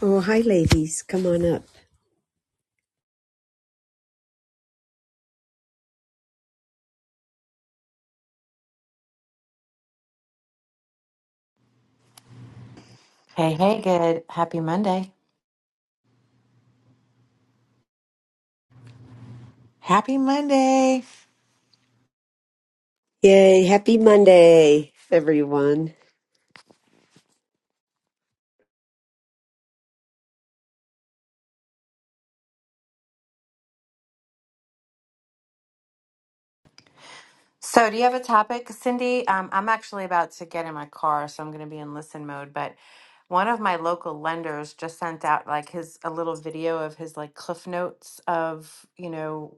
Oh, hi, ladies. Come on up. Hey, hey, good. Happy Monday. Happy Monday. Yay. Happy Monday, everyone. So, do you have a topic, Cindy? Um, I'm actually about to get in my car, so I'm going to be in listen mode. But one of my local lenders just sent out like his a little video of his like cliff notes of, you know,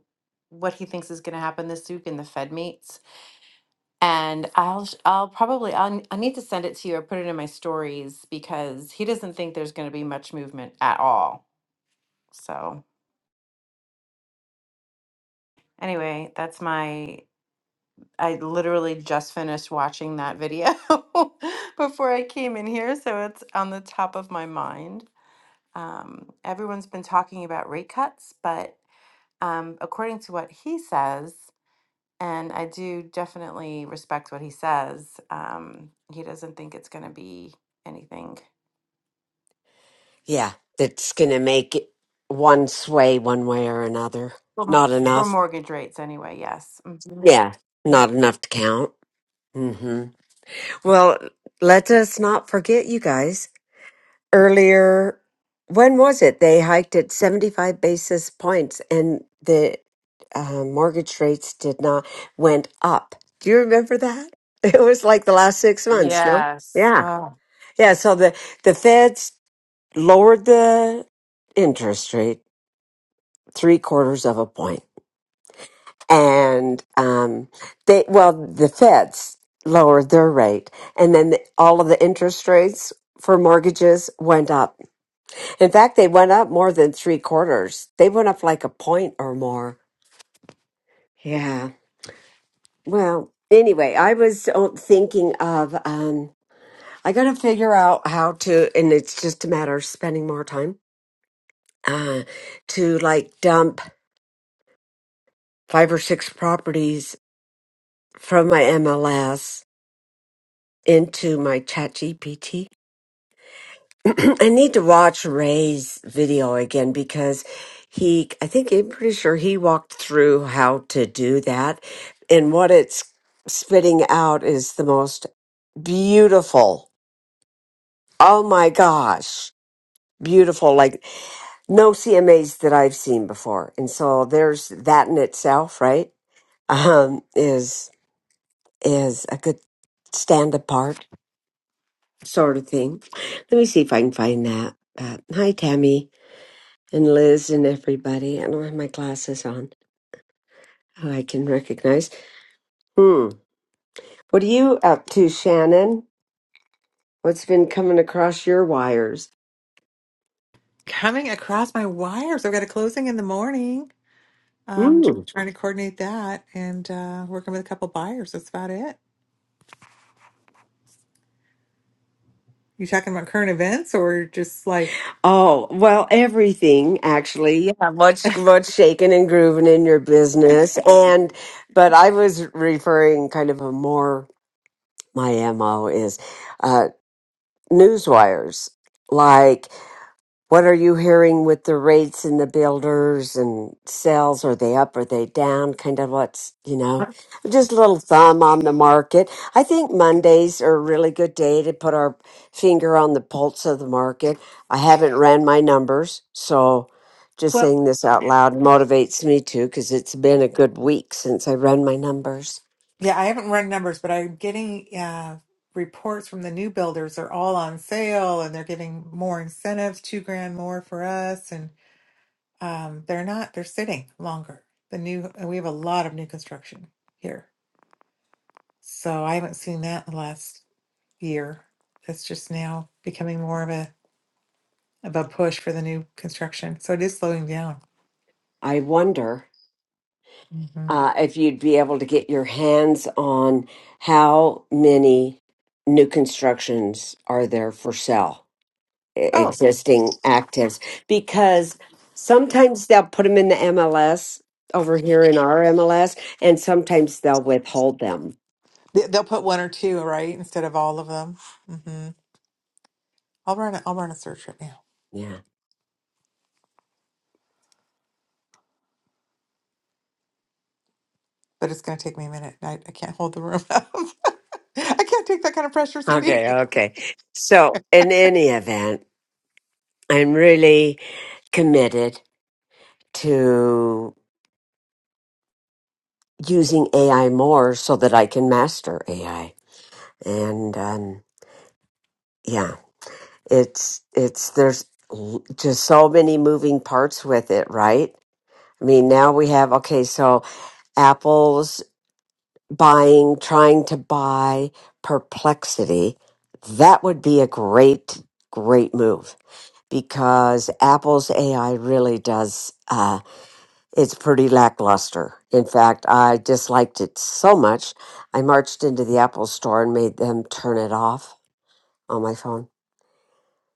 what he thinks is going to happen this week in the Fed meets. And I'll sh- I'll probably I'll, I need to send it to you or put it in my stories because he doesn't think there's going to be much movement at all. So, anyway, that's my I literally just finished watching that video before I came in here, so it's on the top of my mind. Um, everyone's been talking about rate cuts, but um, according to what he says, and I do definitely respect what he says, um, he doesn't think it's going to be anything Yeah, that's going to make it one sway one way or another. for m- Not for enough. mortgage rates anyway. Yes. Mhm. Yeah, not enough to count. hmm Well, let us not forget, you guys. Earlier, when was it? They hiked at 75 basis points and the uh, mortgage rates did not, went up. Do you remember that? It was like the last six months, no? Yes. Yeah. Oh. Yeah, so the, the feds lowered the interest rate three quarters of a point. And um, they, well, the feds lowered their rate. And then the, all of the interest rates for mortgages went up. In fact, they went up more than three quarters, they went up like a point or more. Yeah. Well, anyway, I was uh, thinking of, um, I got to figure out how to, and it's just a matter of spending more time uh, to like dump five or six properties from my MLS into my ChatGPT. I need to watch Ray's video again because he, I think I'm pretty sure he walked through how to do that. And what it's spitting out is the most beautiful. Oh my gosh. Beautiful, like no CMAs that I've seen before. And so there's that in itself, right? Um, is is a good stand apart sort of thing. Let me see if I can find that. Uh, hi, Tammy and Liz and everybody. I don't have my glasses on. who I can recognize. Hmm. What are you up to, Shannon? What's been coming across your wires? Coming across my wires. I've got a closing in the morning. Um, just Hmm. trying to coordinate that and uh, working with a couple buyers. That's about it. You talking about current events or just life? Oh well, everything actually. Yeah, what's what's shaking and grooving in your business? And but I was referring kind of a more my mo is uh news wires. Like, what are you hearing with the rates and the builders and sales? Are they up? Are they down? Kind of what's, you know, just a little thumb on the market. I think Mondays are a really good day to put our finger on the pulse of the market. I haven't ran my numbers, so just Well, saying this out loud motivates me too because it's been a good week since I ran my numbers. Yeah, I haven't run numbers, but I'm getting uh, reports from the new builders. They're all on sale and they're giving more incentives, two grand more for us. And um, they're not, they're sitting longer. The new, and we have a lot of new construction here. So I haven't seen that in the last. year that's just now becoming more of a of a push for the new construction. So it is slowing down. I wonder. hmm uh, if you'd be able to get your hands on how many new constructions are there for sale, e- Oh, existing actives, because sometimes they'll put them in the MLS over here in our MLS, and sometimes they'll withhold them. they- they'll put one or two, right, instead of all of them. hmm I'll run. A, I'll run a search right now, Yeah. but it's going to take me a minute. I, I can't hold the room up. I can't take that kind of pressure, Cindy. Okay. Okay. So, in any event, I'm really committed to using AI more so that I can master AI. And um, yeah it's it's there's l- just so many moving parts with it right i mean now we have okay so apple's buying trying to buy perplexity that would be a great great move because apple's ai really does uh, it's pretty lackluster in fact i disliked it so much i marched into the apple store and made them turn it off on my phone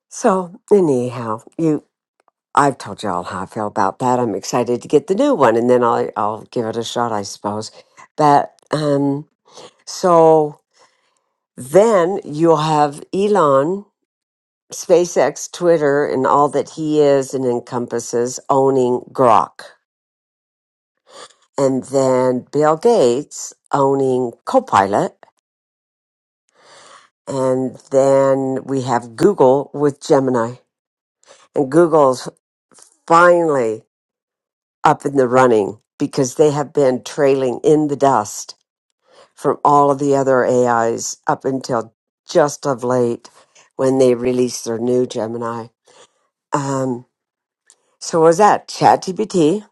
so anyhow you I've told y'all how I feel about that. I'm excited to get the new one, and then I'll I'll give it a shot, I suppose. But um, so then you'll have Elon, SpaceX, Twitter, and all that he is and encompasses owning Grok, and then Bill Gates owning Copilot, and then we have Google with Gemini, and Google's finally up in the running because they have been trailing in the dust from all of the other AIs up until just of late when they released their new Gemini. Um, so what was that ChatGPT,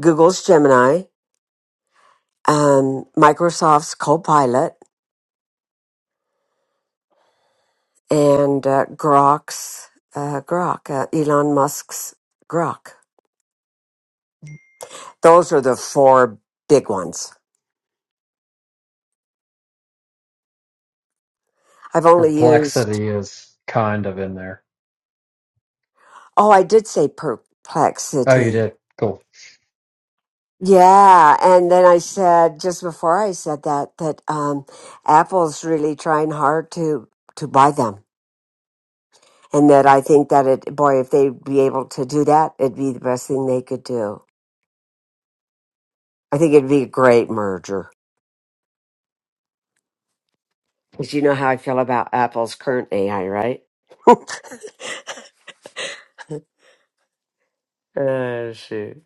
Google's Gemini, um, Microsoft's Copilot, and uh, Grok's uh, Grok, uh, Elon Musk's Grok. Those are the four big ones. I've only used. Perplexity is kind of in there. Oh, I did say Oh, you Perplexity. did. Cool. Yeah, and then I said just before I said that that um, Apple's really trying hard to to buy them, and that I think that it boy if they'd be able to do that, it'd be the best thing they could do. I think it'd be a great merger because you know how I feel about Apple's current AI, right? oh shoot.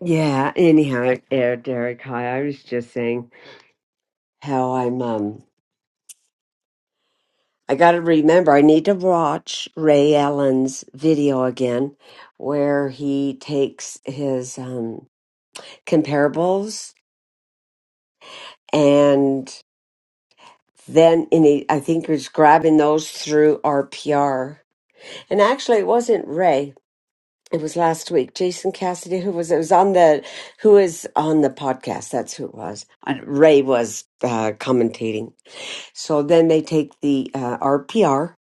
Yeah. Anyhow, yeah, Derek. Hi. I was just saying how I'm um I got to remember, I need to watch Ray Allen's video again, where he takes his um, comparables and then and he, I think he was grabbing those through RPR. And actually, it wasn't Ray. It was last week. Jason Cassidy, who was it was on the who is on the podcast. That's who it was. And Ray was uh, commentating. So then they take the uh, RPR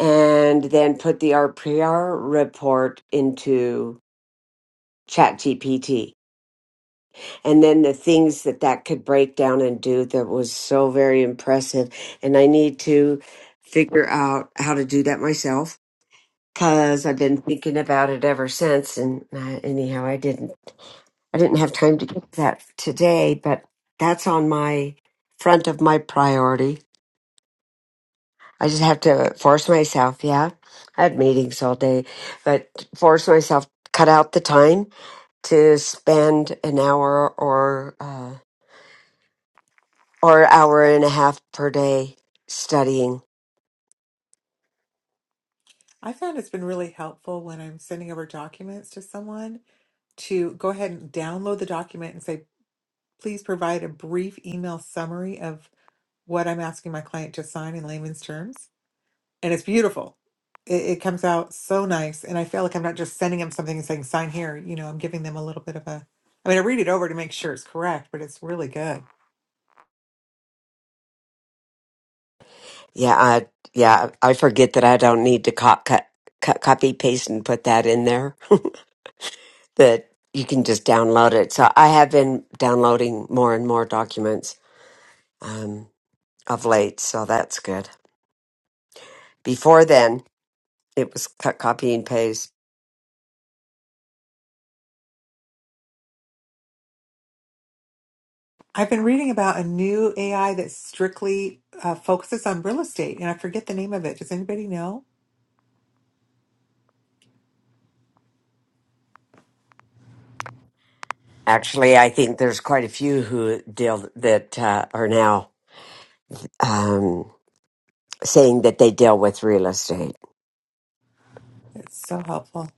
and then put the RPR report into ChatGPT. And then the things that that could break down and do that was so very impressive. And I need to figure out how to do that myself because I've been thinking about it ever since. And uh, anyhow, I didn't, I didn't have time to get that today, but that's on my front of my priority I just have to force myself. Yeah. I had meetings all day, but force myself, cut out the time to spend an hour or, uh, or hour and a half per day studying. I found it's been really helpful when I'm sending over documents to someone to go ahead and download the document and say, please provide a brief email summary of what I'm asking my client to sign in layman's terms and it's beautiful. It, it comes out so nice, and I feel like I'm not just sending them something and saying sign here. You know, I'm giving them a little bit of a. I mean, I read it over to make sure it's correct, but it's really good. Yeah. I, yeah. I forget that I don't need to co- cut, cut, copy, paste and put that in there that you can just download it. So I have been downloading more and more documents, um, of late. So that's good. Before then, it was cut, copy and paste. I've been reading about a new AI that strictly uh, focuses on real estate, and I forget the name of it. Does anybody know? Actually, I think there's quite a few who deal that uh, are now um, saying that they deal with real estate, It's so helpful.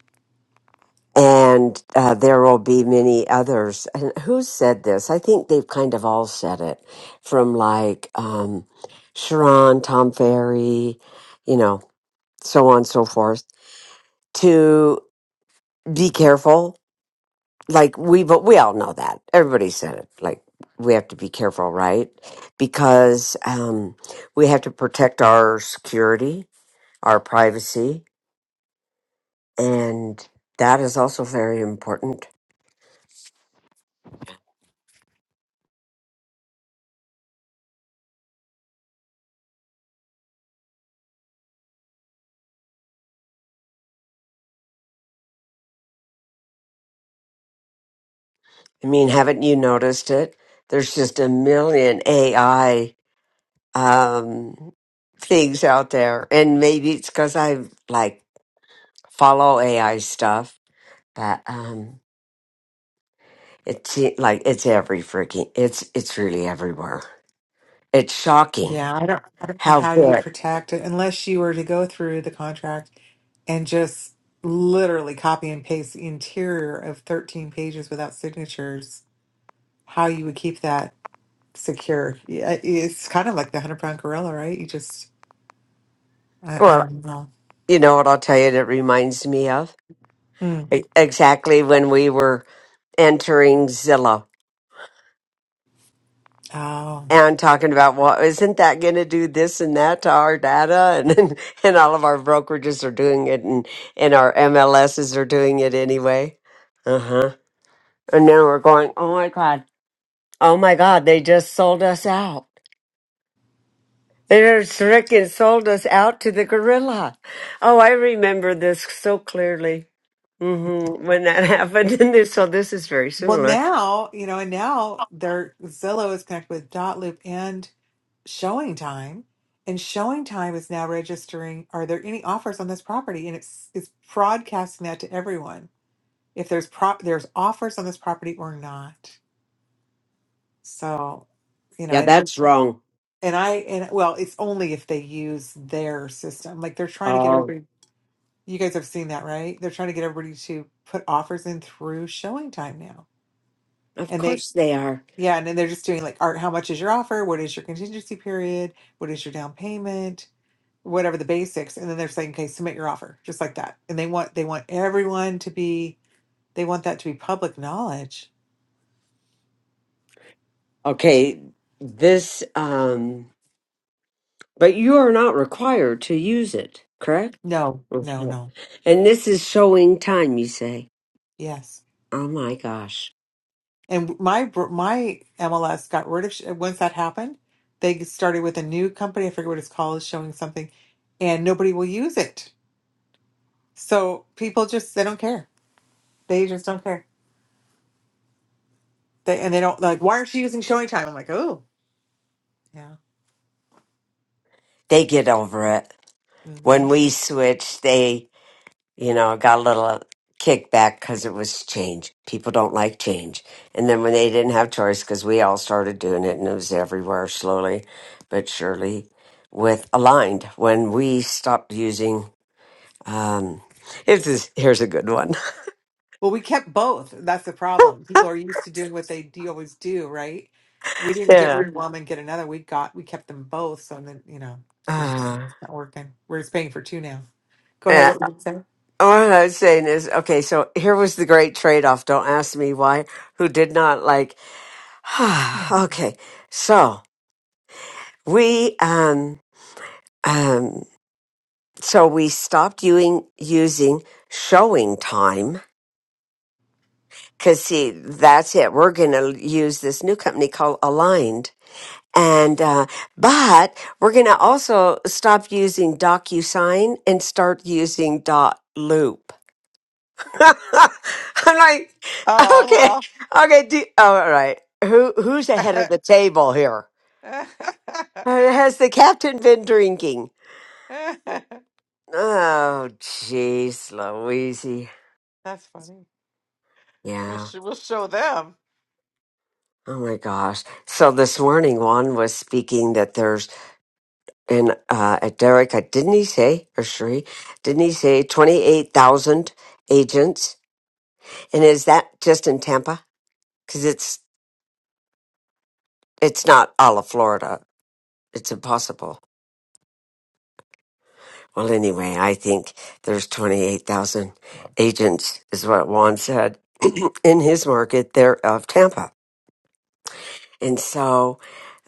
and uh, there will be many others. And who said this? I think they've kind of all said it, from like um, Sharon, Tom Ferry, you know, so on and so forth. To be careful like we but we all know that everybody said it like we have to be careful right because um we have to protect our security our privacy and that is also very important i mean haven't you noticed it there's just a million ai um things out there and maybe it's because i like follow ai stuff but um it's like it's every freaking it's it's really everywhere It's shocking Yeah, I don't. I don't know how how you'd good. protect it unless you were to go through the contract and just literally copy and paste the interior of 13 pages without signatures, how you would keep that secure. Yeah, it's kind of like the hundred pound gorilla, right? You just, I, I Well, don't know. you know what I'll tell you that reminds me of? Hmm. E- Exactly when we were entering Zillow Oh, and talking about, well, isn't that going to do this and that to our data? And, and, and all of our brokerages are doing it and, and our MLSs are doing it anyway. Uh huh. And now we're going, oh my God, oh my God, they just sold us out. There's Rick and sold us out to the gorilla. Oh, I remember this so clearly hmm when that happened. And this, so this is very well, similar. now you know, and now their Zillow is connected with Dotloop and Showing Time, and Showing Time is now registering. Are there any offers on this property? And it's it's broadcasting that to everyone. If there's prop, there's offers on this property or not. So, you know, Yeah, and that's wrong. and I and well, it's only if they use their system. Like they're trying to get Oh, everybody You guys have seen that, right? They're trying to get everybody to put offers in through showing time now. of And they, course they are. yeah, and then they're just doing like art, how much is your offer? What is your contingency period? What is your down payment? Whatever the basics. And then they're saying, okay, submit your offer, just like that. And they want they want everyone to be they want that to be public knowledge. Okay, this, um, but you are not required to use it, correct? No, no, Mhm. no. And this is showing time, you say. Yes. Oh my gosh. And my bro- my MLS got rid of sh- once that happened, they started with a new company, I forget what it's called, showing something, and nobody will use it So people just they don't care. They just don't care. They and they don't like. Why aren't you using showing time? I'm like, oh yeah. They get over it. hmm When we switch, they You know, I got a little uh, kickback because it was change. People don't like change. And then when they didn't have choice, because we all started doing it and it was everywhere slowly but surely with aligned. When we stopped using, um, this is, here's a good one. Well, we kept both. That's the problem. People are used to doing what they do, always do, right? We didn't get Yeah. rid of one and get another. We got we kept them both. So then you know, it didn't it's Uh, not working. We're just paying for two now. Go ahead. yeah. What were you going What I was saying is, okay, so here was the great trade off. Don't ask me why, who did not like, to say? okay. So we, um, um, so we stopped using using showing time because see that's it we're going to use this new company called aligned and uh, but we're going to also stop using docusign and start using dot loop i'm like Oh okay well. okay do, all right who who's ahead of the table here Uh, has the captain been drinking oh jeez louise That's funny. We'll yeah sh- we'll show them. Oh my gosh. So this morning, Juan was speaking that there's, and uh, at Derek, I- didn't he say, or Sheree, didn't he say 28,000 agents? And is that just in Tampa? Because it's, it's not all of Florida. It's impossible. Well, anyway, I think there's 28,000 agents, is what Juan said, in his market there of Tampa. And so,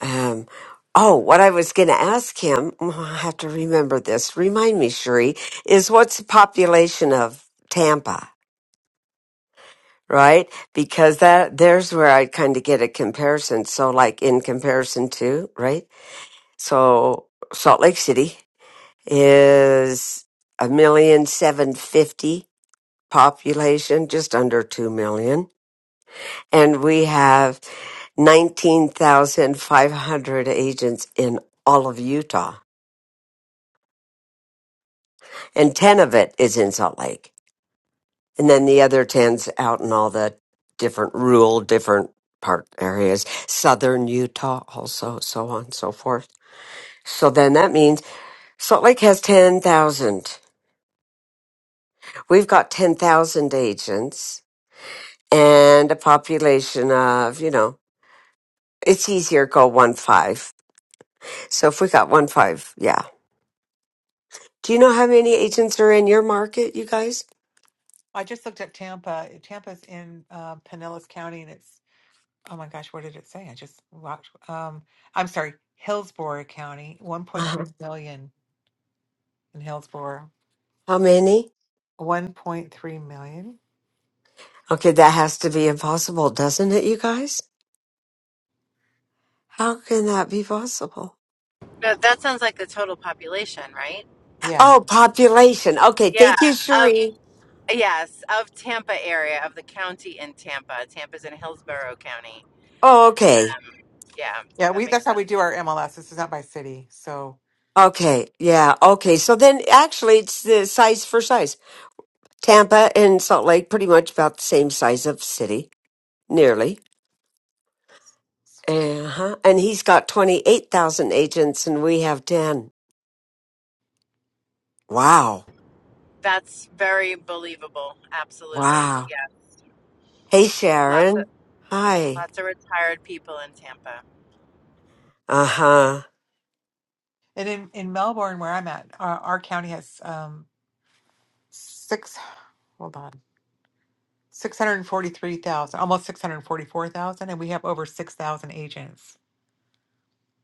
um, oh, what I was going to ask him, I have to remember this. Remind me, Sheree, is what's the population of Tampa, right? Because that there's where I kind of get a comparison. So, like in comparison to, right? So Salt Lake City is a million seven fifty population, just under two million, and we have 19,500 agents in all of Utah, and 10 of it is in Salt Lake. And then the other ten's out in all the different rural, different part areas, southern Utah also, so on and so forth. So then that means Salt Lake has 10,000. We've got 10,000 agents and a population of, you know, it's easier to go one five. So if we got one five, yeah. Do you know how many agents are in your market, you guys? I just looked up Tampa. eh, Tampa's in uh, Pinellas County, and it's oh my gosh, what did it say? I just locked. Um, I'm sorry, Hillsborough County, Uh-huh. 1.3 million in Hillsborough. How many? 1.3 million. Okay, that has to be impossible, doesn't it, you guys? How can that be possible? But that sounds like the total population, right? Yeah, Oh, population. Okay, Yeah. thank you, Cherie. Yes, of Tampa area, of the county in Tampa. Tampa's in Hillsborough County. Oh, okay. Um, yeah, yeah. that We that's makes how sense. we do our MLS. This is not by city. So, Okay, yeah, okay. So then actually, it's the size for size. Tampa and Salt Lake, pretty much about the same size of city, nearly. Uh-huh. And he's got 28,000 agents, and we have 10. Wow. That's very believable. Absolutely. Wow. Yeah. Hey, Lots of Sharon. Hi. lots of retired people in Tampa. Uh huh. and in in Melbourne, where I'm at, our, our county has um six. Hold on. 643,000, almost 644,000, and we have over 6,000 agents.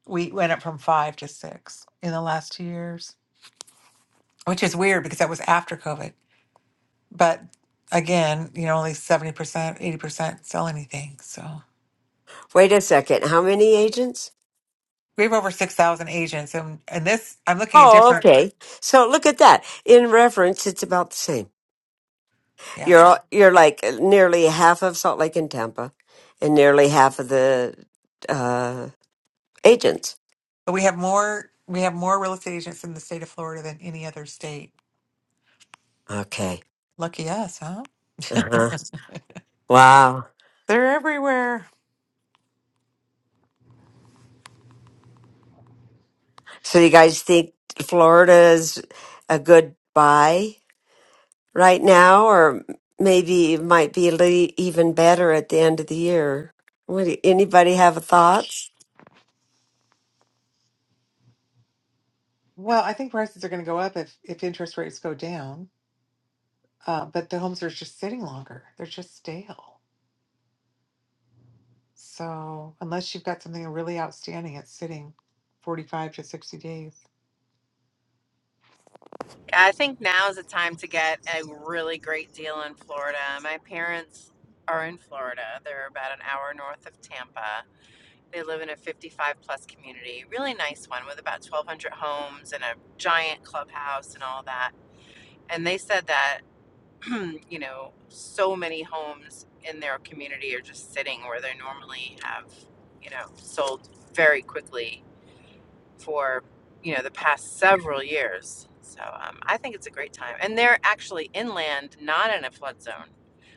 We went up from five to six in the last two years. which is weird because that was after COVID. But again, you know, only 70%, 80% sell anything. So Wait a second. How many agents? we have over 6,000 agents. And, and this, I'm looking at Oh, different, okay. So look at that. In reference, it's about the same. yeah. You're you're like uh, nearly half of Salt Lake and Tampa, and nearly half of the uh, agents. But we have more, we have more real estate agents in the state of Florida than any other state. Okay. Lucky us, huh? Uh-huh. Wow. They're everywhere. So you guys think Florida is a good buy right now, or maybe it might be a le- even better at the end of the year? What? do- Anybody have thoughts? Well, I think prices are going to go up if, if interest rates go down. Uh, but the homes are just sitting longer. They're just stale. So unless you've got something really outstanding, it's sitting 45 to 60 days. I think now is the time to get a really great deal in Florida. My parents are in Florida. They're about an hour north of Tampa. They live in a 55 plus community, really nice one with about 1,200 homes and a giant clubhouse and all that. And they said that you know, so many homes in their community are just sitting where they normally have, you know, sold very quickly for, you know, the past several years. So um, I think it's a great time. And they're actually inland, not in a flood zone.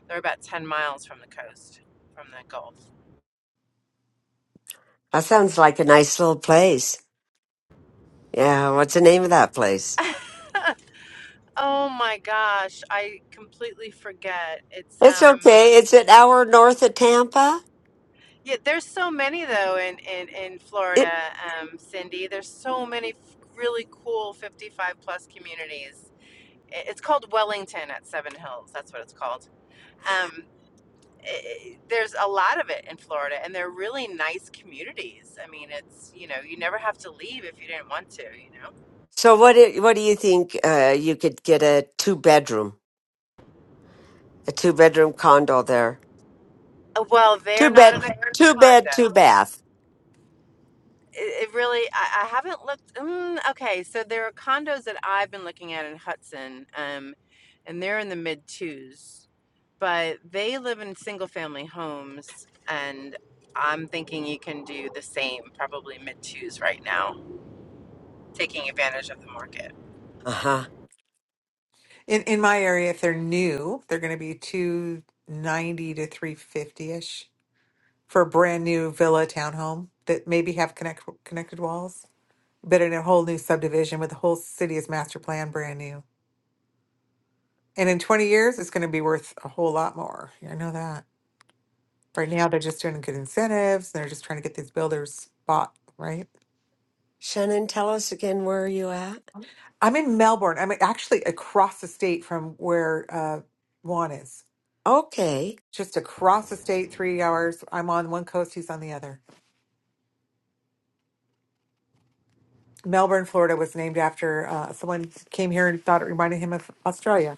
They're about 10 miles from the coast, from the Gulf. That sounds like a nice little place. Yeah. What's the name of that place? oh my gosh, I completely forget. It's It's um okay. It's an hour north of Tampa. Yeah, there's so many though in in in Florida, It, um, Cindy. There's so many f- really cool 55 plus communities. I- It's called Wellington at Seven Hills. That's what it's called. Um, i i- there's a lot of it in Florida, and they're really nice communities. I mean, it's you know you never have to leave if you didn't want to. You know. so what? Do, what do you think? Uh, you could get a two bedroom, a two bedroom condo there. Uh, Well, Two they're not bed, in a two bed, condo. two bath. It, it really, I, I haven't looked. Mm, okay, so there are condos that I've been looking at in Hudson, um, and they're in the mid twos, but they live in single family homes, and I'm thinking you can do the same, probably mid twos right now, taking advantage of the market. Uh huh. In in my area, if they're new, they're going to be 290 to 350-ish for a brand new villa townhome that maybe have connect connected walls, but in a whole new subdivision with the whole city is master plan brand new. And in 20 years, it's going to be worth a whole lot more. Yeah, I know that. Right now, they're just doing good incentives. They're just trying to get these builders bought, right? Shannon, tell us again where are you at? I'm in Melbourne. I'm actually across the state from where uh, Juan is. Okay. Just across the state, three hours. I'm on one coast, he's on the other. Melbourne, Florida was named after uh, someone came here and thought it reminded him of Australia.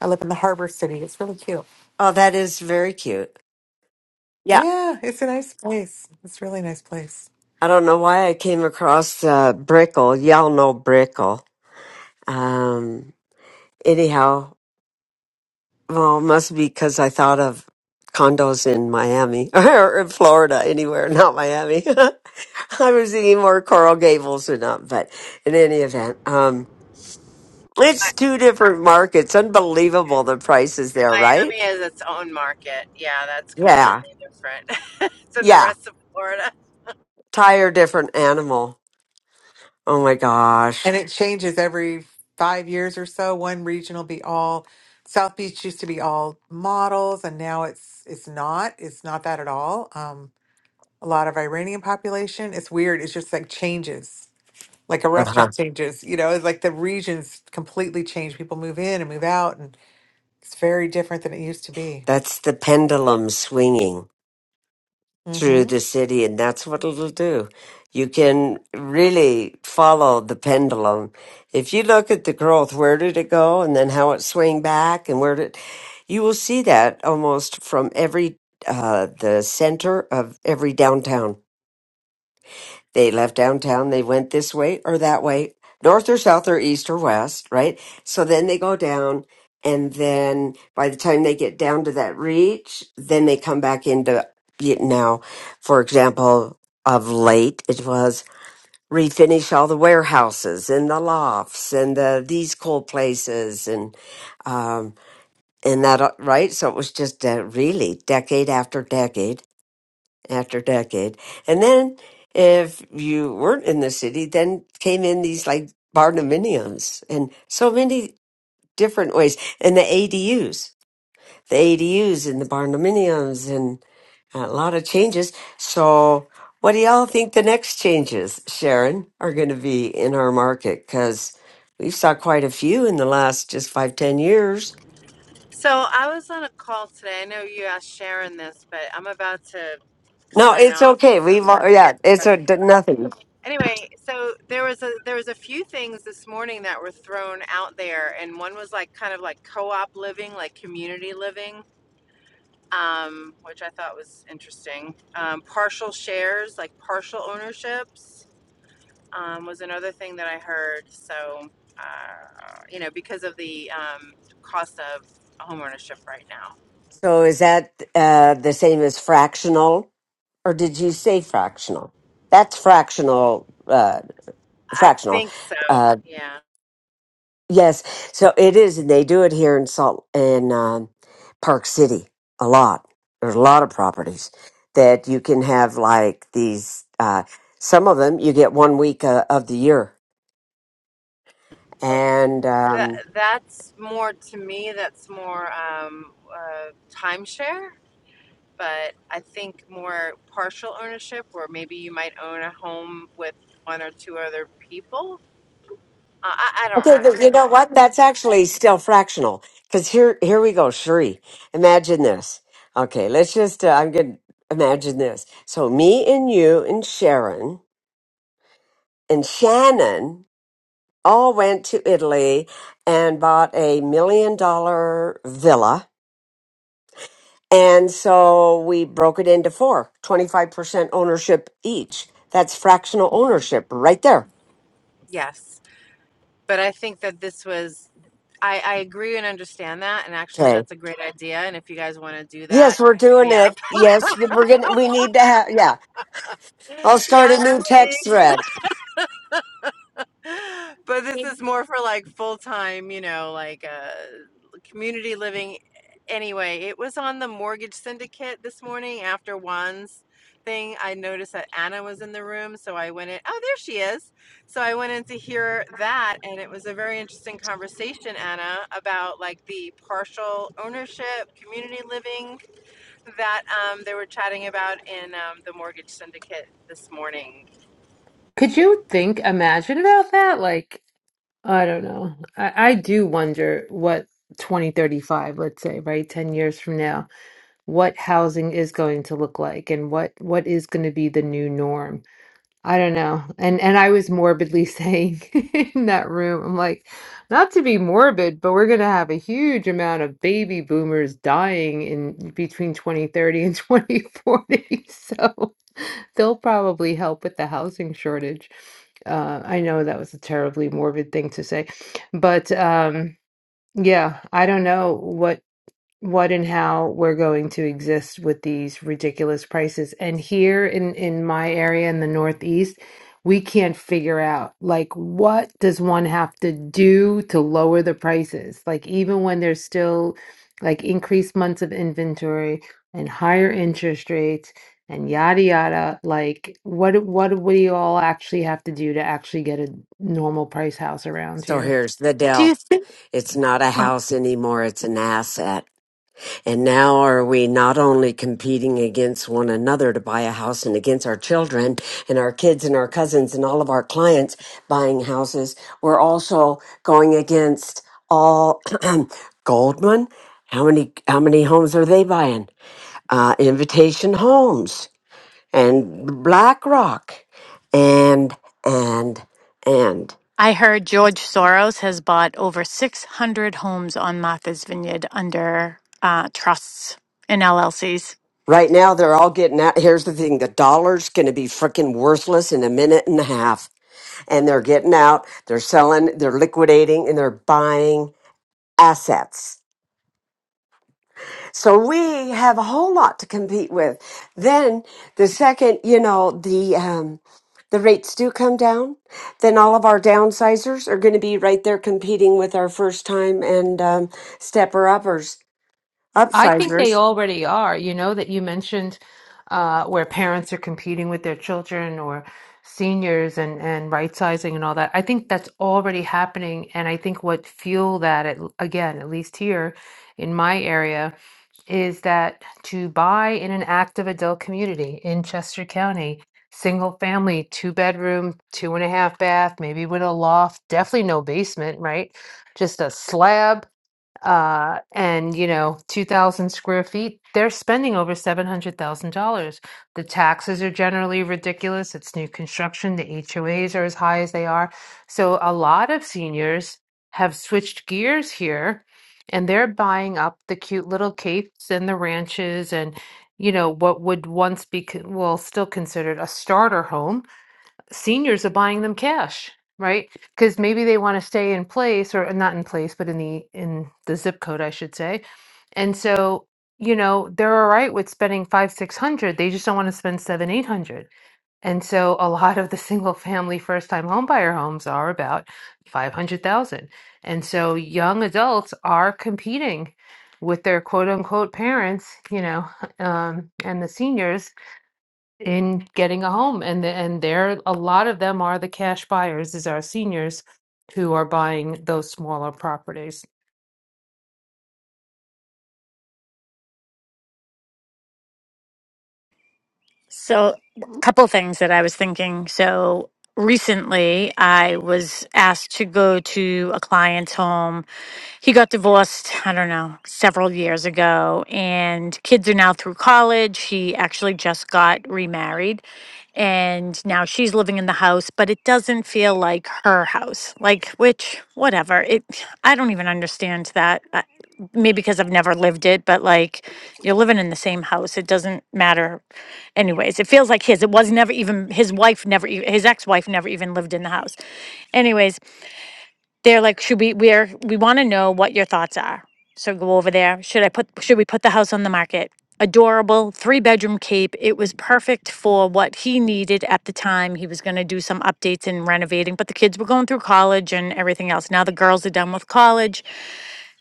I live in the harbor city. It's really cute. Oh, that is very cute. Yeah, Yeah, it's a nice place. It's a really nice place. I don't know why I came across uh, Brickle. Y'all know Brickle. Um, anyhow, well, it must be because I thought of condos in Miami or in Florida, anywhere, not Miami. I was thinking more Coral Gables or not, but in any event, um, it's Mi- two different markets. Unbelievable the prices there, Miami right? is its own market. Yeah, that's Yeah, completely different than the yeah. rest of Florida. Tire different animal. Oh my gosh. And it changes every five years or so. One region will be all South Beach used to be all models and now it's it's not. It's not that at all. Um, a lot of Iranian population. It's weird. It's just like changes. Like a Uh-huh. restaurant changes, you know, it's like the regions completely change. People move in and move out and It's very different than it used to be. That's the pendulum swinging. through hmm the city, and that's what it'll do. You can really follow the pendulum. If you look at the growth, where did it go, and then how it swing back, and where did you will see that almost from every uh, the center of every downtown. They left downtown, they went this way or that way, north or south or east or west, right? So then they go down, and then by the time they get down to that reach, then they come back into it. Now, for example, of late, it was refinish all the warehouses and the lofts and the, these cool places and, um, and that, uh, right? So it was just uh, really decade after decade after decade. And then if you weren't in the city, then came in these like barndominiums and so many different ways. And the ADUs, the ADUs and the barndominiums and a lot of changes. So what do y'all think the next changes, Sharon, are going to be in our market? Because we've saw quite a few in the last just five, ten years. So I was on a call today. I know you asked Sharon this, but I'm about to No, sign it's off okay. because We've, I'm al- yeah, it's about a, to get. nothing. Anyway, so there was a there was a few things this morning that were thrown out there, and one was like kind of like co-op living, like community living, um, which I thought was interesting. Um, partial shares, like partial ownerships, um, was another thing that I heard. So uh, you know, because of the um, cost of homeownership right now. So is that uh, the same as fractional, or did you say fractional? That's fractional. Uh, I fractional. think so. Uh, Yeah. yes. So it is, and they do it here in Salt in um, Park City a lot. There's a lot of properties that you can have like these. Uh, some of them you get one week uh, of the year, and um, That that's more to me. That's more um, uh, timeshare, but I think more partial ownership, where maybe you might own a home with one or two other people. Uh, I, I don't. Okay, I don't but know. you know what? That's actually still fractional. Because here, here we go, Sheree. Imagine this. Okay, let's just. Uh, I'm gonna imagine this. So me and you and Sharon and Shannon all went to Italy and bought a million dollar villa. And so we broke it into four twenty five percent ownership each. That's fractional ownership right there. Yes, but I think that this was. I, I agree and understand that, and actually, Okay. that's a great idea. And if you guys want to do that, Yes, we're hit me doing up. it. Yes, we're gonna. We need to have. Yeah, I'll start a Yes, new please. text thread. but this is more for like full time, you know, like uh, community living. Anyway, it was on the mortgage syndicate this morning after Juan's thing. I noticed that Anna was in the room, so I went in. Oh, there she is. So I went in to hear that, and it was a very interesting conversation, Anna, about like the partial ownership, community living that um, they were chatting about in um, the mortgage syndicate this morning. Could you think, imagine about that? Like, I don't know. I, I do wonder what 2035, let's say, right, 10 years from now, what housing is going to look like and what what is going to be the new norm. I don't know. And and I was morbidly saying in that room, I'm like, not to be morbid, but we're going to have a huge amount of baby boomers dying in between 2030 and 2040. So They'll probably help with the housing shortage. Uh, I know that was a terribly morbid thing to say, but um, yeah, I don't know what what and how we're going to exist with these ridiculous prices. And here in in my area in the Northeast, we can't figure out like what does one have to do to lower the prices? Like even when there's still like increased months of inventory and higher interest rates and yada yada, like what what do we all actually have to do to actually get a normal price house around So here? here's the Do you deal. think? It's not a Well, house anymore. It's an asset. And now are we not only competing against one another to buy a house and against our children and our kids and our cousins and all of our clients buying houses, we're also going against all Goldman. How many, how many homes are they buying? Uh, Invitation Homes and BlackRock and, and, and. I heard George Soros has bought over 600 homes on Martha's Vineyard under uh, trusts and LLCs. Right now, they're all getting out. Here's the thing the dollar's going to be freaking worthless in a minute and a half. And they're getting out, they're selling, they're liquidating, and they're buying assets. So we have a whole lot to compete with. Then the second, you know, the, um, the rates do come down, then all of our downsizers are going to be right there competing with our first time and um, stepper uppers, I think they upsizers. already are. You know, that you mentioned uh, where parents are competing with their children or seniors and, and right sizing and all that. I think that's already happening. And I think what fueled that, at, again, at least here in my area, is that to buy in an active adult community in Chester County, single family, two bedroom, two and a half bath, maybe with a loft, definitely no basement, right? Just a slab uh and you know 2000 square feet they're spending over $700,000 the taxes are generally ridiculous it's new construction the HOAs are as high as they are so a lot of seniors have switched gears here and they're buying up the cute little capes and the ranches and you know what would once be con- well still considered a starter home seniors are buying them cash, right? Because maybe they want to stay in place or not in place, but in the in the zip code, I should say. And so, you know, they're all right with spending five, six hundred. They just don't want to spend seven, eight hundred. And so a lot of the single family first time homebuyer homes are about five hundred thousand. And so young adults are competing with their quote unquote parents, you know, um, and the seniors in getting a home and the- and there a lot of them are the cash buyers is our seniors who are buying those smaller properties So, a couple things that I was thinking. So, recently I was asked to go to a client's home he got divorced, I don't know, several years ago, and kids are now through college. He actually just got remarried, and now she's living in the house, but it doesn't feel like her house. Like, which, whatever. It, I don't even understand that. I, maybe because I've never lived it, but like, you're living in the same house. It doesn't matter. Anyways, it feels like his. It was never even his wife. Never e- his ex-wife never even lived in the house. Anyways, they're like, should we, we're, we want to know what your thoughts are. So go over there. Should I put, should we put the house on the market? Adorable, three bedroom cape. It was perfect for what he needed at the time. He was going to do some updates and renovating, but the kids were going through college and everything else. Now the girls are done with college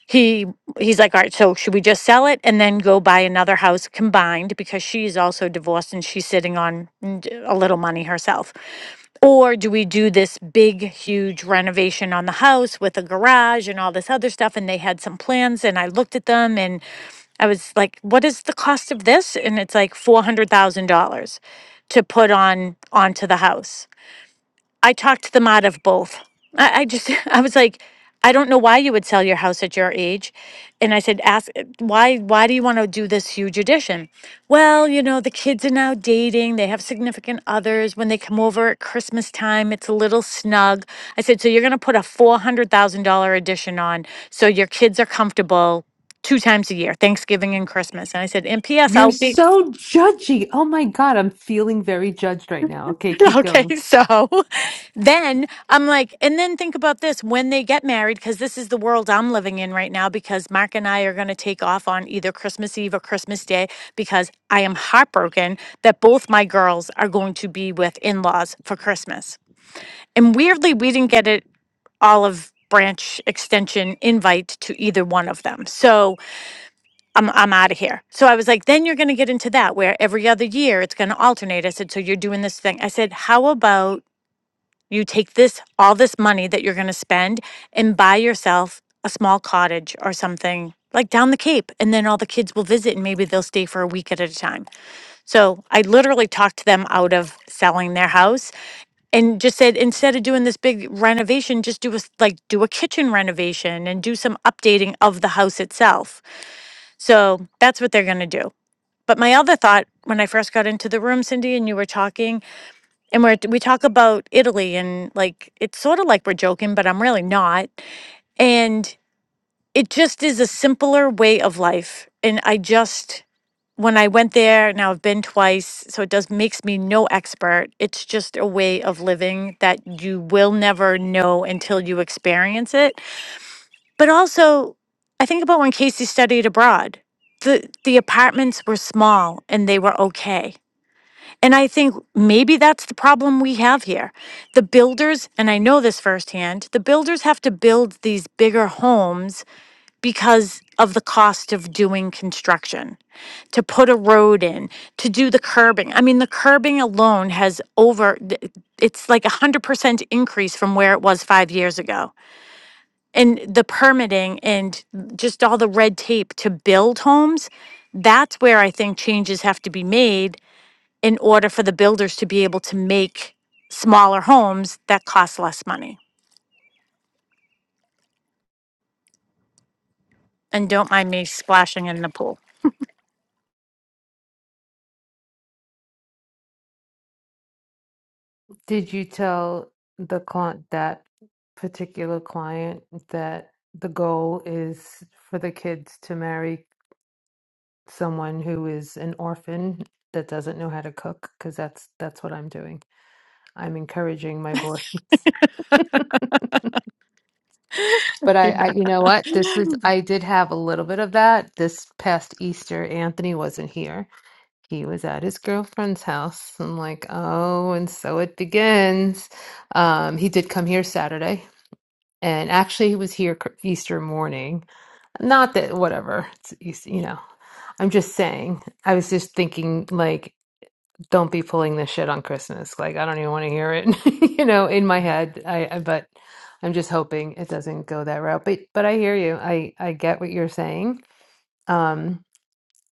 He he's like, all right, so should we just sell it and then go buy another house combined because she's also divorced and she's sitting on n- d- a little money herself? Or do we do this big, huge renovation on the house with a garage and all this other stuff? And they had some plans and I looked at them and I was like, what is the cost of this? And it's like $400,000 to put on onto the house. I talked them out of both. I, I just, I was like, I don't know why you would sell your house at your age. And I said, ask why, why do you want to do this huge addition? Well, you know, the kids are now dating. They have significant others. When they come over at Christmas time, it's a little snug. I said, so you're going to put a $400,000 addition on so your kids are comfortable two times a year, Thanksgiving and Christmas. And I said, and P.S. You're I'll be, so judgy. Oh my God, I'm feeling very judged right now. Okay, keep going. Okay, so then I'm like, and then think about this when they get married, because this is the world I'm living in right now, because Mark and I are going to take off on either Christmas Eve or Christmas Day, because I am heartbroken that both my girls are going to be with in laws for Christmas. And weirdly, we didn't get an olive branch extension invite to either one of them. So I'm I'm out of here. So I was like, then you're gonna get into that where every other year it's gonna alternate. I said, so you're doing this thing. I said, how about you take this, all this money that you're going to spend and buy yourself a small cottage or something like down the Cape. And then all the kids will visit and maybe they'll stay for a week at a time. So I literally talked them out of selling their house and just said, instead of doing this big renovation, just do a, s- like do a kitchen renovation and do some updating of the house itself. So that's what they're going to do. But my other thought when I first got into the room, Cindy, and you were talking and we're, we talk about Italy and like it's sort of like we're joking, but I'm really not. And it just is a simpler way of life. And I just when I went there, now I've been twice, so it does makes me no expert. It's just a way of living that you will never know until you experience it. But also, I think about when Casey studied abroad. The the apartments were small and they were okay and I think maybe that's the problem we have here. The builders, and I know this firsthand, the builders have to build these bigger homes because of the cost of doing construction, to put a road in, to do the curbing. I mean, the curbing alone has over, th- it's like a 100% increase from where it was five years ago. And the permitting and just all the red tape to build homes, that's where I think changes have to be made in order for the builders to be able to make smaller homes that cost less money. And don't mind me splashing in the pool. did you tell the client that particular client that the goal is for the kids to marry someone who is an orphan that doesn't know how to cook because that's that's what i'm doing i'm encouraging my boys But I, I, you know what? This is, I did have a little bit of that this past Easter. Anthony wasn't here. He was at his girlfriend's house. I'm like, oh, and so it begins. Um, he did come here Saturday, and actually, he was here cr- Easter morning. Not that, whatever, it's Easter, you know. I'm just saying. I was just thinking, like, don't be pulling this shit on Christmas. Like, I don't even want to hear it, you know, in my head. I, I but I'm just hoping it doesn't go that route. But but I hear you. I I get what you're saying. Um,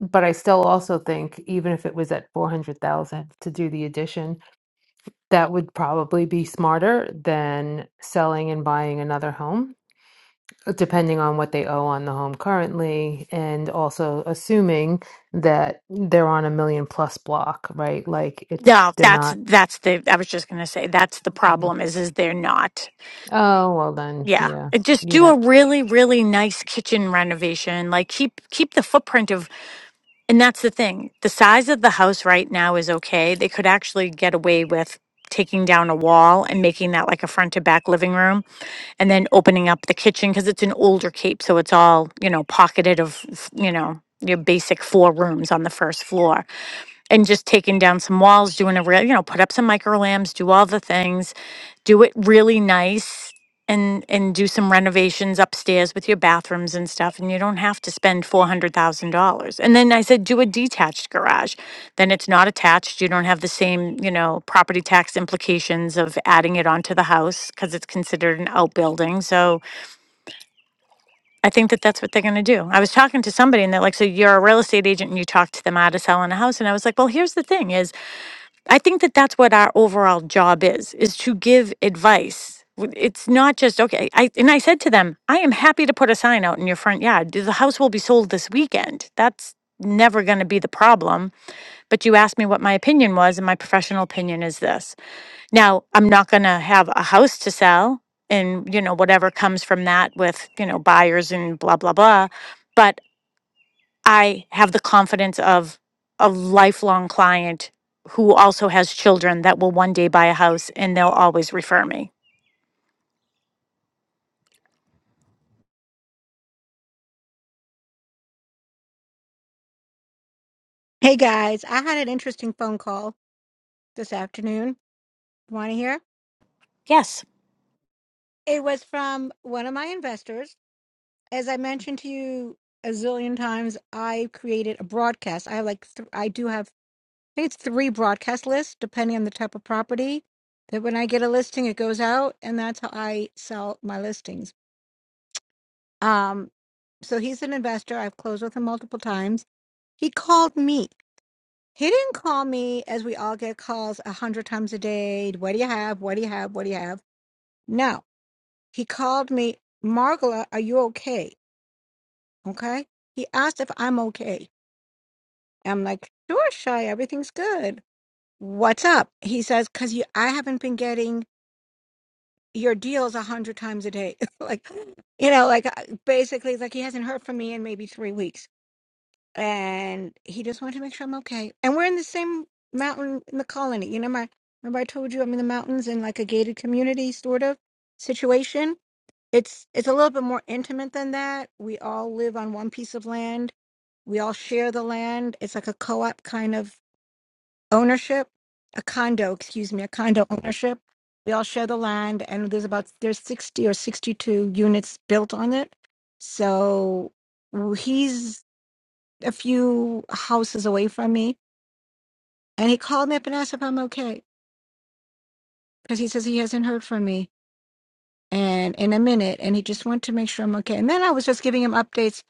but I still also think even if it was at 400,000 to do the addition, that would probably be smarter than selling and buying another home, depending on what they owe on the home currently and also assuming that they're on a million plus block, right? Like it's No, they're that's not. that's the I was just gonna say that's the problem is is they're not. Oh, well then, Yeah. yeah, And Just you do know. a really, really nice kitchen renovation. Like keep keep the footprint of And that's the thing. The size of the house right now is okay. They could actually get away with taking down a wall and making that like a front to back living room and then opening up the kitchen because it's an older cape. So it's all, you know, pocketed of, you know, your basic four rooms on the first floor and just taking down some walls, doing a real, you know, put up some micro lamps, do all the things, do it really nice and and do some renovations upstairs with your bathrooms and stuff and you don't have to spend $400,000. And then I said do a detached garage. Then it's not attached, you don't have the same, you know, property tax implications of adding it onto the house cuz it's considered an outbuilding. So I think that that's what they're going to do. I was talking to somebody and they're like so you're a real estate agent and you talked to them out of selling a house and I was like, "Well, here's the thing is I think that that's what our overall job is, is to give advice. W- It's not just, okay, I, and I said to them, I am happy to put a sign out in your front yard. The house will be sold this weekend. That's never going to be the problem. But you asked me what my opinion was, and my professional opinion is this. Now, I'm not going to have a house to sell and, you know, whatever comes from that with, you know, buyers and blah, blah, blah. I have the confidence of a lifelong client who also has children that will one day buy a house and they'll always refer me. Hey guys, I had an interesting phone call this afternoon. Want to hear? Yes. It was from one of my investors. As I mentioned to you a zillion times, I created a broadcast. I have like th- I do have I think it's three broadcast lists depending on the type of property. That when I get a listing, it goes out, and that's how I sell my listings. Um, so he's an investor. I've closed with him multiple times. He called me He didn't call me as we all get calls a hundred times a day. What do you have? What do you have? What do you have? No. He called me, Margola, are you okay? Okay. He asked if I'm okay. I'm like, sure, Shy, everything's good. What's up? He says, because you I haven't been getting your deals a hundred times a day. like, you know, like uh, basically like he hasn't heard from me in maybe three weeks. and he just wanted to make sure I'm okay. And we're in the same mountain in the colony. You know, my remember I told you I'm in the mountains in like a gated community sort of situation. It's it's a little bit more intimate than that. We all live on one piece of land. We all share the land. It's like a co-op kind of ownership, a condo, excuse me, a condo ownership. We all share the land, and there's about there's 60 or 62 units built on it. So he's a few houses away from me. And he called me up and asked if I'm okay because he says he hasn't heard from me and in a minute. And he just wanted to make sure I'm okay. And then I was just giving him updates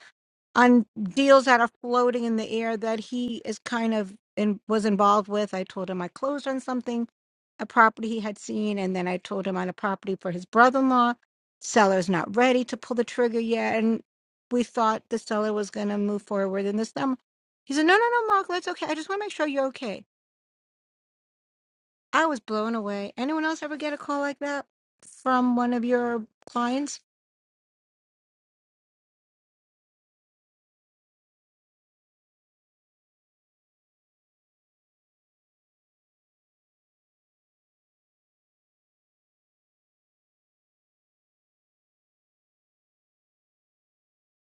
on deals that are floating in the air that he is kind of in, was involved with. I told him I closed on something, a property he had seen. And then I told him on a property for his brother in law. Seller's not ready to pull the trigger yet. And we thought the seller was going to move forward in the summer. He said, No, no, no, Mark, that's okay. I just want to make sure you're okay. I was blown away. Anyone else ever get a call like that from one of your clients?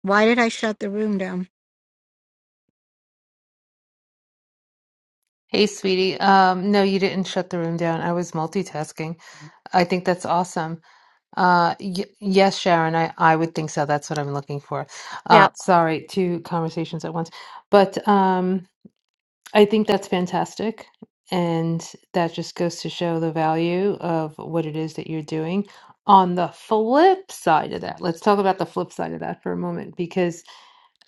Why did I shut the room down? Hey, sweetie. Um, no, you didn't shut the room down. I was multitasking. I think that's awesome. Uh, y yes, Sharon, I I would think so. That's what I'm looking for. Yeah. Uh, sorry, two conversations at once. But um, I think that's fantastic. And that just goes to show the value of what it is that you're doing. On the flip side of that, let's talk about the flip side of that for a moment because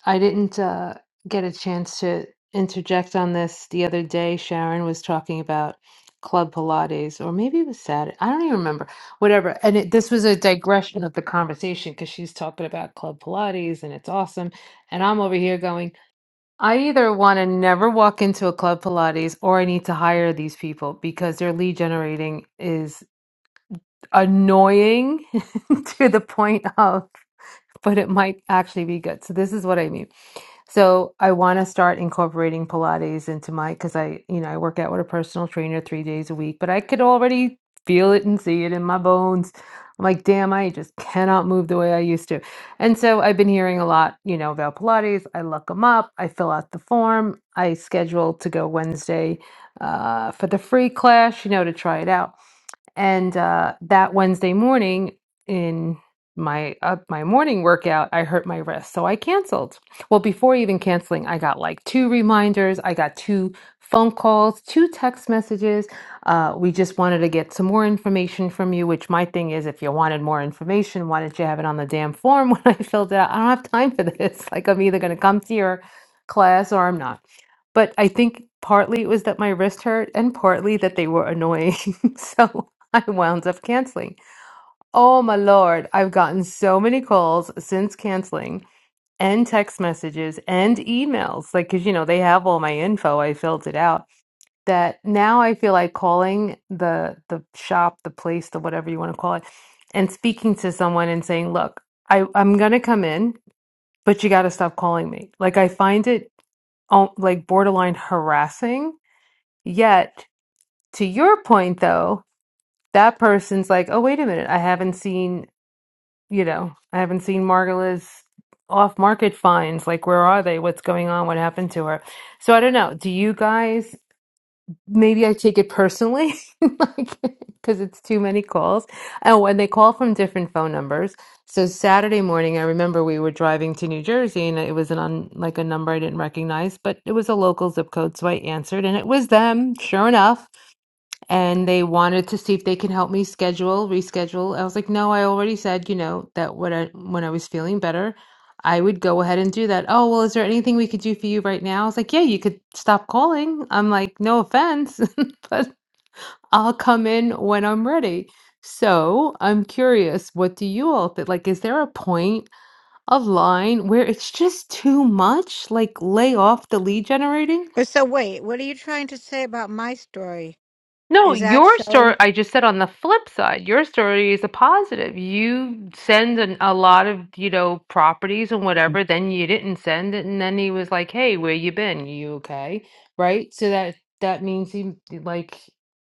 I didn't uh, get a chance to interject on this the other day. Sharon was talking about Club Pilates, or maybe it was Saturday. I don't even remember. Whatever. And it, this was a digression of the conversation because she's talking about Club Pilates and it's awesome. And I'm over here going, I either want to never walk into a Club Pilates or I need to hire these people because their lead generating is annoying to the point of, but it might actually be good. So this is what I mean. So I want to start incorporating Pilates into my because I, you know, I work out with a personal trainer three days a week, but I could already feel it and see it in my bones. I'm like, damn, I just cannot move the way I used to. And so I've been hearing a lot, you know, about Pilates. I look them up, I fill out the form, I schedule to go Wednesday uh, for the free class, you know, to try it out. And uh, that Wednesday morning, in my uh, my morning workout, I hurt my wrist, so I canceled. Well, before even canceling, I got like two reminders. I got two phone calls, two text messages. Uh, we just wanted to get some more information from you. Which my thing is, if you wanted more information, why didn't you have it on the damn form when I filled it out? I don't have time for this. Like I'm either going to come to your class or I'm not. But I think partly it was that my wrist hurt, and partly that they were annoying. so. I wound up canceling. Oh my lord, I've gotten so many calls since canceling and text messages and emails. Like, cause you know, they have all my info. I filled it out. That now I feel like calling the the shop, the place, the whatever you want to call it, and speaking to someone and saying, look, I, I'm gonna come in, but you gotta stop calling me. Like I find it um, like borderline harassing. Yet to your point though, that person's like, oh, wait a minute, I haven't seen you know, I haven't seen Margola's off market finds. Like, where are they? What's going on? What happened to her? So I don't know. Do you guys, maybe I take it personally, like, because it's too many calls. Oh, and they call from different phone numbers. So Saturday morning, I remember we were driving to New Jersey and it was an un, like a number I didn't recognize, but it was a local zip code. So I answered and it was them, sure enough and they wanted to see if they can help me schedule, reschedule. I was like, no, I already said, you know, that when I when I was feeling better, I would go ahead and do that. Oh, well, is there anything we could do for you right now? I was like, yeah, you could stop calling. I'm like, no offense, but I'll come in when I'm ready. So I'm curious, what do you all think? Like, is there a point of line where it's just too much? Like, lay off the lead generating? But so wait, what are you trying to say about my story? No, Is that your showing? story, I just said on the flip side, your story is a positive. You send an, a lot of, you know, properties and whatever, then you didn't send it, and then he was like, "Hey, where you been? You okay?" Right? So that that means he like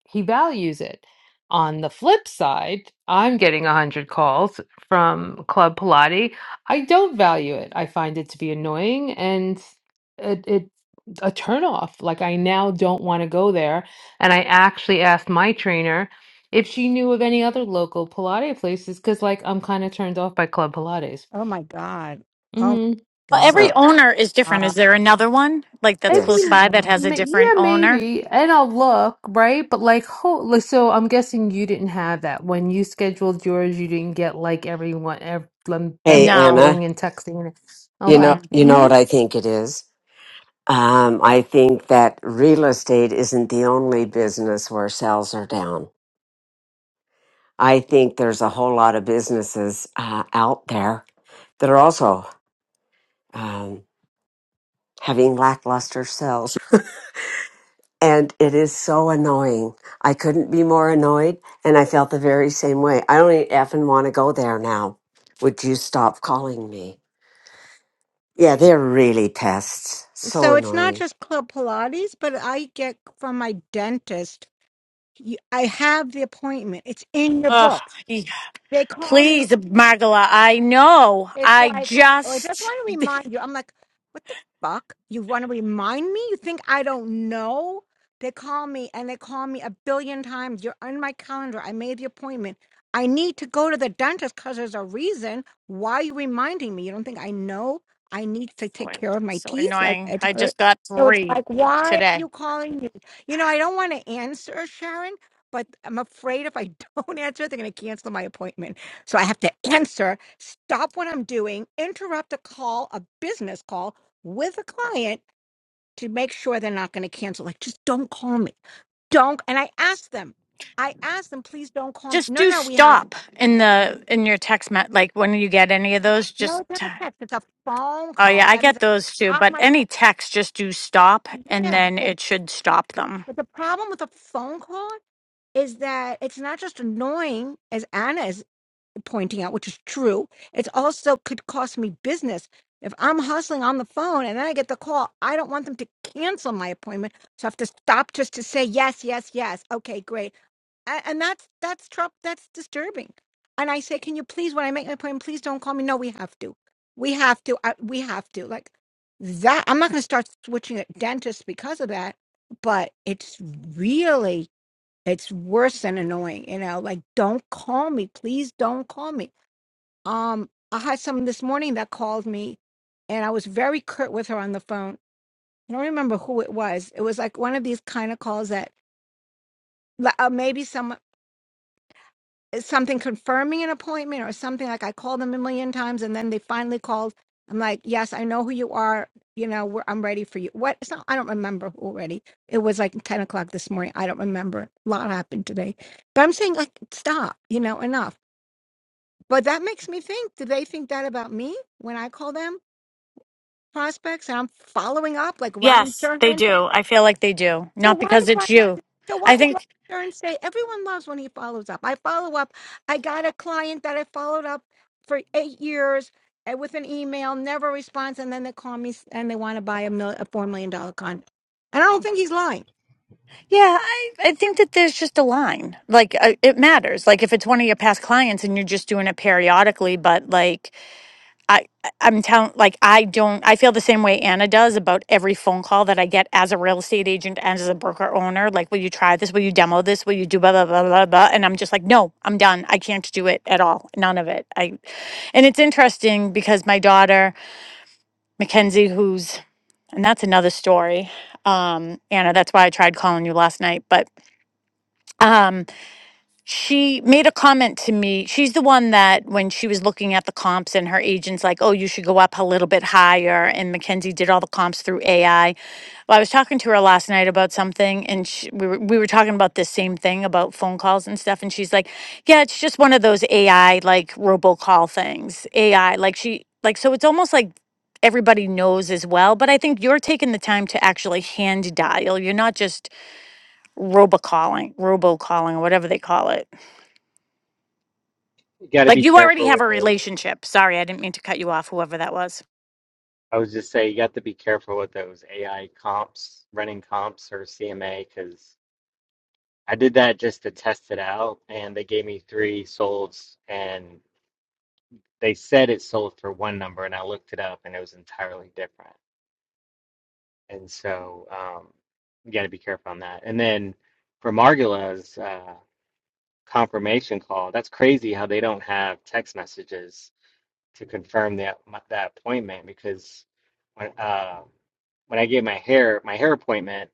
he values it. On the flip side, I'm getting 100 calls from Club Pilates. I don't value it. I find it to be annoying and it, it a turn off. Like I now don't want to go there and I actually asked my trainer if she knew of any other local Pilates places because, like, I'm kind of turned off by Club Pilates. Oh my god! Oh Mm-hmm. Well, my every So, owner is different. god! Is there another one like that's I yes. close mean, by that has a ma- different yeah, owner? maybe. And I'll look, right? But, like, ho- so I'm guessing you didn't have that. When you scheduled yours, you didn't get, like, everyone, ev- them, them Hey, No. Anna. calling and texting. and- You What? Okay. know, Mm-mm. you know Mm-hmm. what I think it is. Um, I think that real estate isn't the only business where sales are down. I think there's a whole lot of businesses uh, out there that are also um, having lackluster sales, and it is so annoying. I couldn't be more annoyed, and I felt the very same way. I don't even want to go there now. Would you stop calling me? Yeah, they're really pests. So So it's not annoying. just Club Pilates, but I get from my dentist. You- I have the appointment. It's in your Ugh, books. y- They call me. please, Margola. I know. It's I like, oh, I just just want to remind you. I'm like, what the fuck? You want to remind me? You think I don't know? They call me and they call me a billion times. You're on my calendar. I made the appointment. I need to go to the dentist because there's a reason. Why are you reminding me? You don't think I know I need to so, take care of my so teeth? Like annoying. it I hurt. just got So it's three like, why are today. you calling me? You know, I don't want to answer, Sharon, but I'm afraid if I don't answer, they're going to cancel my appointment. So I have to answer stop what I'm doing, interrupt a call, a business call with a client to make sure they're not going to cancel. Like, just don't call me. Don't. And I asked them, I asked them, please don't call me. just No, do no, we have stop in the in your text me- like when you get any of those no, just it's not t- a text. It's a phone oh call. yeah i That means get those too I stop but my any call. text just do stop and Yeah. then But, it should stop them but the problem with a phone call is that it's not just annoying, as Anna is pointing out, which is true. it's also could cost me business. If I'm hustling on the phone and then I get the call, I don't want them to cancel my appointment. So I have to stop just to say yes, yes, yes. Okay, great. A- And that's that's Trump. That's disturbing. And I say, can you please, when I make an appointment, please don't call me. No, we have to. We have to. I, we have to. Like that. I'm not going to start switching at dentists because of that. But it's really, it's worse than annoying. You know, like don't call me. Please don't call me um, I had someone this morning that called me, and I was very curt with her on the phone. I don't remember who it was. It was like one of these kind of calls that like, uh, maybe some something confirming an appointment or something. Like I called them a million times, and then they finally called. I'm like, yes, I know who you are. You know, we're, I'm ready for you. What? It's not, I don't remember already. It was like 10 o'clock this morning. I don't remember. A lot happened today. But I'm saying, like, stop, you know, enough. But that makes me think do they think that about me when I call them? prospects and I'm following up like Ryan yes they Serhan. do i feel like they do So not why because does Ryan it's you so why i does think Ryan Serhan say everyone loves when he follows up? I follow up. I got a client that I followed up for eight years uh, with an email, never responds, and then they call me s- and they want to buy a, mil- a four million dollar condo. And I don't think he's lying. Yeah, I, I think that there's just a line. Like, uh, it matters. Like, if it's one of your past clients and you're just doing it periodically, but like, I, I- I'm telling, like, I don't, I feel the same way Anna does about every phone call that I get as a real estate agent and as a broker owner. Like, will you try this? Will you demo this? Will you do blah, blah, blah, blah, blah? And I'm just like, no, I'm done. I can't do it at all. None of it. I, and it's interesting because my daughter, Mackenzie, who's, and that's another story. Um, Anna, that's why I tried calling you last night, but, um, she made a comment to me. She's the one that when she was looking at the comps and her agents like, "Oh, you should go up a little bit higher." And Mackenzie did all the comps through AI. Well, I was talking to her last night about something and she, we were we were talking about this same thing about phone calls and stuff and she's like, "Yeah, it's just one of those AI like robocall things." AI like she like so it's almost like everybody knows as well, but I think you're taking the time to actually hand dial. You're not just robocalling, robocalling or whatever they call it. You got to Like be you already careful have a with those. relationship. Sorry, I didn't mean to cut you off, whoever that was. I was just saying, you got to be careful with those AI comps, running comps or CMA, because I did that just to test it out, and they gave me three solds, and they said it sold for one number, and I looked it up, and it was entirely different. And so, um, you got to be careful on that. And then for Margula's uh, confirmation call, that's crazy how they don't have text messages to confirm that that appointment because when uh, when I gave my hair my hair appointment,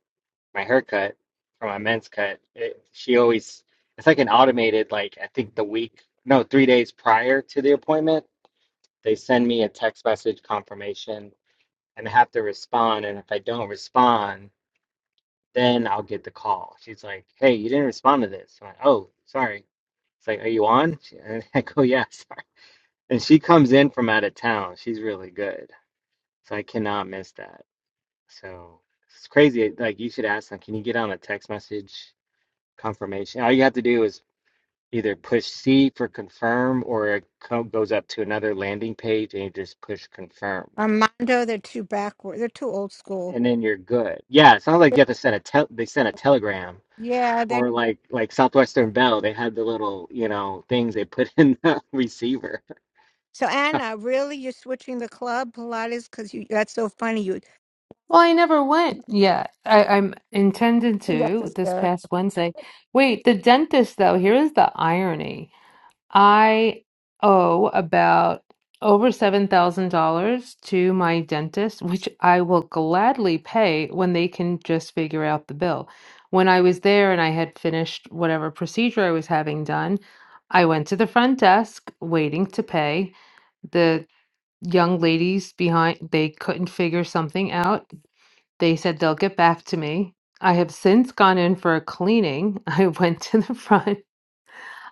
my haircut for my men's cut, it, she always it's like an automated like I think the week no three days prior to the appointment they send me a text message confirmation and I have to respond and if I don't respond then I'll get the call. She's like, "Hey, you didn't respond to this." I'm like, "Oh, sorry." It's like, "Are you on?" She- And I go, "Yeah, sorry." And she comes in from out of town. She's really good. So I cannot miss that. So it's crazy. Like you should ask them, can you get on a text message confirmation? All you have to do is either push C for confirm or it co goes up to another landing page and you just push confirm Armando, they're too backward. They're too old school. and then you're good. Yeah, it sounds like you have to send a tel they sent a telegram Yeah, that. or like like Southwestern Bell, they had the little, you know, things they put in the receiver. So Anna, really, you're switching the club Pilates because you—that's so funny. You, Well, I never went Yeah, I, I'm intended that's to this hysterical. past Wednesday. Wait, the dentist, though, here is the irony. I owe about over $7,000 to my dentist, which I will gladly pay when they can just figure out the bill. When I was there and I had finished whatever procedure I was having done, I went to the front desk waiting to pay. The young ladies behind, they couldn't figure something out. They said they'll get back to me. I have since gone in for a cleaning. I went to the front.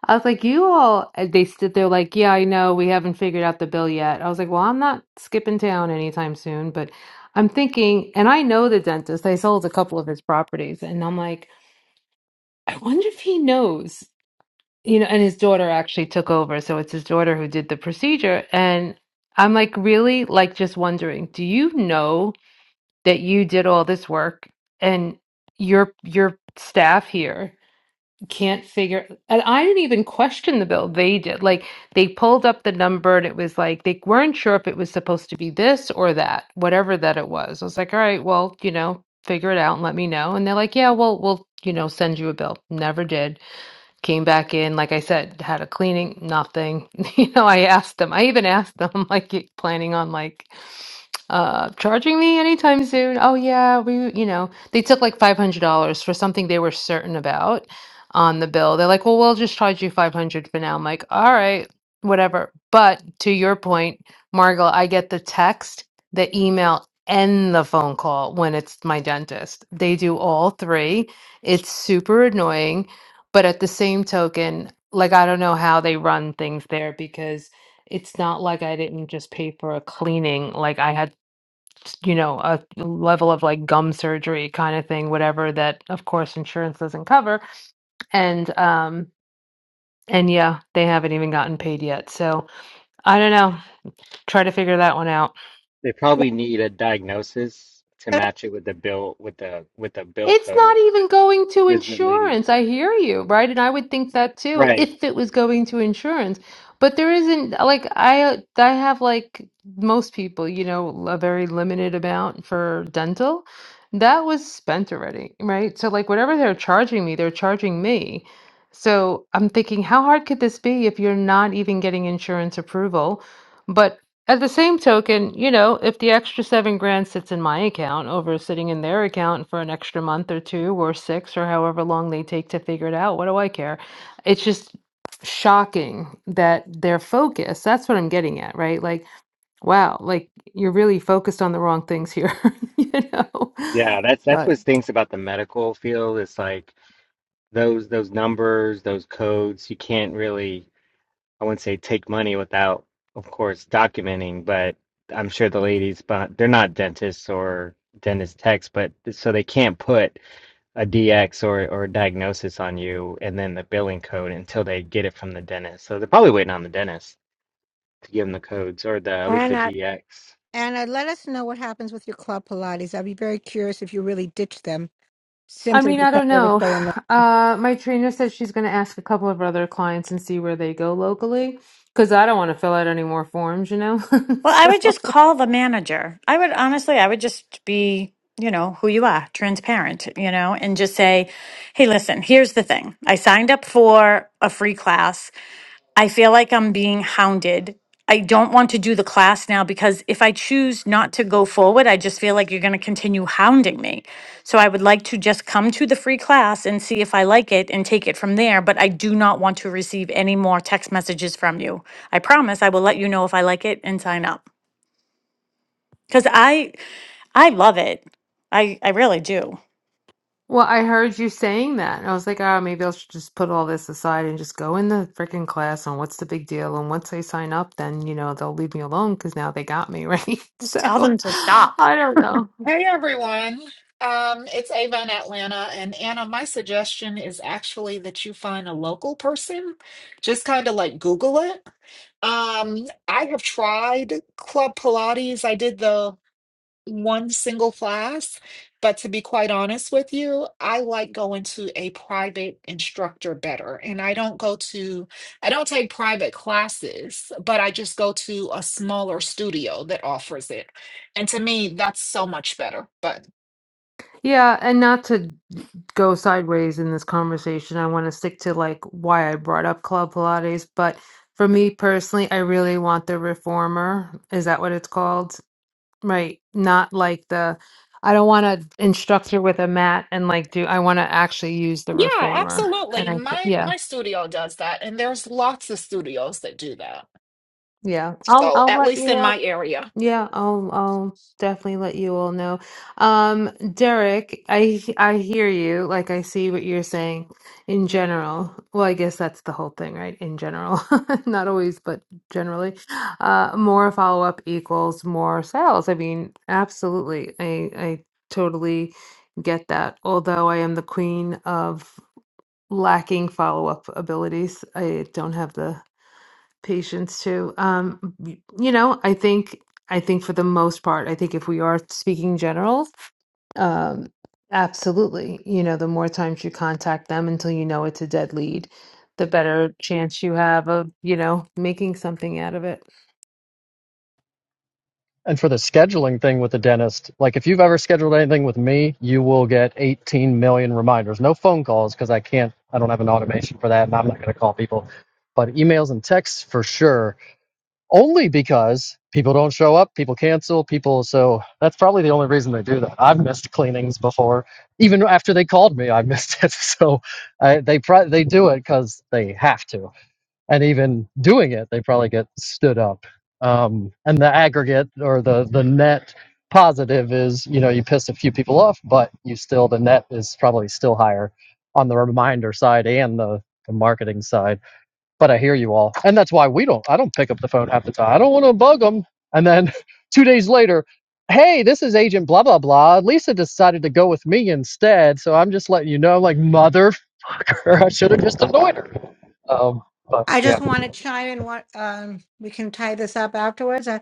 I was like, you all, and they stood there like, yeah, I know, we haven't figured out the bill yet. I was like, well, I'm not skipping town anytime soon, but I'm thinking, and I know the dentist, I sold a couple of his properties, and I'm like, I wonder if he knows, you know, and his daughter actually took over. So it's his daughter who did the procedure. And I'm like, really, like, just wondering, do you know that you did all this work and your your staff here? can't figure and I didn't even question the bill. They did. Like they pulled up the number and it was like they weren't sure if it was supposed to be this or that, whatever that it was. I was like, all right, well, you know, figure it out and let me know. And they're like, yeah, well, we'll, you know, send you a bill. Never did. Came back in, like I said, had a cleaning, nothing. You know, I asked them. I even asked them, like, you planning on like uh charging me anytime soon. Oh yeah, we you know, they took like $500 for something they were certain about on the bill. They're like, "Well, we'll just charge you 500 for now." I'm like, "All right, whatever." But to your point, Margot, I get the text, the email, and the phone call when it's my dentist. They do all three. It's super annoying, but at the same token, like I don't know how they run things there because it's not like I didn't just pay for a cleaning. Like I had s- you know, a level of like gum surgery kind of thing, whatever that of course insurance doesn't cover. And um and yeah, they haven't even gotten paid yet. So I don't know. Try to figure that one out. They probably need a diagnosis to match it with the bill with the with the bill It's not code even going to is the ladies. insurance. I hear you, right? And I would think that too Right, if it was going to insurance. But there isn't like I uh, I have like most people, you know, a very limited amount for dental. That was spent already, right? So like whatever they're charging me, they're charging me. So I'm thinking, how hard could this be if you're not even getting insurance approval? But at the same token, you know, if the extra seven grand sits in my account over sitting in their account for an extra month or two or six or however long they take to figure it out, what do I care? It's just shocking that they're focused. That's what I'm getting at, right? Like, wow, like you're really focused on the wrong things here, you know? Yeah, that's that's But what stinks about the medical field. It's like those those numbers, those codes, you can't really, I wouldn't say take money without, of course, documenting, but I'm sure the ladies, but they're not dentists or dentist techs, but so they can't put a DX or or a diagnosis on you and then the billing code until they get it from the dentist. So they're probably waiting on the dentist to give them the codes or the at least the Anna, DX. Anna, let us know what happens with your club Pilates. I'd be very curious if you really ditched them I simply mean, I because don't they were know. so annoying. Uh, my trainer said she's going to ask a couple of her other clients and see where they go locally because I don't want to fill out any more forms, you know? Well, I So, would just call the manager. I would honestly, I would just be, you know, who you are, transparent, you know, and just say, hey, listen, here's the thing. I signed up for a free class. I feel like I'm being hounded. I don't want to do the class now because if I choose not to go forward, I just feel like you're going to continue hounding me. So I would like to just come to the free class and see if I like it and take it from there. But I do not want to receive any more text messages from you. I promise I will let you know if I like it and sign up because I I love it. I I really do. well, I heard you saying that. And I was like, oh, maybe I should just put all this aside and just go in the freaking class on what's the big deal. And once I sign up, then, you know, they'll leave me alone because now they got me, right? Just tell So them to stop. I don't know. Hey everyone. Um, it's Ava in Atlanta. And Anna, my suggestion is actually that you find a local person. Just kind of like Google it. Um, I have tried Club Pilates. I did the one single class, but to be quite honest with you, I like going to a private instructor better. And I don't go to, I don't take private classes, but I just go to a smaller studio that offers it. And to me, that's so much better. But Yeah, and not to go sideways in this conversation. I want to stick to like why I brought up Club Pilates, but for me personally, I really want the reformer. Is that what it's called? Right. Not like the I don't want an instructor with a mat and like do I want to actually use the yeah, reformer. And absolutely. I My yeah. my studio does that, and there's lots of studios that do that. Yeah. I'll So I'll at let least you in up. my area. Yeah, I'll I'll definitely let you all know. Um, Derek, I I hear you. Like I see what you're saying in general. Well, I guess that's the whole thing, right? In general. Not always, but generally. Uh, more follow-up equals more sales. I mean, absolutely. I I totally get that. Although I am the queen of lacking follow-up abilities. I don't have the patients too. Um, y- you know, I think I think for the most part, I think if we are speaking general, um, absolutely. You know, the more times you contact them until you know it's a dead lead, the better chance you have of, you know, making something out of it. And for the scheduling thing with the dentist, like if you've ever scheduled anything with me, you will get 18 million reminders. No phone calls because I can't, I don't have an automation for that and I'm not going to call people. But emails and texts for sure, only because people don't show up, people cancel, people. So that's probably the only reason they do that. I've missed cleanings before. Even after they called me, I missed it. So I, they, pro- they do it because they have to. and even doing it, they probably get stood up. Um, and the aggregate or the the net positive is, you know, you piss a few people off, but you still the net is probably still higher on the reminder side and the, the marketing side. But I hear you all, and that's why we don't. I don't pick up the phone half the time. I don't want to bug them. And then two days later. Hey, this is Agent blah blah blah. Lisa decided to go with me instead, so I'm just letting you know. I'm like, motherfucker, I should have just annoyed her. Um, but I yeah. just want to chime in. What um, we can tie this up afterwards. I,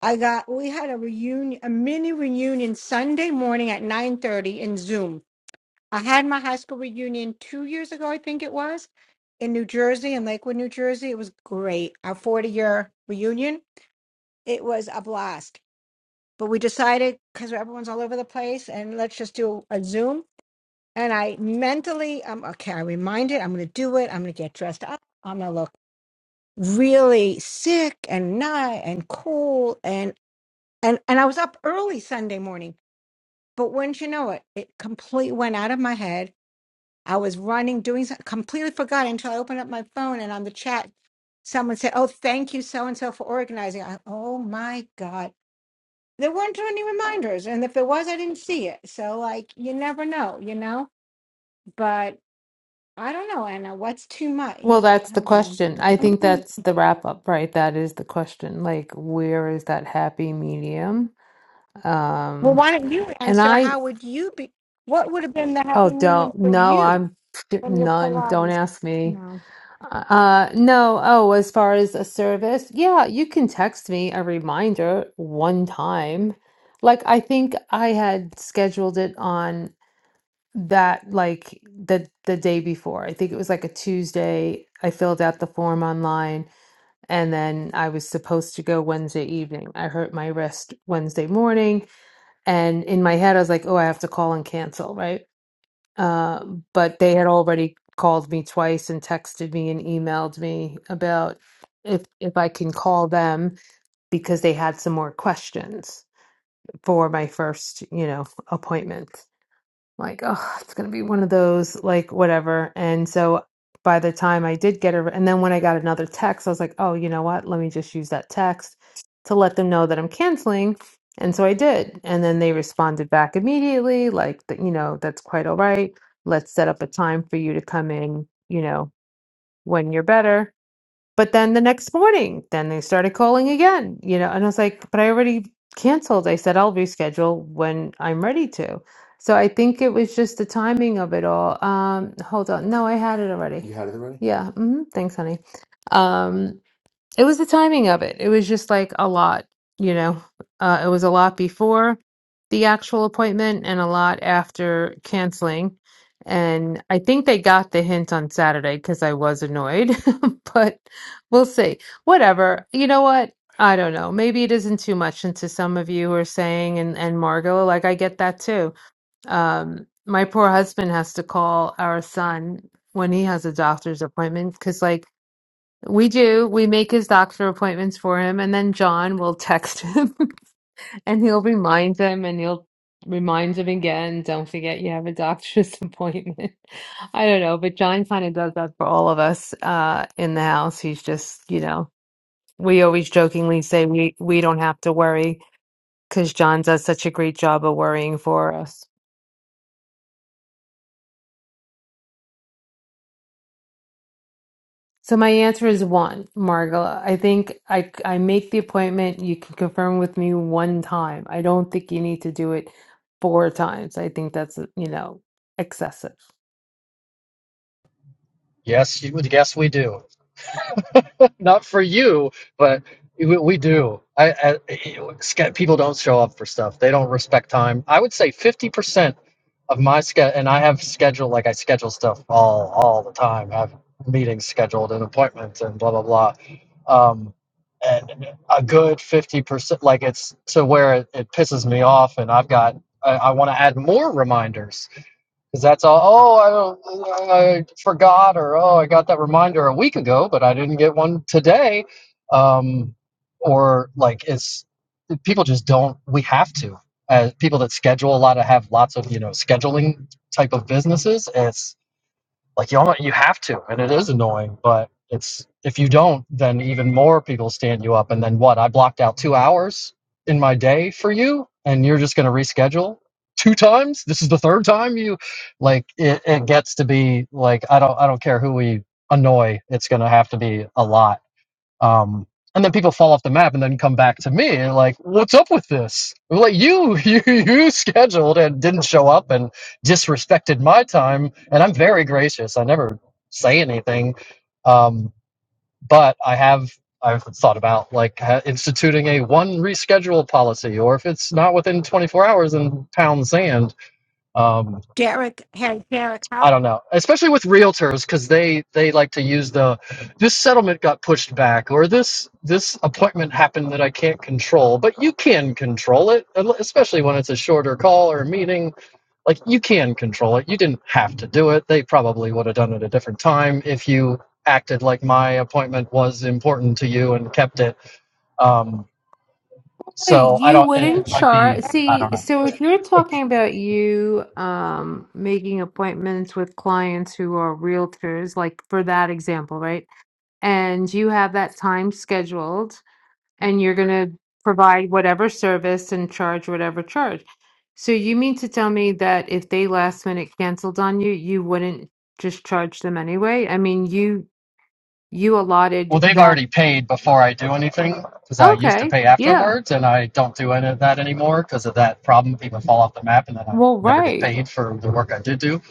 I got we had a reunion, a mini reunion Sunday morning at nine thirty in Zoom. I had my high school reunion two years ago, I think it was, in New Jersey, in Lakewood, New Jersey. It was great. Our 40 year reunion, it was a blast. But we decided because everyone's all over the place and let's just do a Zoom. And I mentally, um, okay, I reminded, I'm going to do it. I'm going to get dressed up. I'm going to look really sick and nigh and cool. And, and, and I was up early Sunday morning. But wouldn't you know it, it completely went out of my head I was running, doing something, completely forgot until I opened up my phone and on the chat, someone said, Oh, thank you so and so for organizing. I, oh my God. There weren't any reminders. And if there was, I didn't see it. So, like, you never know, you know? But I don't know, Anna, what's too much? Well, that's I the don't know. question. I I think don't know. that's the wrap up, right? That is the question. Like, where is that happy medium? Well, Um, why don't you and answer? I, How would you be? What would have been the oh, happy medium don't, for no, you I'm from your none. Don't Pilates? ask me. No. Uh, no. Oh, as far as a service, yeah, you can text me a reminder one time. Like I think I had scheduled it on that like the the day before. I think it was like a Tuesday. I filled out the form online and then I was supposed to go Wednesday evening. I hurt my wrist Wednesday morning and in my head I was like, "Oh, I have to call and cancel," right? Uh, but they had already called me twice and texted me and emailed me about if if I can call them because they had some more questions for my first, you know, appointment like, oh, it's gonna be one of those, like, whatever. And so by the time I did get her, and then when I got another text, I was like, oh, you know what? Let me just use that text to let them know that I'm canceling. And so I did. And then they responded back immediately, like, that, you know, that's quite all right. Let's set up a time for you to come in, you know, when you're better. But then the next morning, then they started calling again, you know, and I was like, but I already canceled. I said I'll reschedule when I'm ready to. So I think it was just the timing of it all. Um, hold on. No, I had it already. You had it already? Yeah. hmm Thanks, honey. Um, it was the timing of it. It was just like a lot, you know. Uh, it was a lot before the actual appointment and a lot after canceling. And I think they got the hint on Saturday because I was annoyed, but we'll see. Whatever. You know what? I don't know. Maybe it isn't too much into some of you are saying and and Margot, like I get that too. Um, my poor husband has to call our son when he has a doctor's appointment because like we do. We make his doctor appointments for him, and then John will text him and he'll remind him and he'll remind him again, don't forget you have a doctor's appointment. I don't know, but John kind of does that for all of us uh, in the house. He's just, you know, we always jokingly say we we don't have to worry because John does such a great job of worrying for us. So my answer is one, Margola. I think I I make the appointment. You can confirm with me one time. I don't think you need to do it four times. I think that's, you know, excessive. Yes, you would. Yes, we do. Not for you, but we, we do. I, I it's got- people don't show up for stuff. They don't respect time. I would say fifty percent of my schedule, and I have scheduled like I schedule stuff all all the time. I have meetings scheduled and appointments and blah blah blah. Um, and a good fifty percent, like it's to where it, it pisses me off, and I've got I, I want to add more reminders because that's all. Oh, I, I forgot, or oh, I got that reminder a week ago, but I didn't get one today. Um, or like it's people just don't. We have to. As people that schedule a lot of have lots of you know scheduling type of businesses. It's, like you almost, you have to, and it is annoying, but it's if you don't, then even more people stand you up. And then what? I blocked out two hours in my day for you, and you're just going to reschedule two times. This is the third time you, like it, it gets to be like I don't I don't care who we annoy. It's going to have to be a lot um, and then people fall off the map and then come back to me like, what's up with this? Like you, you, you scheduled and didn't show up and disrespected my time. And I'm very gracious. I never say anything. Um, but I have, I've thought about like ha- instituting a one reschedule policy, or if it's not within 24 hours, then pound sand. Um, Derek, hey, Derek, how? I don't know, especially with realtors because they they like to use the this settlement got pushed back or this this appointment happened that I can't control, but you can control it, especially when it's a shorter call or a meeting. Like you can control it. You didn't have to do it. They probably would have done it a different time if you acted like my appointment was important to you and kept it. Um, Derek, so I You don't. It, Derek, it wouldn't might be. charge. I don't See, know. so oh, if you're talking about you um making appointments with clients who are realtors, like for that example, right? And you have that time scheduled and you're gonna provide whatever service and charge whatever charge. So you mean to tell me that if they last minute canceled on you, you wouldn't just charge them anyway? I mean, you you Well, allotted they've that. already paid before I do anything because I used to Okay, pay yeah. afterwards, and I don't do any of that anymore because of that problem. People fall off the map, and then I Well, never get right. paid for the work I did do.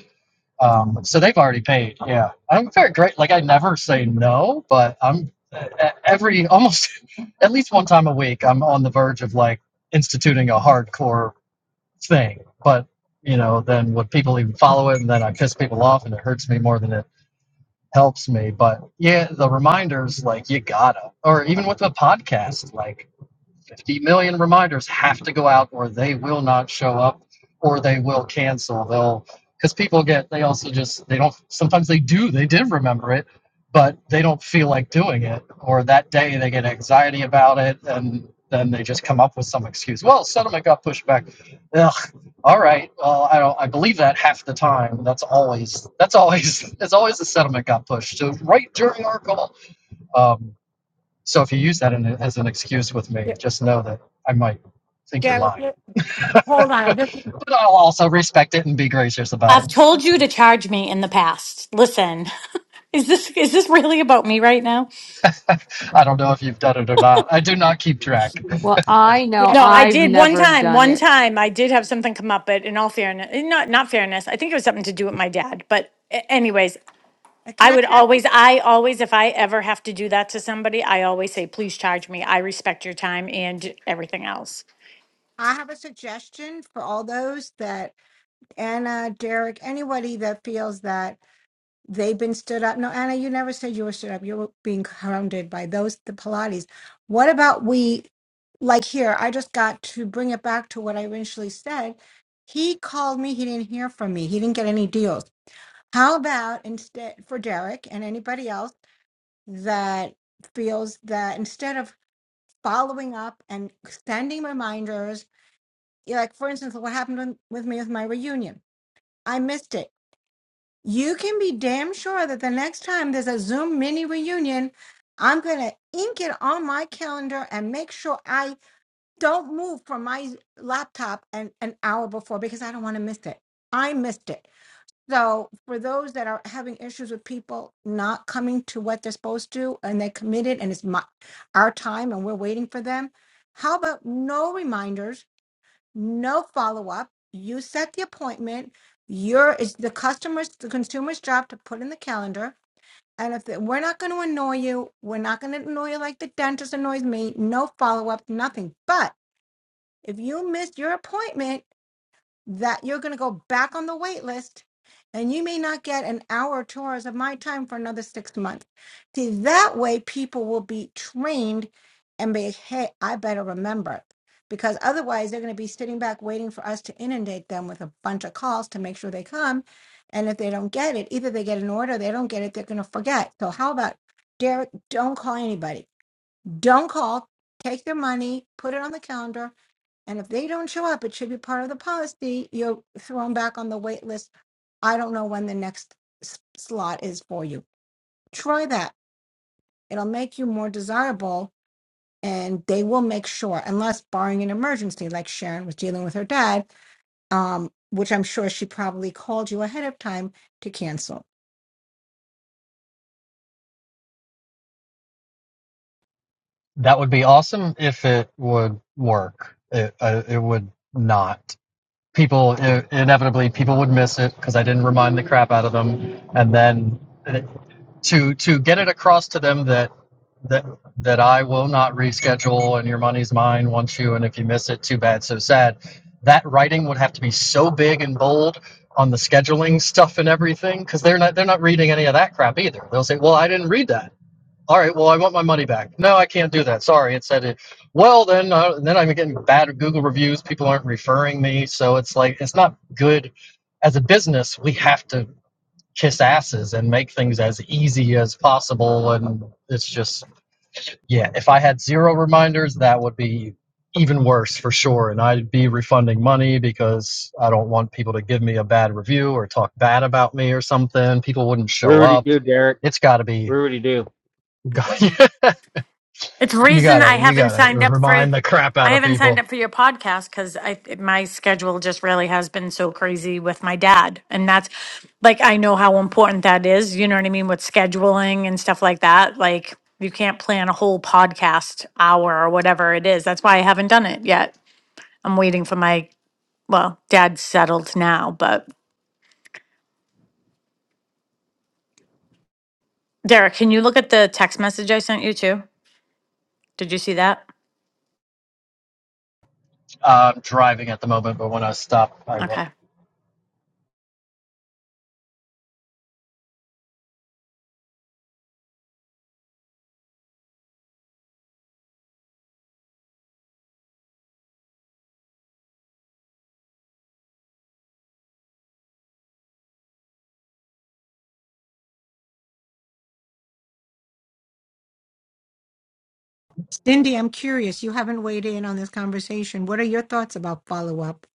Um, so they've already paid. Yeah, I'm very great. Like I never say no, but I'm e- every almost at least one time a week. I'm on the verge of like instituting a hardcore. thing. But you know, then would people even follow it? And then I piss people off, and it hurts me more than it helps me. But yeah, the reminders, like you gotta, or even with the podcast, like. 50 million reminders have to go out or they will not show up or they will cancel they'll because people get they also just they don't sometimes they do they did remember it but they don't feel like doing it or that day they get anxiety about it and then they just come up with some excuse well settlement got pushed back Ugh, all right well i don't i believe that half the time that's always that's always it's always the settlement got pushed so right during our call um, so if you use that in, a, as an excuse with me, just know that I might think you're Derek, lying. Derek, hold on. I just But I'll also respect it and be gracious about I've told you to charge me in the past. Listen, is this is this really about me right now? it. I don't know if you've done it or not. I do not keep track. Well, I know Yeah. No, Uh, I I've did one never time. done One it. time I did have something come up, but in all fairness, not not fairness, I think it was something to do with my dad. But a- anyways, I Can I, would always, I always, if I ever have to do that to somebody, I always say, please charge me. I respect your time and everything else. I have a suggestion for all those that Anna, Derek, anybody that feels that they've been stood up. No, Anna, you never said you were stood up. You were being hounded by those, the Pilates. What about we, like here, I just got to bring it back to what I initially said. He called me. He didn't hear from me. He didn't get any deals. How about instead for Derek and anybody else that feels that instead of following up and sending reminders Yeah, like for instance, what happened with with me with my reunion. I missed it. You can be damn sure that the next time there's a Zoom mini reunion, I'm going to ink it on my calendar and make sure I don't move from my laptop an, an hour before because I don't want to miss it. I missed it. So, for those that are having issues with people not coming to what they're supposed to and they're committed and it's my, our time and we're waiting for them, how about no reminders? no follow up. You set the appointment. Your it's the customer's the consumer's job to put in the calendar. And if it, we're not going to annoy you, we're not going to annoy you like the dentist annoys me. No follow up, nothing. But if you miss your appointment, that you're going to go back on the wait list and you may not get an hour or two hours of my time for another six months. See, that way people will be trained and be, hey, I better remember because otherwise they're going to be sitting back waiting for us to inundate them with a bunch of calls to make sure they come. And if they don't get it, either they get an order, they don't get it, they're going to forget. So, how about Derek? Don't call anybody. Don't call. Take their money, put it on the calendar, and if they don't show up, it should be part of the policy. You're thrown back on the wait list. I don't know when the next s- slot is for you. Try that. It'll make you more desirable and they will make sure, unless barring an emergency, like Sharon was dealing with her dad, um, which I'm sure she probably called you ahead of time to cancel. That would be awesome if it would work. It, uh, it would not. People, i inevitably, people would miss it because I didn't remind the crap out of them. And then it, to to get it across to them that that that I will not reschedule and your money's mine once you and if you miss it too bad so sad that writing would have to be so big and bold on the scheduling stuff and everything cuz they're not they're not reading any of that crap either they'll say well I didn't read that all right well I want my money back no I can't do that sorry it said it well then uh, then I'm getting bad Google reviews people aren't referring me so it's like it's not good as a business we have to kiss asses and make things as easy as possible. And it's just, yeah, if I had zero reminders, that would be even worse for sure. And I'd be refunding money because I don't want people to give me a bad review or talk bad about me or something. People wouldn't show Rudy up. do, Derek. It's got to be. Rudy do. It's you reason I gotta you haven't gotta signed up for remind the crap out I of haven't signed people up for your podcast because I my schedule just really has been so crazy with my dad, and that's like I know how important that is. You know what I mean with scheduling and stuff like that. Like you can't plan a whole podcast hour or whatever it is. That's why I haven't done it yet. I'm waiting for my well, dad's settled now, but Derek, can you look at the text message I sent you too? Did you see that? uh, i'm driving at the moment but when i stop i will Okay. Cindy, I'm curious. You haven't weighed in on this conversation. What are your thoughts about follow up?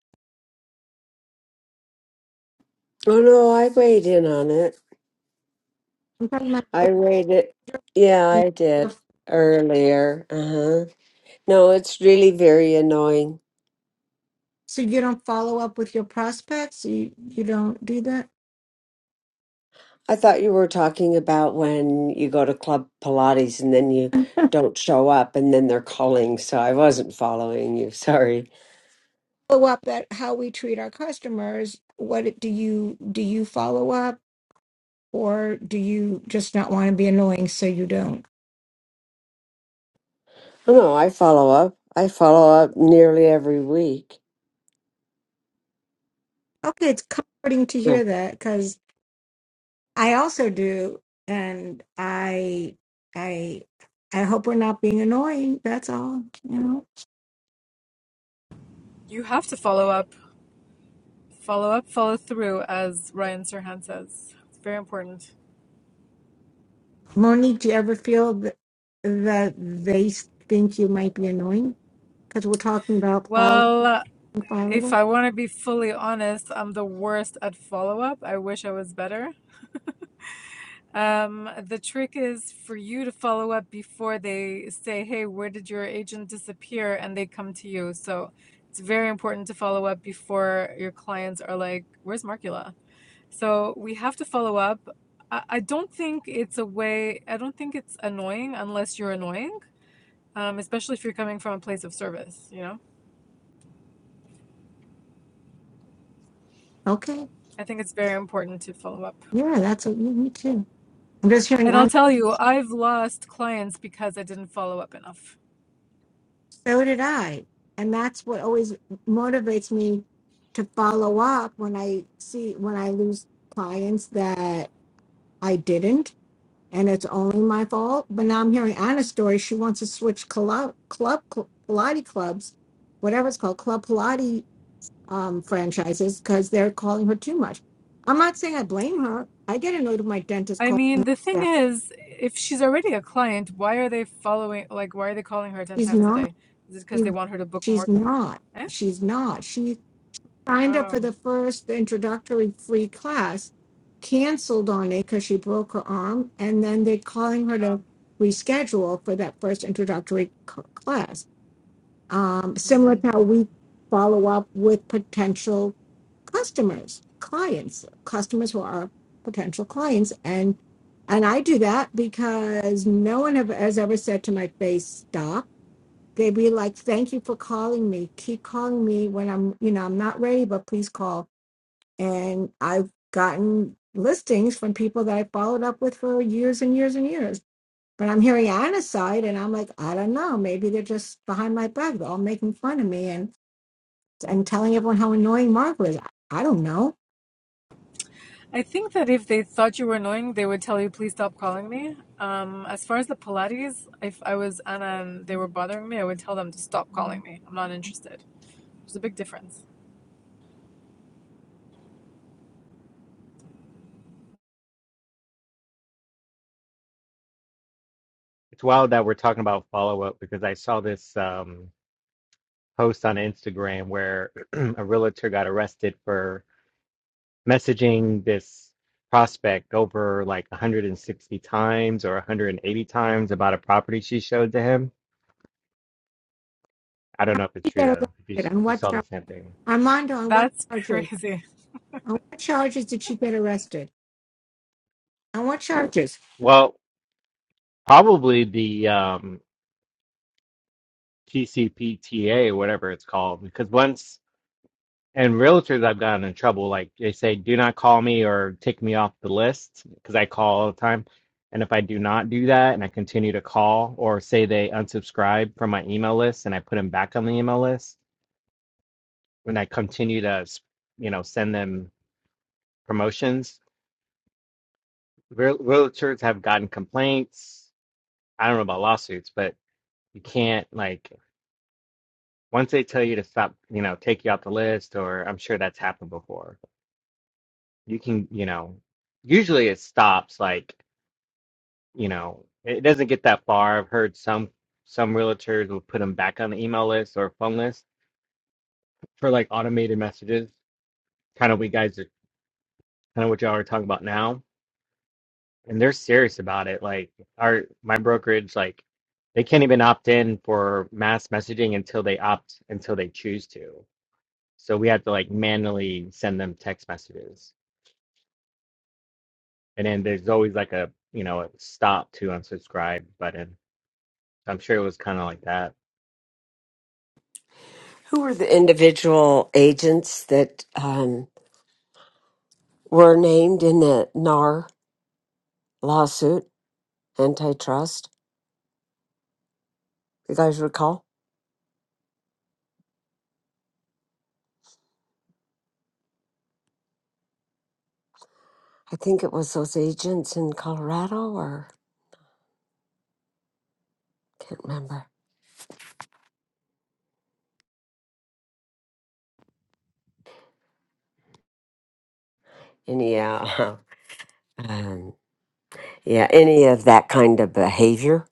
Oh no, I weighed in on it. I'm talking about- I read it. Yeah, I did earlier. Uh-huh. No, it's really very annoying. So you don't follow up with your prospects? You, you don't do that? I thought you were talking about when you go to Club Pilates and then you don't show up and then they're calling. So I wasn't following you. Sorry. follow up at how we treat our customers what it- do you do you follow up or do you just not want to be annoying so you don't Oh, no, I follow up. I follow up nearly every week. okay it's comforting to Yeah. hear that because i also do and i i i hope we're not being annoying that's all you know You have to follow up, follow up, follow through, as Ryan Serhan says. It's very important. monique do you ever feel that, that they think you might be annoying because we're talking about follow Well, follow if up I want to be fully honest, I'm the worst at follow up. I wish I was better. Um, the trick is for you to follow up before they say, Hey, where did your agent disappear? And they come to you. So it's very important to follow up before your clients are like, Where's Markula?" So we have to follow up. I, I don't think it's a way, I don't think it's annoying unless you're annoying, um, especially if you're coming from a place of service, you know? okay I think it's very important to follow up. yeah that's a, me too i'm just And hearing I'll tell you, I've lost clients because I didn't follow up enough. So did I. And that's what always motivates me to follow up when I see when I lose clients that I didn't and it's only my fault. But now I'm hearing Anna's story. She wants to switch club club cl- Pilates clubs, whatever it's called, club Pilates um, franchises because they're calling her too much. I'm not saying I blame her. I get annoyed when my dentist I calls. mean, the her thing that. is, if she's already a client, why are they following, like, why are they calling her 10 She's times a not. day? Is it because they want her to book She's more? cl- not. Eh? She's not. She signed up for Oh, the first introductory free class, canceled on it because she broke her arm, and then they're calling her to reschedule for that first introductory c- class. Um, oh. similar to how we follow up with potential customers, clients, customers who are potential clients, and and I do that because no one have, has ever said to my face, stop. They'd be like, thank you for calling me. Keep calling me when I'm, you know, I'm not ready, but please call and I've gotten listings from people that I followed up with for years and years and years. But I'm hearing Anna's side, and I'm like, I don't know. Maybe they're just behind my back. They're all making fun of me and and telling everyone how annoying Mark was. I, I don't know. I think that if they thought you were annoying, they would tell you, please stop calling me. Um, as far as the Pilates, if I was Anna and they were bothering me, I would tell them to stop calling me. I'm not interested. There's a big difference. It's wild that we're talking about follow up because I saw this um, post on Instagram where a realtor got arrested for messaging this prospect over like 160 times or 180 times about a property she showed to him. I don't know if it's She true get though. If you, arrested on if you what saw the char- same thing, Armando? On what That's charges? crazy. On what charges did she get arrested? On what charges? well, probably the um, TCPTA, whatever it's called, because once And realtors, I've gotten in trouble. Like they say, do not call me or take me off the list because I call all the time. And if I do not do that and I continue to call or say they unsubscribe from my email list and I put them back on the email list, when I continue to, you know, send them promotions, real realtors have gotten complaints. I don't know about lawsuits, but you can't like once they tell you to stop, you know, take you off the list, or I'm sure that's happened before. You can, you know, usually it stops like. you know, it doesn't get that far. I've heard some some realtors will put them back on the email list or phone list for like automated messages. Kind of we guys are kind of what y'all are talking about now. And they're serious about it. Like our my brokerage, like they can't even opt in for mass messaging until they opt until they choose to. So we have to like manually send them text messages. And then there's always like a you know a stop to unsubscribe button. I'm sure it was kind of like that. Who were the individual agents that um, were named in the NAR lawsuit, antitrust? You guys recall? I think it was those agents in Colorado or can't remember. And yeah, um, yeah, any of that kind of behavior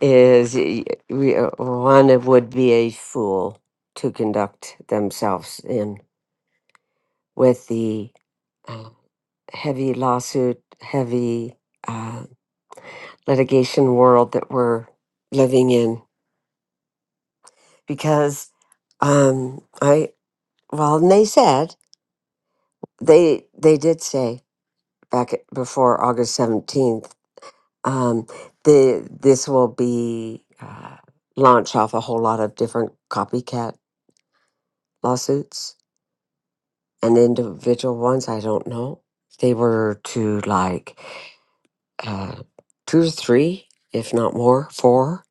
is y- we- uh, one would be a fool to conduct themselves in with the uh, heavy lawsuit, heavy uh, litigation world that we're living in because um, I well, and they said they they did say. back at- before August seventeenth. Um, the this will be uh, launch off a whole lot of different copycat lawsuits and individual ones. I don't know. They were to like uh, two or three, if not more, four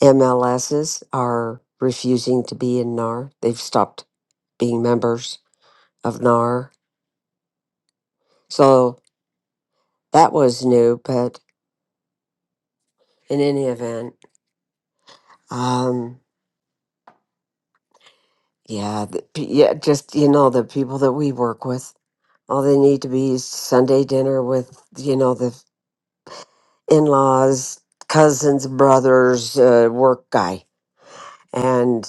MLSs are refusing to be in NAR. They've stopped being members of NAR. So that was new, but in any event. Um, Yeah, the, p- yeah, just you know the people that we work with. All they need to be is Sunday dinner with you know the in-laws, cousins, brothers, uh, work guy, and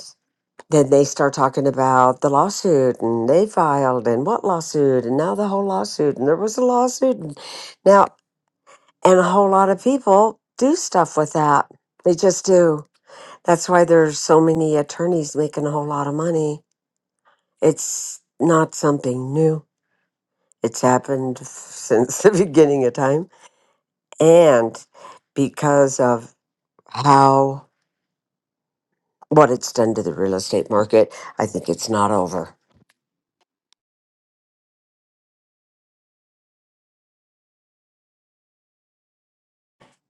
then they start talking about the lawsuit and they filed and what lawsuit and now the whole lawsuit and there was a lawsuit and now and a whole lot of people do stuff with that. They just do. That's why there's so many attorneys making a whole lot of money. It's not something new It's happened since the beginning of time. And because of how, what it's done to the real estate market, I think it's not over.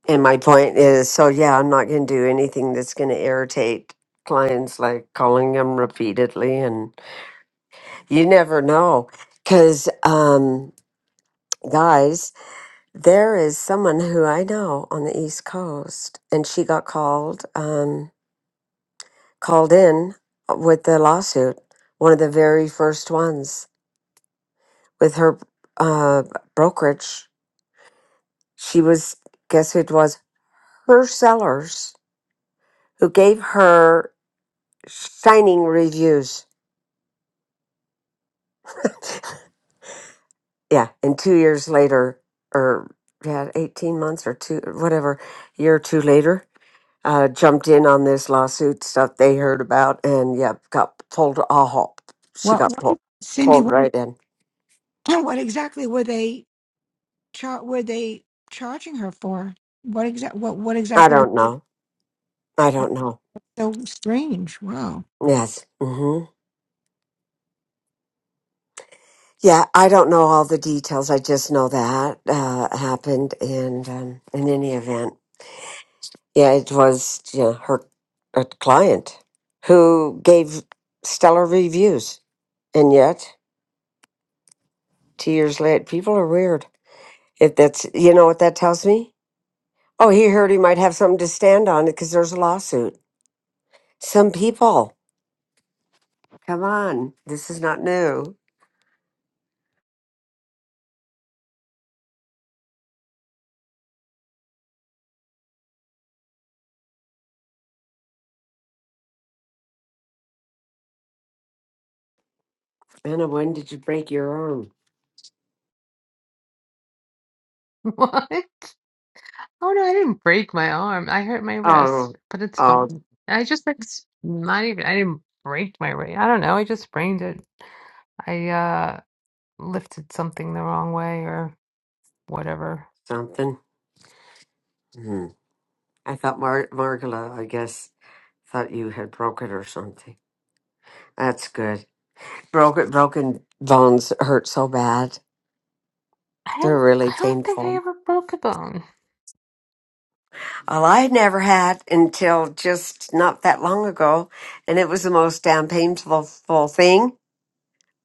And my point is so, yeah, I'm not going to do anything that's going to irritate clients, like calling them repeatedly. And you never know. Because, um, guys, there is someone who I know on the East Coast, and she got called. Um, called in with the lawsuit, one of the very first ones with her uh, brokerage. She was, guess who it was? Her sellers who gave her shining reviews. yeah. And two years later, or yeah, 18 months or two, whatever, year or two later, uh, jumped in on this lawsuit stuff they heard about and, yeah, got pulled. Oh, she What? got what pulled, Cindy? pulled What, right in. what exactly were they? Char- were they charging her for? What exact? What? What I exactly? don't know. I don't know. So strange. Wow. Yes. hmm Yeah, I don't know all the details. I just know that uh, happened, and um, in any event, yeah, it was you know, her, her client who gave stellar reviews, and yet two years later, people are weird. If that's you know what that tells me? Oh, he heard he might have something to stand on because there's a lawsuit. Some people, come on, this is not new. Anna, when did you break your arm? What? Oh no, I didn't break my arm. I hurt my Oh, wrist, but it's oh, fine. I just like s- not even I didn't break my wrist. I don't know. I just sprained it. I uh lifted something the wrong way or whatever. something. Mm-hmm. I thought Mar- Margala, I guess, thought you had broken or something. That's good. Broken broken bones hurt so bad. I They're don't- really I don't think I painful. ever broke a bone. Well, I had never had until just not that long ago, and it was the most damn painful full thing.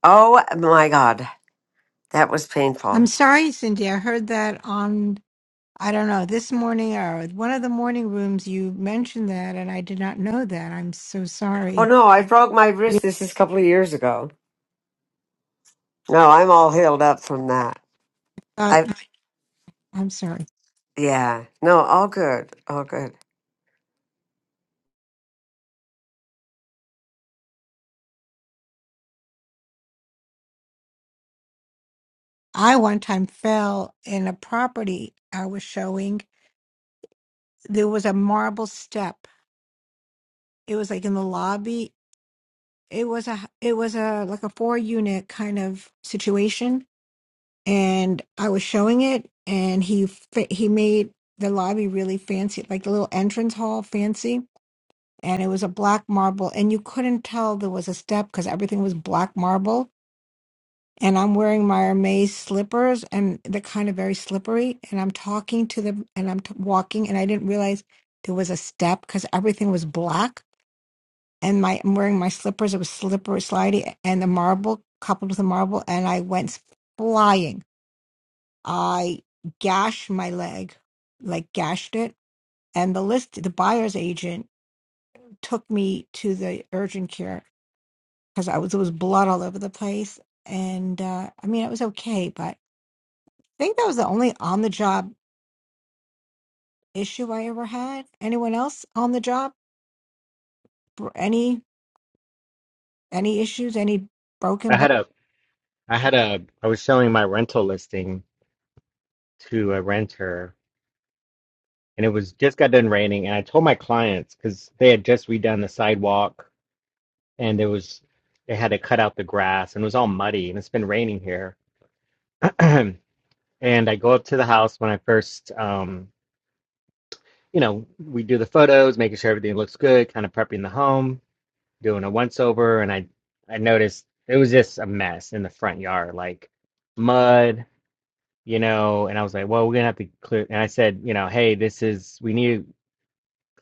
Oh my god, that was I'm painful. sorry, Cindy. I heard that on, I don't know, this morning or one of the morning rooms. You mentioned that, and I did not know that. I'm so Oh sorry. no, I broke my wrist. Really This is a couple of years ago. No, I'm all healed up from that. thought, I you- I'm sorry. yeah, no, all good, all good. I one time fell in a property I was showing. There was a marble step. It was like in the lobby. It was a, it was a, like a four unit kind of situation and I was showing it, and he fa- he made the lobby really fancy, like the little entrance hall fancy, and it was a black marble, and you couldn't tell there was a step because everything was black marble. And I'm wearing my Hermes slippers, and they're kind of very slippery. And I'm talking to them, and I'm t- walking, and I didn't realize there was a step because everything was black. And my I'm wearing my slippers; it was slippery, slidey, and the marble coupled with the marble, and I went flying I gashed my leg, like gashed it. And the list, the buyer's agent took me to the urgent care because I was, there was blood all over the place. And uh, I mean, it was okay, but I think that was the only on the job issue I ever had. Anyone else on the job? Bro- Any, any issues? Any I broken had a I had a I was showing my rental listing to a renter and it was just got done raining and I told my clients because they had just redone the sidewalk and there was they had to cut out the grass and it was all muddy and it's been raining here. And I go up to the house when I first um you know, we do the photos, making sure everything looks good, kind of prepping the home, doing a once over and I I noticed it was just a mess in the front yard, like mud, you know, and I was like, well, we're gonna have to clear. And I said, you know, hey, this is we need to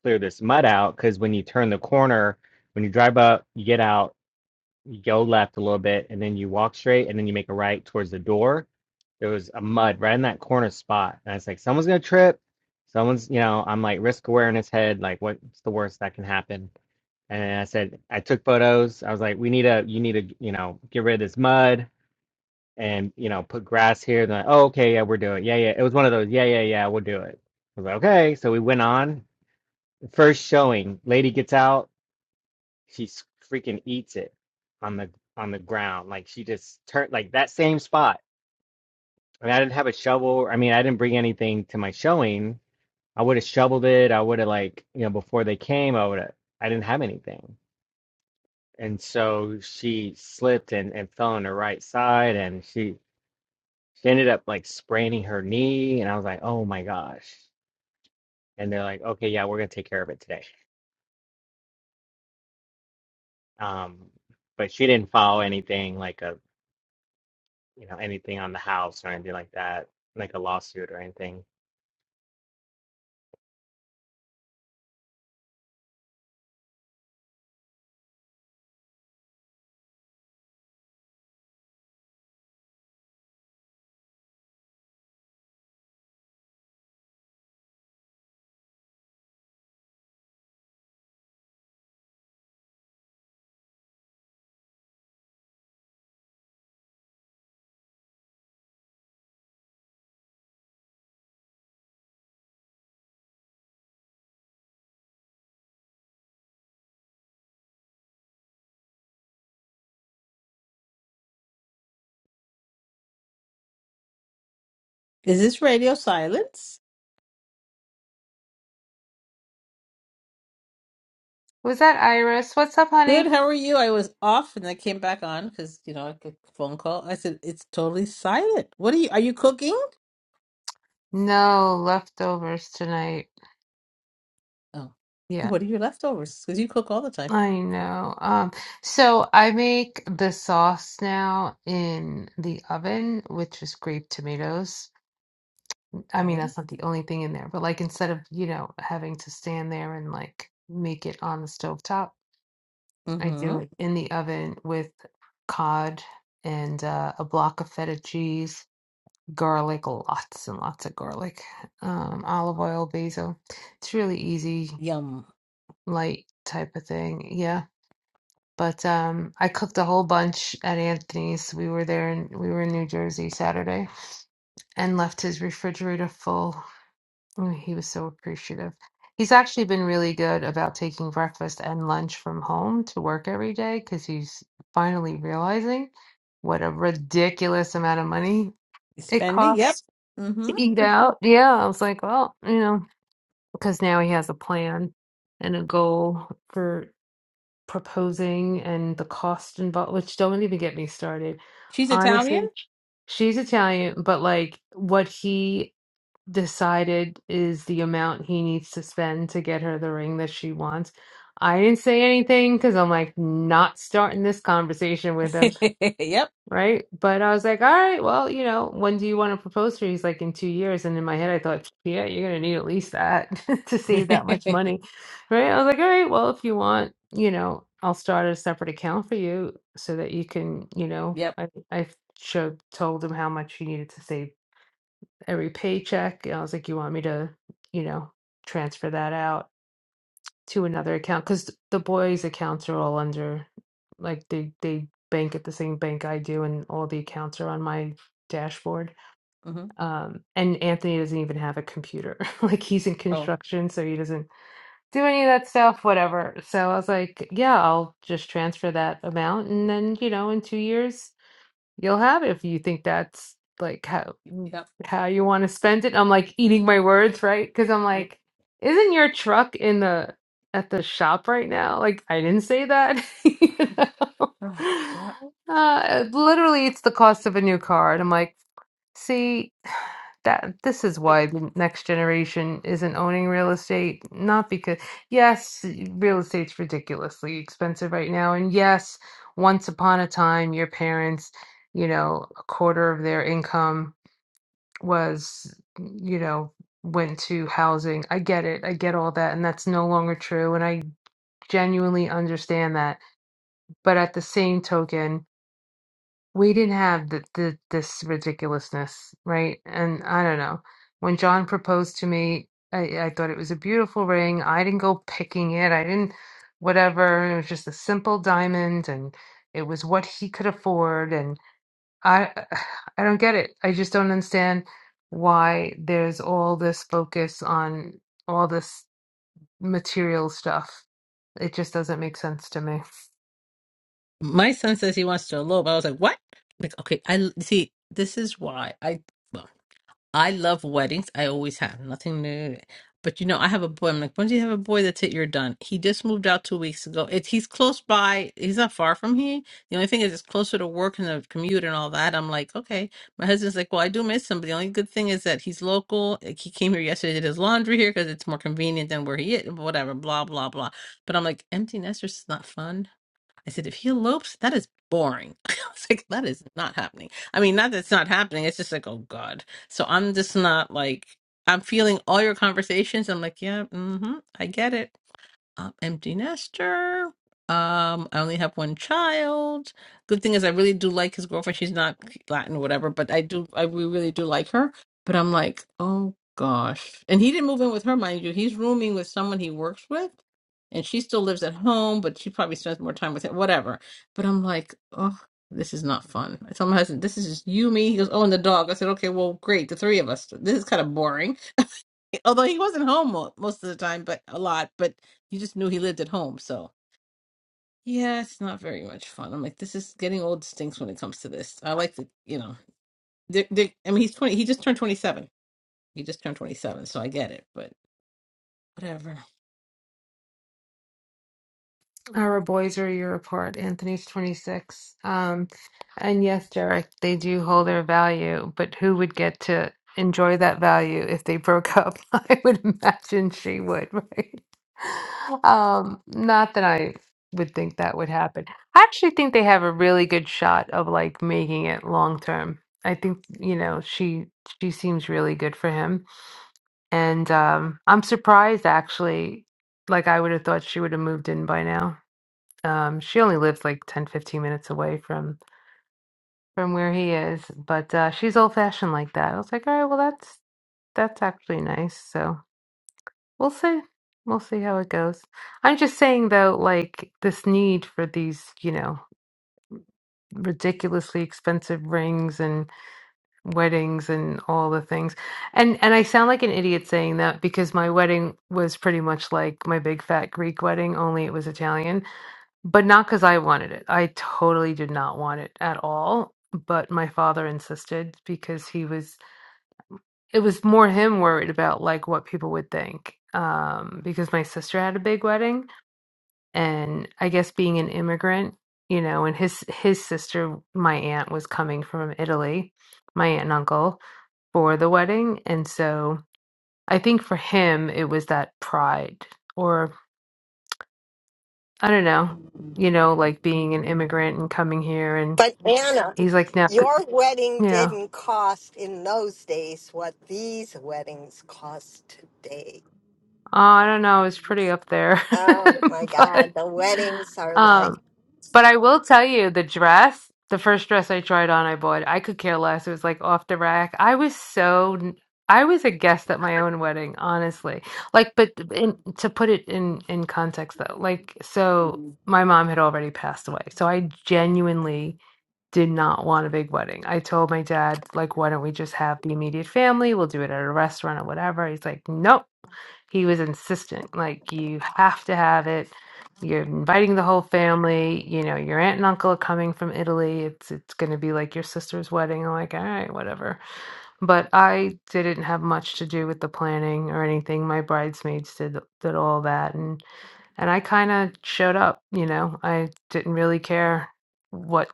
clear this mud out because when you turn the corner, when you drive up, you get out, you go left a little bit, and then you walk straight, and then you make a right towards the door. There was a mud right in that corner spot, and I was like, someone's gonna trip. Someone's, you know, I'm like risk awareness head, like what's the worst that can happen? And I said, I took photos. I was like, we need a. you need to, you know, get rid of this mud and you know put grass here. Then oh okay yeah we're doing it. yeah yeah it was one of those yeah yeah yeah we'll do it. I was like okay so we went on first showing. Lady gets out she s- freaking eats it on the on the ground like she just turned like that same spot. I mean I didn't have a shovel. I mean I didn't bring anything to my showing. I would have shoveled it. I would have like you know before they came I would have I didn't have anything and so she slipped and, and fell on her right side and she She ended up like spraining her knee, and I was like, "Oh my gosh!" And they're like, "Okay, yeah, we're gonna take care of it today." Um, but she didn't file anything like a you know anything on the house or anything like that, like a lawsuit or anything. Is this radio silence? Was that Iris? What's up, Good, honey? how are you? I was off and I came back on because, you know, I got a phone call. I said, it's totally silent. What are you, are you cooking? No leftovers tonight. Oh, Yeah. what are your leftovers? Because you cook all the time. I know. Um, so I make the sauce now in the oven, which is grape tomatoes. I mean, Oh, that's not the only thing in there, but like instead of, you know, having to stand there and like make it on the stovetop, I Mm-hmm. do it in the oven with cod and uh, a block of feta cheese, garlic, lots and lots of garlic, um, olive oil, basil. It's really easy, Yum. light type of thing. Yeah. But um, I cooked a whole bunch at Anthony's. We were there and we were in New Jersey Saturday and left his refrigerator full. Mm, He was so appreciative. He's actually been really good about taking breakfast and lunch from home to work every day because he's finally realizing what a ridiculous amount of money it Spending? Yep. costs Mm-hmm. to eat out. Yeah, I was like, well, you know, because now he has a plan and a goal for proposing and the cost involved, which don't even get me started. She's Italian? Honestly, she's Italian, but like what he decided is the amount he needs to spend to get her the ring that she wants. I didn't say anything because I'm like not starting this conversation with him Yep. right? But I was like, all right, well, you know, when do you want to propose to her? He's like, in two years. And in my head, I thought, yeah, you're gonna need at least that to save that much money, right? I was like, all right, well, if you want, you know, I'll start a separate account for you so that you can, you know, Yep. I I showed told him how much he needed to save every paycheck. And I was like, you want me to, you know, transfer that out? to another account because the boys' accounts are all under like they they bank at the same bank I do, and all the accounts are on my dashboard. Mm-hmm. Um, and Anthony doesn't even have a computer; like he's in Oh, construction, so he doesn't do any of that stuff. Whatever. So I was like, yeah, I'll just transfer that amount, and then you know, in two years you'll have it if you think that's like how yep. how you want to spend it. I'm like eating my words, right? Because I'm Yep. like, isn't your truck in the at the shop right now? Like I didn't say that. you know? Ah, yeah. Uh, literally, it's the cost of a new car, and I'm like. See, that this is why the next generation isn't owning real estate. Not because, yes, real estate's ridiculously expensive right now. And yes, once upon a time, your parents, you know, a quarter of their income was, you know, went to housing. I get it. I get all that. And that's no longer true. And I genuinely understand that. But at the same token, we didn't have the, the, this ridiculousness, right? And I don't know. When John proposed to me, I, I thought it was a beautiful ring. I didn't go picking it. I didn't, whatever. It was just a simple diamond, and it was what he could afford. And I, I don't get it. I just don't understand why there's all this focus on all this material stuff. It just doesn't make sense to me. My son says he wants to elope. I was like, what? Like, okay, I l- see. This is why I. well, I love weddings. I always have nothing new. But you know, I have a boy. I'm like, once you have a boy, that's it. You're done. He just moved out two weeks ago. It's he's close by. He's not far from here. The only thing is, it's closer to work and the commute and all that. I'm like, okay. My husband's like, well, I do miss him. But the only good thing is that he's local. Like, he came here yesterday, did his laundry here because it's more convenient than where he is. Whatever, blah blah blah. But I'm like, empty nesters is not fun I said, if he elopes, that is boring. I was like, that is not happening. I mean, not that it's not happening. It's just like, oh God. So I'm just not like, I'm feeling all your conversations. I'm like, yeah, hmm I get it um, empty nester. Um, I only have one child. Good thing is, I really do like his girlfriend. She's not Latin, or whatever, but I do, I we really do like her. But I'm like, oh gosh. And he didn't move in with her, mind you. He's rooming with someone he works with, and she still lives at home, but she probably spends more time with him, whatever. But I'm like, oh, this is not fun. I told my husband, this is just you, me. He goes, oh, and the dog. I said, okay, well, great, the three of us. This is kind of boring although he wasn't home mo- most of the time, but a lot, but you just knew he lived at home. So yeah, it's not very much fun. I'm like, this is getting old stinks when it comes to this. I like to, you know, they I mean, he's 20, he just turned 27. He just turned 27, so I get it, but whatever. Our boys are your report. Anthony's 26. Um, and yes, Derek, they do hold their value, but who would get to enjoy that value if they broke up? I would imagine she would, right? Um, not that I would think that would happen. I actually think they have a really good shot of like making it long term. I think, you know, she she seems really good for him. And um, I'm surprised actually, like I would have thought she would have moved in by now. Um, she only lives like 10, 15 minutes away from from where he is, but uh, she's old fashioned like that. I was like, all right, well, that's that's actually nice. So we'll see. We'll see how it goes. I'm just saying though, like this need for these, you know, ridiculously expensive rings and weddings and all the things. And and I sound like an idiot saying that because my wedding was pretty much like my big fat Greek wedding, only it was Italian but not because I wanted it. I totally did not want it at all. But my father insisted because he was, it was more him worried about like what people would think. Um, because my sister had a big wedding, and I guess being an immigrant, you know, and his his sister, my aunt, was coming from Italy, my aunt and uncle, for the wedding, and so I think for him it was that pride, or I don't know, you know, like being an immigrant and coming here But Anna, He's like, no, c- your wedding yeah, didn't cost in those days what these weddings cost today. oh, I don't know, it's pretty up there, Oh my but God, the weddings are like. um, but I will tell you the dress, the first dress I tried on, I bought. I could care less. It was like off the rack. I was so i was a guest at my own wedding, honestly. Like, but in, to put it in in context though, like, so my mom had already passed away, so I genuinely did not want a big wedding. I told my dad, like, why don't we just have the immediate family? We'll do it at a restaurant or whatever. He's like, nope. He was insistent, like, you have to have it. You're inviting the whole family. You know, your aunt and uncle are coming from Italy. It's it's going to be like your sister's wedding. I'm like, all right, whatever. But I didn't have much to do with the planning or anything. My bridesmaids did did all that, and and I kind of showed up. You know, I didn't really care what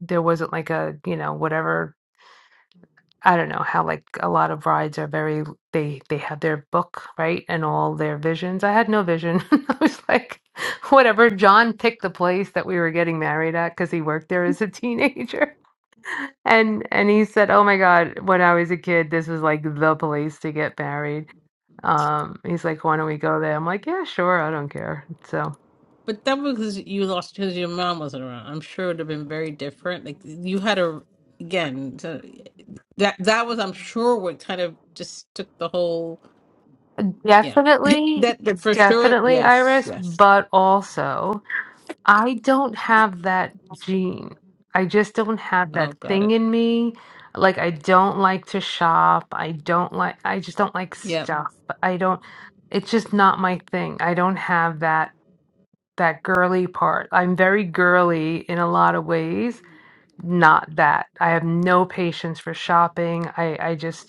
there wasn't like a you know whatever i don't know how like a lot of rides are very they they have their book right and all their visions i had no vision i was like whatever john picked the place that we were getting married at because he worked there as a teenager and and he said oh my god when i was a kid this was like the place to get married um he's like why don't we go there i'm like yeah sure i don't care so But that was because you lost because your mom wasn't around. I'm sure it would have been very different. Like you had a, again, so- that that was, I'm sure, what kind of just took the whole, yeah. definitely that, that for sure, definitely yes, iris yes. but also I don't have that gene. I just don't have that Oh, got thing it. in me. Like I don't like to shop. I don't like I just don't like Yeah, stuff. I don't it's just not my thing. I don't have that that girly part. I'm very girly in a lot of ways. Not that. I have no patience for shopping. I I just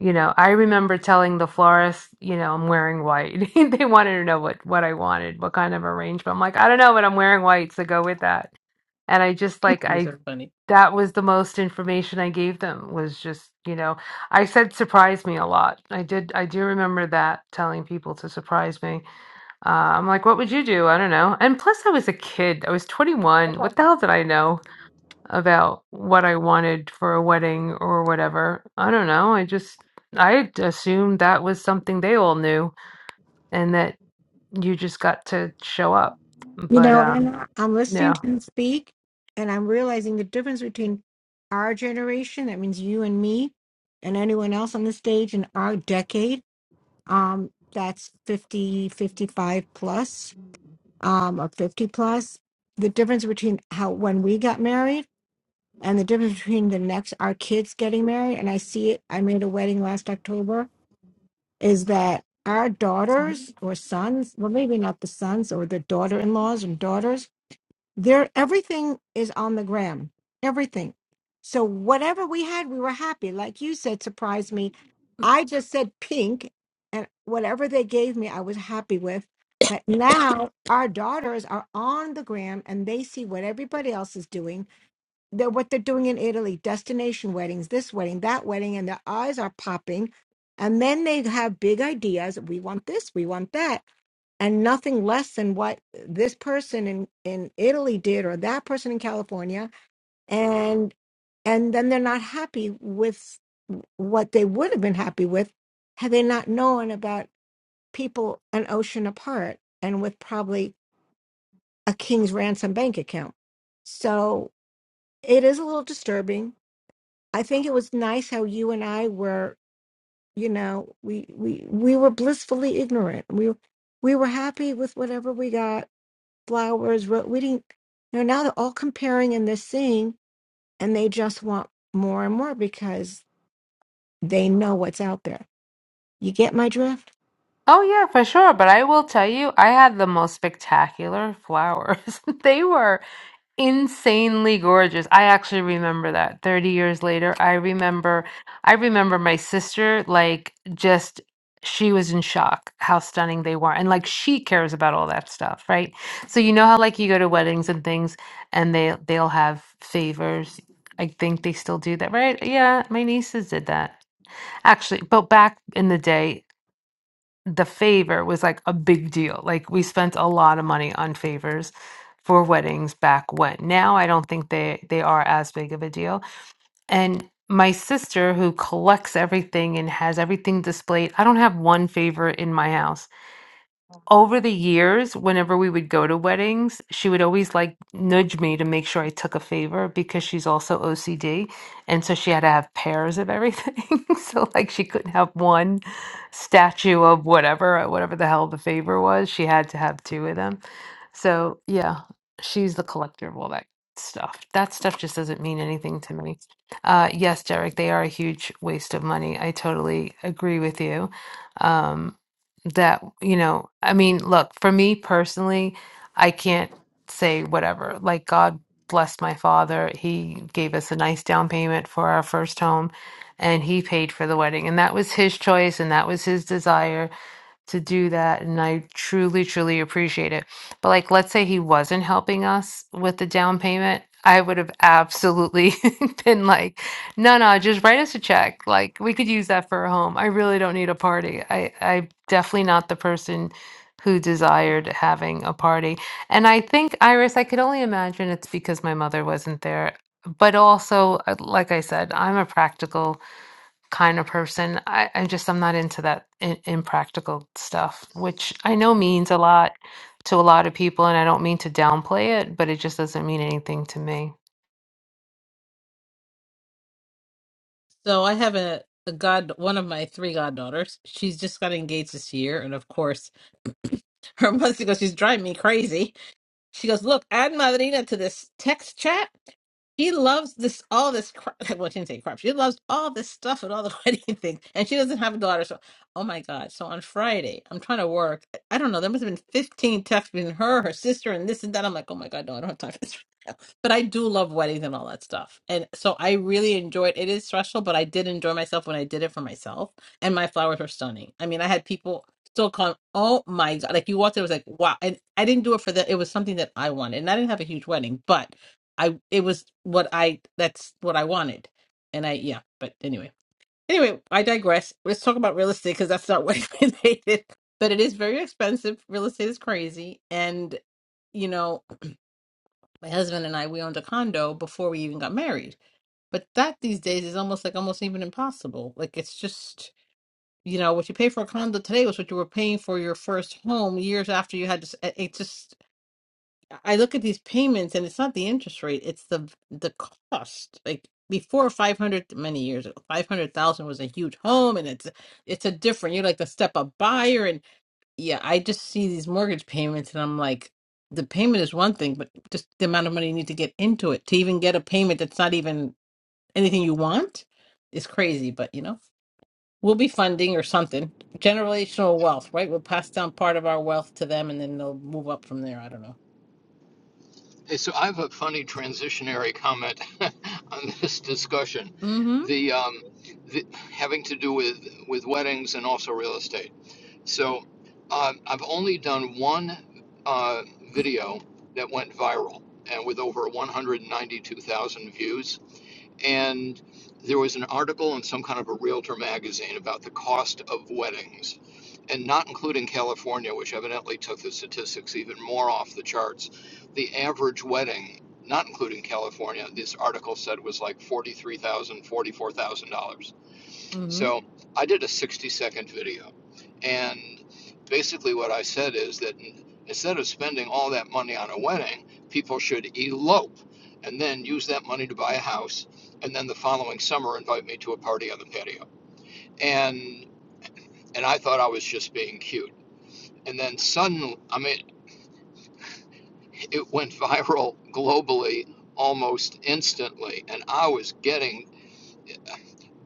you know, I remember telling the florist, you know, I'm wearing white. They wanted to know what what I wanted, what kind of arrangement. I'm like, I don't know, but I'm wearing white, so go with that. And I just like These I are funny. that was the most information I gave them was just, you know, I said surprise me a lot. I did I do remember that telling people to surprise me. Uh, I'm like, what would you do? I don't know. And plus I was a kid. I was 21. What the hell did I know? about what I wanted for a wedding or whatever. I don't know. I just I assumed that was something they all knew and that you just got to show up. You But know, um Anna, I'm listening yeah. to you speak and I'm realizing the difference between our generation, that means you and me, and anyone else on the stage in our decade. Um, that's 50, 55 plus, um, or 50 plus. The difference between how when we got married and the difference between the next our kids getting married, and I see it, I made a wedding last October, is that our daughters or sons, well maybe not the sons or the daughter in laws and daughters there, everything is on the gram. Everything. So whatever we had, we were happy. Like you said, surprised me. I just said pink, and whatever they gave me, I was happy with. But now our daughters are on the gram and they see what everybody else is doing. They're what they're doing in Italy, destination weddings, this wedding, that wedding, and their eyes are popping. And then they have big ideas. We want this, we want that and nothing less than what this person in in Italy did or that person in California and and then they're not happy with what they would have been happy with had they not known about people an ocean apart and with probably a king's ransom bank account so it is a little disturbing i think it was nice how you and i were you know we we we were blissfully ignorant we we were happy with whatever we got flowers. Ro- we didn't. You know, now they're all comparing and they're seeing, and they just want more and more because they know what's out there. You get my drift? Oh yeah, for sure. But I will tell you, I had the most spectacular flowers. They were insanely gorgeous. I actually remember that 30 years later. I remember I remember my sister like just she was in shock how stunning they were and like she cares about all that stuff, right? So you know how like you go to weddings and things and they they'll have favors. I think they still do that, right? Yeah, my nieces did that. Actually, but back in the day the favor was like a big deal. Like we spent a lot of money on favors for weddings back when. Now I don't think they they are as big of a deal. And my sister who collects everything and has everything displayed, I don't have one favor in my house over the years, whenever we would go to weddings, she would always like nudge me to make sure I took a favor because she's also OCD. And so she had to have pairs of everything. so, like, she couldn't have one statue of whatever, uh, whatever the hell the favor was. She had to have two of them. So, yeah, she's the collector of all that stuff. That stuff just doesn't mean anything to me. Uh, yes, Derek, they are a huge waste of money. I totally agree with you. Um, that you know i mean look for me personally i can't say whatever like god blessed my father he gave us a nice down payment for our first home and he paid for the wedding and that was his choice and that was his desire to do that and I truly truly appreciate it. But like let's say he wasn't helping us with the down payment, I would have absolutely been like, "No, no, just write us a check. Like we could use that for a home. I really don't need a party. I I'm definitely not the person who desired having a party." And I think Iris, I could only imagine it's because my mother wasn't there. But also, uh, like I said, I'm a practical kind of person. I, I just I'm not into that in, impractical stuff, which I know means a lot to a lot of people, and I don't mean to downplay it, but it just doesn't mean anything to me. So I have a, a god, one of my three goddaughters. She's just got engaged this year, and of course, her months ago, she's driving me crazy. She goes, look, add Madrina to this text chat. She loves this all this crap. Well, she didn't say crap. She loves all this stuff and all the wedding things, and she doesn't have a daughter. So, oh my god! So on Friday, I'm trying to work. I don't know. There must have been 15 texts between her, her sister, and this and that. I'm like, oh my god, no, I don't have time for this. right now. But I do love weddings and all that stuff, and so I really enjoyed. It It is stressful, but I did enjoy myself when I did it for myself, and my flowers were stunning. I mean, I had people still con oh my god like you walked in it was like wow and i didn't do it for that it was something that i wanted and i didn't have a huge wedding but i it was what i that's what i wanted and i yeah but anyway anyway i digress let's talk about real estate because that's not what related but it is very expensive real estate is crazy and you know my husband and i we owned a condo before we even got married but that these days is almost like almost even impossible like it's just you know what you pay for a condo today was what you were paying for your first home years after you had just it it just i look at these payments and it's not the interest rate it's the the cost like before 500 many years ago 500000 was a huge home and it's it's a different you're like the step up buyer and yeah i just see these mortgage payments and i'm like the payment is one thing but just the amount of money you need to get into it to even get a payment that's not even anything you want is crazy but you know We'll be funding or something. Generational wealth, right? We'll pass down part of our wealth to them and then they'll move up from there. I don't know. Hey, so I have a funny transitionary comment on this discussion. Mm-hmm. The, um, the having to do with with weddings and also real estate. So um, I've only done one uh, video that went viral and with over 192,000 views and there was an article in some kind of a realtor magazine about the cost of weddings, and not including California, which evidently took the statistics even more off the charts. The average wedding, not including California, this article said was like $43,000, $44,000. Mm-hmm. So I did a 60 second video. And basically, what I said is that instead of spending all that money on a wedding, people should elope and then use that money to buy a house. And then the following summer, invite me to a party on the patio. And, and I thought I was just being cute. And then suddenly, I mean, it went viral globally almost instantly. And I was getting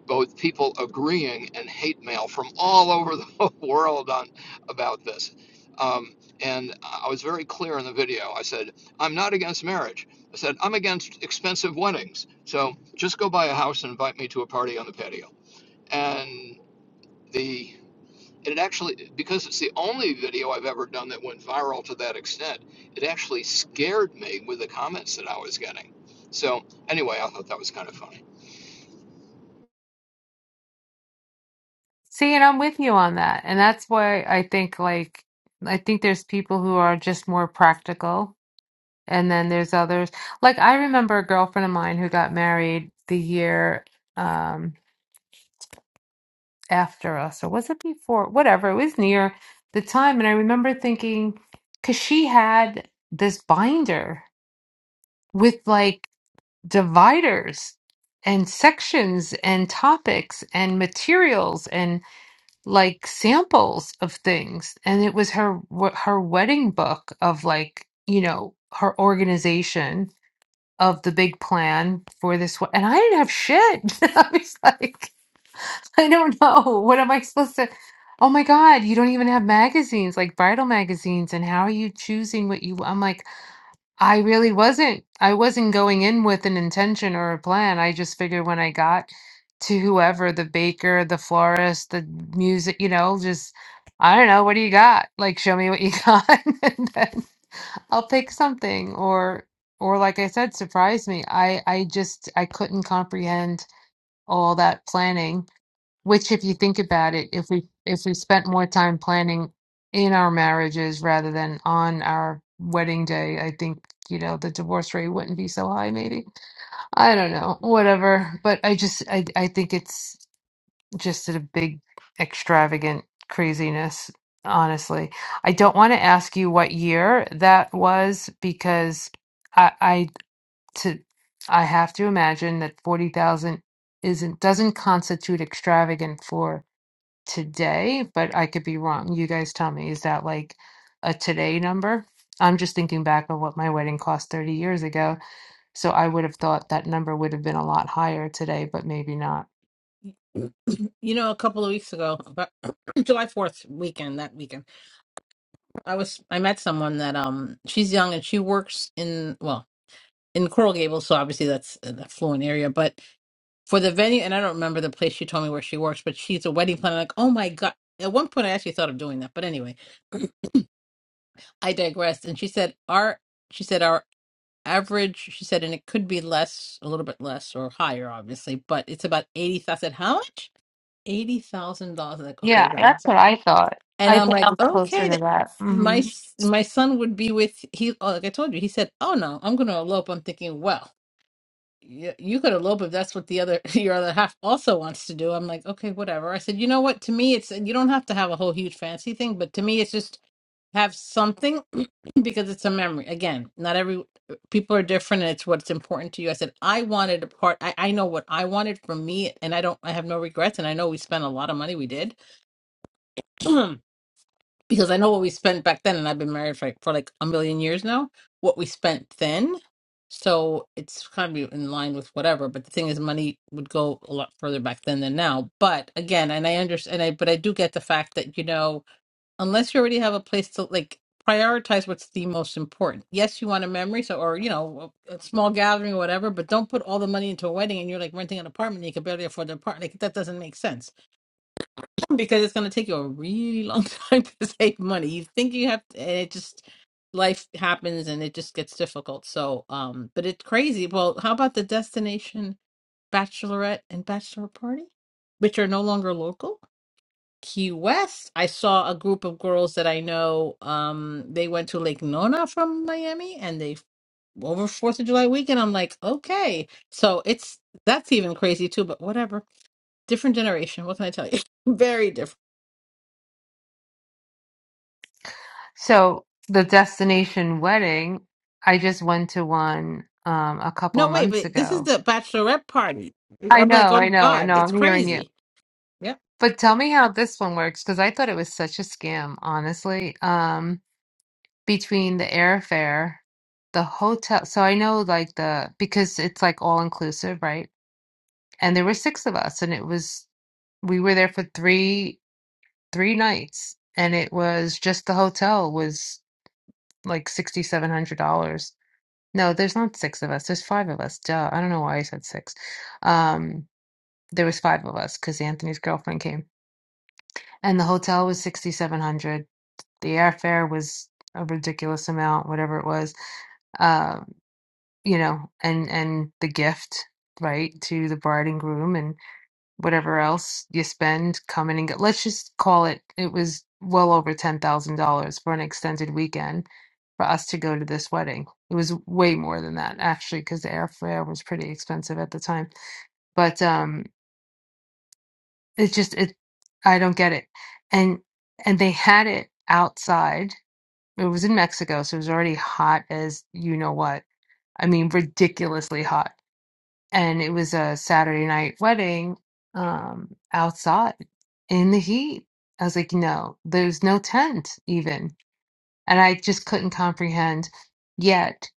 but with people agreeing and hate mail from all over the world on about this. Um, and I was very clear in the video. I said, I'm not against marriage. I said, I'm against expensive weddings. So just go buy a house and invite me to a party on the patio. And the and it actually, because it's the only video I've ever done that went viral to that extent, it actually scared me with the comments that I was getting. So, anyway, I thought that was kind of funny. See, and I'm with you on that, and that's why I think like I think there's people who are just more practical, and then there's others. Like I remember a girlfriend of mine who got married the year. Um, after us, or was it before? Whatever, it was near the time. And I remember thinking, because she had this binder with like dividers and sections and topics and materials and like samples of things. And it was her her wedding book of like, you know, her organization of the big plan for this one. And I didn't have shit. I was like, I don't know. What am I supposed to? Oh my God, you don't even have magazines like bridal magazines. And how are you choosing what you? I'm like, I really wasn't. I wasn't going in with an intention or a plan. I just figured when I got to whoever, the baker, the florist, the music, you know, just, I don't know, what do you got? Like, show me what you got, and then I'll pick something. Or, or like I said, surprise me. I, I just, I couldn't comprehend all that planning which, if you think about it, if we if we spent more time planning in our marriages rather than on our wedding day, I think, you know, the divorce rate wouldn't be so high, maybe. I don't know, whatever. But I just I I think it's just a big extravagant craziness, honestly. I don't want to ask you what year that was because I I to I have to imagine that 40,000 isn't doesn't constitute extravagant for today, but I could be wrong. You guys tell me, is that like a today number? I'm just thinking back of what my wedding cost 30 years ago. So I would have thought that number would have been a lot higher today, but maybe not. You know, a couple of weeks ago, about July 4th weekend, that weekend, I was I met someone that um she's young and she works in well, in Coral Gables, so obviously that's an affluent area, but for the venue and I don't remember the place she told me where she works, but she's a wedding planner like, "Oh my God." At one point I actually thought of doing that, but anyway, I digressed and she said our she said our average she said and it could be less a little bit less or higher obviously but it's about 80,000 I said, how much $80,000 like okay Yeah, now that's what I thought. and I I'm think like I'm closer okay to th- that. my hmm s- my son would be with he oh, like I told you he said oh no I'm going to elope I'm thinking well you, you could elope if that's what the other your other half also wants to do I'm like okay whatever I said you know what to me it's you don't have to have a whole huge fancy thing but to me it's just have something because it's a memory again not every people are different and it's what's important to you i said i wanted a part I, I know what i wanted from me and i don't i have no regrets and i know we spent a lot of money we did because i know what we spent back then and i've been married for, like, for like a million years now what we spent then so it's kind of in line with whatever but the thing is money would go a lot further back then than now but again and i understand And i but i do get the fact that you know unless you already have a place to like prioritize what's the most important. Yes, you want a memory, so or you know, a small gathering or whatever, but don't put all the money into a wedding and you're like renting an apartment and you can barely afford the apartment. Like that doesn't make sense because it's going to take you a really long time to save money. You think you have, and it just life happens and it just gets difficult. So, um, but it's crazy. Well, how about the destination bachelorette and bachelor party, which are no longer local? Key West. I saw a group of girls that I know. Um, they went to Lake Nona from Miami, and they over Fourth of July weekend. I'm like, okay, so it's that's even crazy too. But whatever, different generation. What can I tell you? Very different. So the destination wedding, I just went to one um, a couple No, of wait, months but this is ago. the bachelorette party. I I'm like, know, I oh know. No, God, it's I'm hearing you. crazy. Yep. But tell me how this one works because I thought it was such a scam, honestly. Um, between the airfare, the hotel. So I know like the because it's like all inclusive, right? And there were six of us, and it was we were there for three three nights, and it was just the hotel was like sixty seven hundred dollars. No, there's not six of us. There's five of us. Duh. I don't know why I said six. Um, there was five of us because Anthony's girlfriend came, and the hotel was sixty seven hundred. The airfare was a ridiculous amount, whatever it was Um, you know, and and the gift, right, to the bride and groom and whatever else you spend coming and go. Let's just call it. It was well over ten thousand dollars for an extended weekend for us to go to this wedding. It was way more than that actually, because the airfare was pretty expensive at the time. But um, it just it, I don't get it, and and they had it outside. It was in Mexico, so it was already hot as you know what. I mean, ridiculously hot and it was a Saturday night wedding um outside in the heat. I was like, no, there's no tent even. And I just couldn't comprehend yet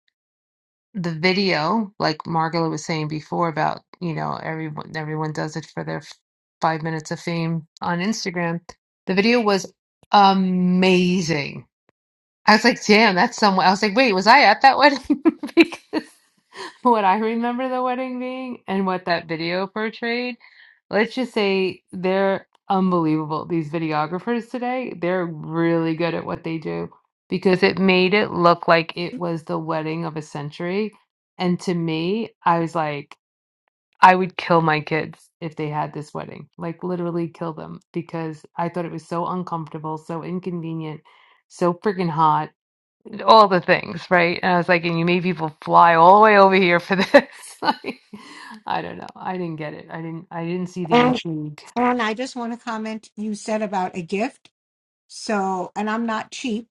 the video, like Margola was saying before about, you know, everyone everyone does it for their f- five minutes of fame on Instagram. The video was amazing I was like, damn, that's somewhat. I was like, wait, was I at that wedding? Because what I remember the wedding being and what that video portrayed, let's just say they're unbelievable. These videographers today, they're really good at what they do because it made it look like it was the wedding of a century. And to me, I was like, I would kill my kids if they had this wedding, like literally kill them because I thought it was so uncomfortable, so inconvenient, so freaking hot all the things, right? And I was like, and you made people fly all the way over here for this. Like, I don't know. I didn't get it. I didn't. I didn't see the And intrigue. and I just want to comment you said about a gift. So, and I'm not cheap,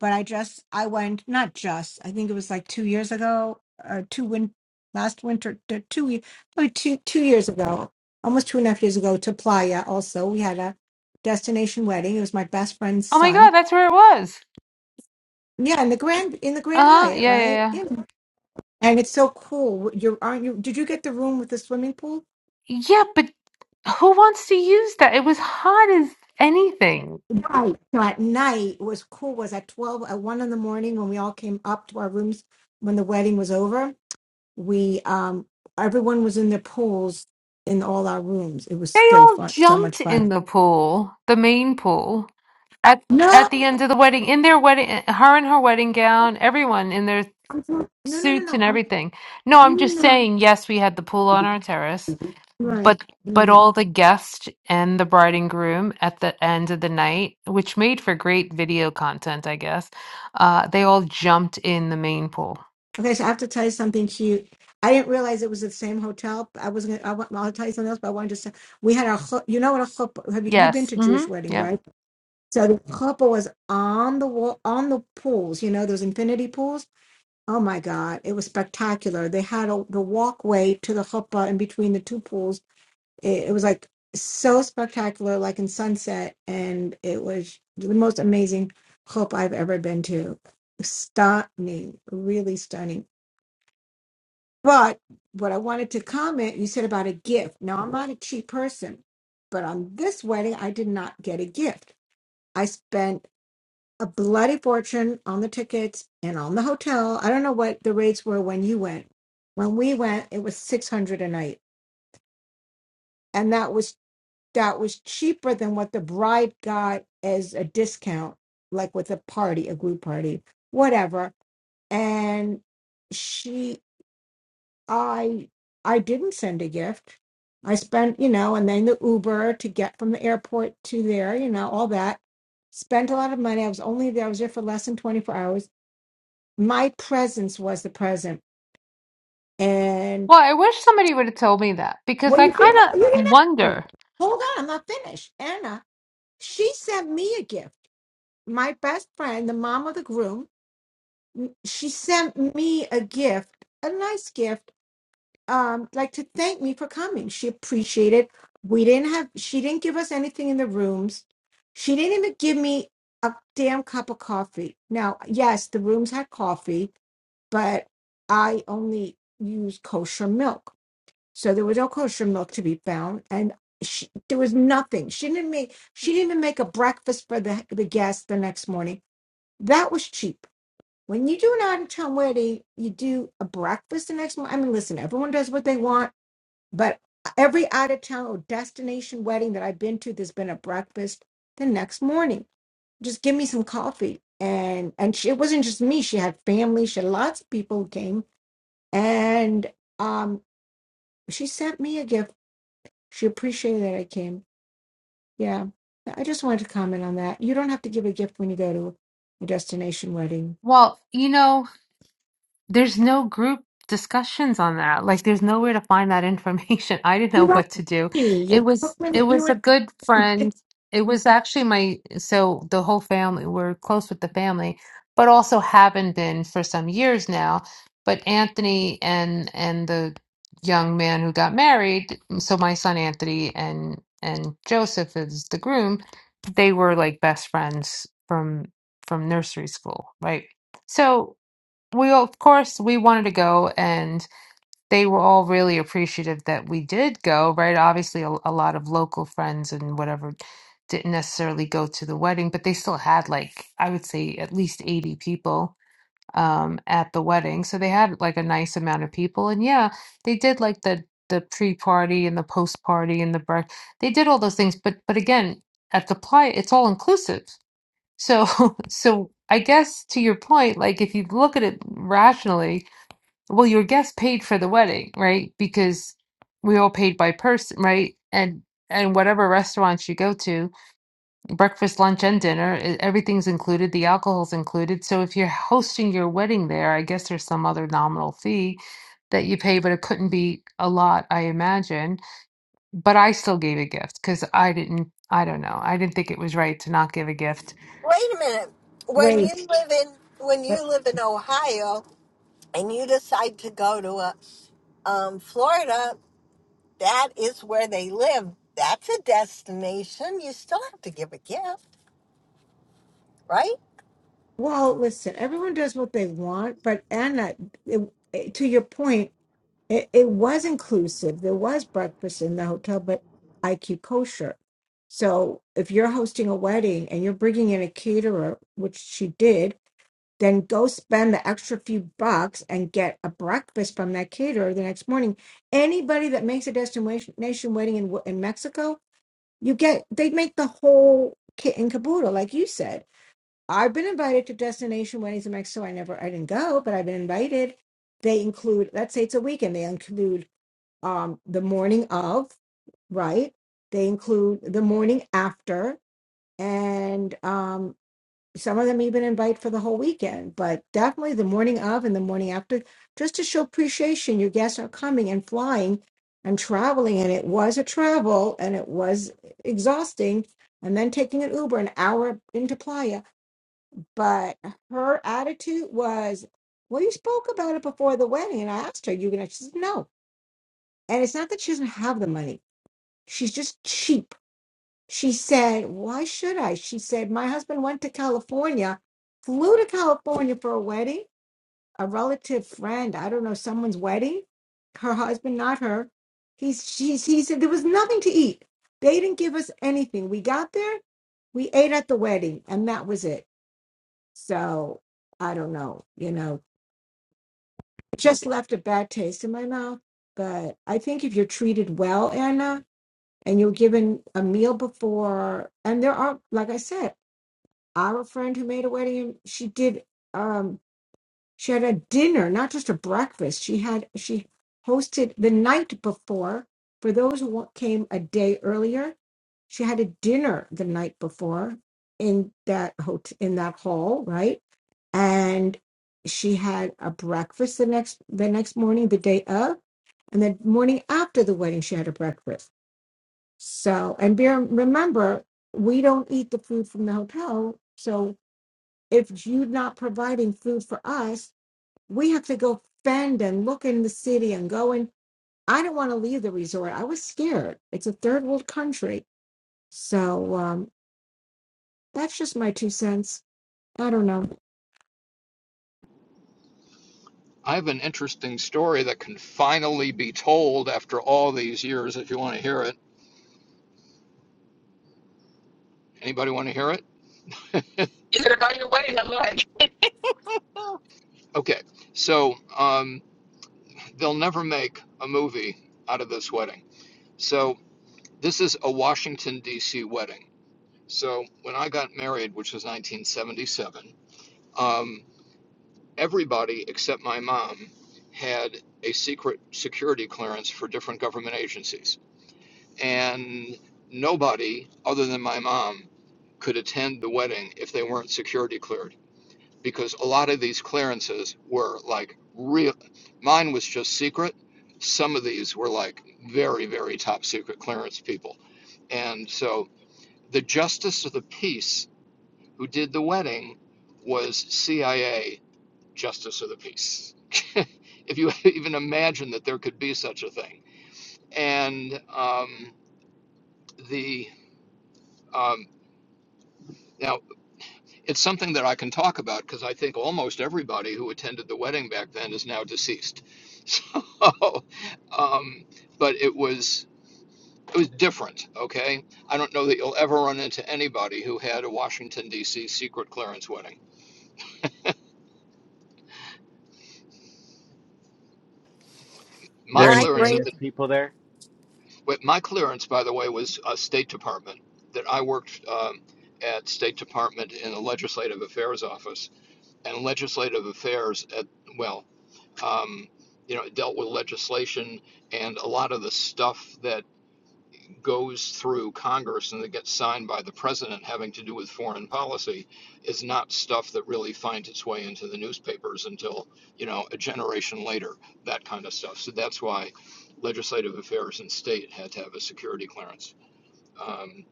but I just I went not just. I think it was like 2 years ago or two win last winter t- two ye- probably two two years ago, almost two and a half years ago to Playa also. We had a destination wedding. It was my best friend's Oh my god, son that's where it was. Yeah, in the Grand in the Grand Uh huh. Hyatt, Yeah, right? yeah, Yeah. And it's so cool. You aren't you did you get the room with the swimming pool? yeah. Yeah, but who wants to use that? It was hot as anything. Right. So at night it was cool was at twelve at one in the morning when we all came up to our rooms when the wedding was over, we um everyone was in their pools in all our rooms. It was They so all fun, so much jumped in fun. the pool, the main pool, at No, at the no, end of the wedding, in their wedding, her in her wedding gown, everyone in their I'm- no, no, no. suits no, and I'm, everything. No, no, I'm just no, no, I'm- saying, yes, we had the pool on our terrace, but but right. all the guests and the bride and groom at the end of the night, which made for great video content, I guess, uh, they all jumped in the main pool. Okay, so I have to tell you something to you. I didn't realize it was the same hotel. I was gonna. I want, I'll tell you something else, but I wanted to say we had our. chu- You know what a chuppah? Have you you've been Yes. to Jewish Mm-hmm. weddings, Yep. right? So the chuppah was on the wall, on the pools. You know those infinity pools. Oh my God, it was spectacular. They had a, the walkway to the chuppah in between the two pools. It, it was like so spectacular, like in sunset, and it was the most amazing chuppah I've ever been to. Stunning, really stunning. But what I wanted to comment, you said about a gift. Now, I'm not a cheap person, but on this wedding, I did not get a gift. I spent a bloody fortune on the tickets and on the hotel. I don't know what the rates were when you went. When we went, it was 600 a night. And that was that was cheaper than what the bride got as a discount like with a party, a group party, whatever and she I I didn't send a gift. I spent, you know, and then the Uber to get from the airport to there, you know, all that. Spent a lot of money. I was only there, I was there for less than 24 hours. My presence was the present. And Well, I wish somebody would have told me that what because do I you think? kind You of didn't ask me. wonder. Hold on, I'm not finished. Anna, she sent me a gift. My best friend, the mom of the groom, she sent me a gift, a nice gift um like to thank me for coming. She appreciated. We didn't have she didn't give us anything in the rooms. She didn't even give me a damn cup of coffee. Now, yes, the rooms had coffee, but I only used kosher milk. So there was no kosher milk to be found and she, there was nothing. She didn't make she didn't even make a breakfast for the the guests the next morning. That was cheap. When you do an out of town wedding, you do a breakfast the next morning. I mean, listen, everyone does what they want but every out of town or destination wedding that I've been to, there's been a breakfast the next morning. Just give me some coffee. And and she, it wasn't just me. She had family. She had lots of people who came. And um, she sent me a gift. She appreciated that I came. Yeah. I just wanted to comment on that. You don't have to give a gift when you go to a destination wedding. Well, you know, There's no group discussions on that. Like there's nowhere to find that information. I didn't You're know what welcome. to do. It You're was welcome. it You was a would good friend. It was actually my so the whole family we're close with the family, but also haven't been for some years now. But Anthony and and the young man who got married, so my son Anthony and and Joseph is the groom, they were like best friends from from nursery school, right? So we of course we wanted to go and they were all really appreciative that we did go right obviously a, a lot of local friends and whatever didn't necessarily go to the wedding but they still had like i would say at least 80 people um at the wedding so they had like a nice amount of people and yeah they did like the the pre-party and the post-party and the break they did all those things but but again at the playa it's all inclusive so, so I guess to your point, like if you look at it rationally, well, your guest paid for the wedding, right? Because we all paid by person, right? And and whatever restaurants you go to, breakfast, lunch, and dinner, e- everything's included. The alcohol's included. So if you're hosting your wedding there, I guess there's some other nominal fee that you pay, but it couldn't be a lot, I imagine. But I still gave a gift because I didn't, I don't know, I didn't think it was right to not give a gift. Wait a minute. When wait. you live in when you live in Ohio and you decide to go to a, um, Florida, that is where they live. That's a destination. You still have to give a gift, right? Well, listen, everyone does what they want, but Anna, it, it- to your point, it, it was inclusive. There was breakfast in the hotel, but IQ kosher. So if you're hosting a wedding and you're bringing in a caterer, which she did, then go spend the extra few bucks and get a breakfast from that caterer the next morning. Anybody that makes a destination wedding in, in Mexico, you get, they make the whole kit and caboodle, like you said I've been invited to Destination Weddings in Mexico. I never, I didn't go, but I've been invited. They include, let's say it's a weekend, they include um, the morning of, right? They include the morning after, and um, some of them even invite for the whole weekend, but definitely the morning of and the morning after, just to show appreciation. Your guests are coming and flying and traveling, and it was a travel and it was exhausting. And then taking an Uber an hour into Playa but her attitude was, "Well, you spoke about it before the wedding, and I asked her, you gonna?" She said, "No." And it's not that she doesn't have the money; she's just cheap. She said, "Why should I?" She said, "My husband went to California, flew to California for a wedding, a relative friend, I don't know, someone's wedding. Her husband, not her. He's she's he said there was nothing to eat. They didn't give us anything. We got there, we ate at the wedding, and that was it. So I don't know, you know It just left a bad taste in my mouth. But I think if you're treated well, Anna, and you're given a meal before, and there are, like I said, our friend who made a wedding, she did. Um, she had a dinner, not just a breakfast. She had she hosted the night before for those who wa- came a day earlier. She had a dinner the night before in that hotel in that hall, right? And she had a breakfast the next the next morning, the day of, and the morning after the wedding, she had a breakfast. So, and bear, remember, we don't eat the food from the hotel. So, if you're not providing food for us, we have to go fend and look in the city and go in. I didn't want to leave the resort. I was scared. It's a third world country. So um, that's just my two cents. I don't know. I have an interesting story that can finally be told after all these years if you want to hear it. Anybody want to hear it? Is it about your way? I'm like, Okay, so um, they'll never make a movie out of this wedding. So this is a Washington D.C. wedding. So when I got married, which was 1977, um, everybody except my mom had a secret security clearance for different government agencies, and nobody other than my mom could attend the wedding if they weren't security cleared because a lot of these clearances were like real. Mine was just secret. Some of these were like very, very top secret clearance people. And so the justice of the peace who did the wedding was CIA justice of the peace. if you even imagine that there could be such a thing. And um, the um, now it's something that I can talk about because I think almost everybody who attended the wedding back then is now deceased. So, um, but it was it was different. Okay, I don't know that you'll ever run into anybody who had a Washington D.C. secret clearance wedding. My there My any clearance at grand the famous people there? But my clearance, by the way, was a State Department. That I worked um, at State Department in the Legislative Affairs Office, and Legislative Affairs at well, um, you know, it dealt with legislation and a lot of the stuff that goes through Congress and that gets signed by the president having to do with foreign policy is not stuff that really finds its way into the newspapers until, you know, a generation later, that kind of stuff. So that's why legislative affairs and state had to have a security clearance. Um,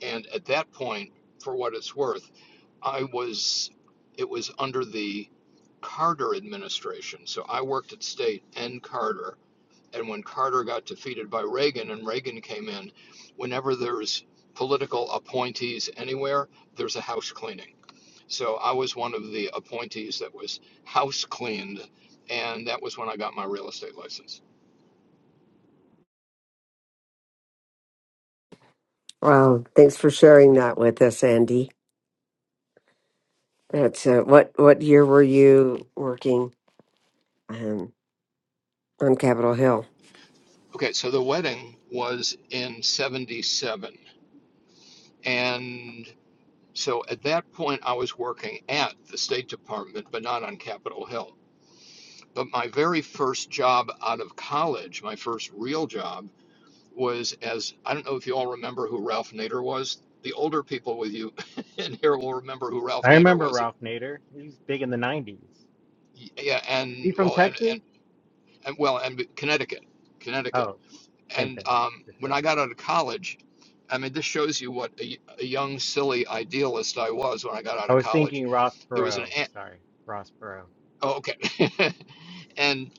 and at that point, for what it's worth, I was, it was under the Carter administration. So I worked at state and Carter and when Carter got defeated by Reagan and Reagan came in, whenever there's political appointees anywhere, there's a house cleaning. So I was one of the appointees that was house cleaned, and that was when I got my real estate license. Well, thanks for sharing that with us, Andy. That's uh, what what year were you working um, on Capitol Hill? Okay, so the wedding was in 77. And so at that point, I was working at the State Department, but not on Capitol Hill. But my very first job out of college, my first real job, was as I don't know if you all remember who Ralph Nader was. The older people with you in here will remember who Ralph I Nader remember was. Ralph Nader. He was big in the '90s. Yeah, Is he and from well, and, and, Texas? and well, and Connecticut, Connecticut. Oh, same And thing. um, Just when kidding. I got out of college, I mean, this shows you what a, a young, silly idealist I was when I got out I of was college. thinking Ross There was an Perot. ad, Sorry, Ross Perot. oh, okay, and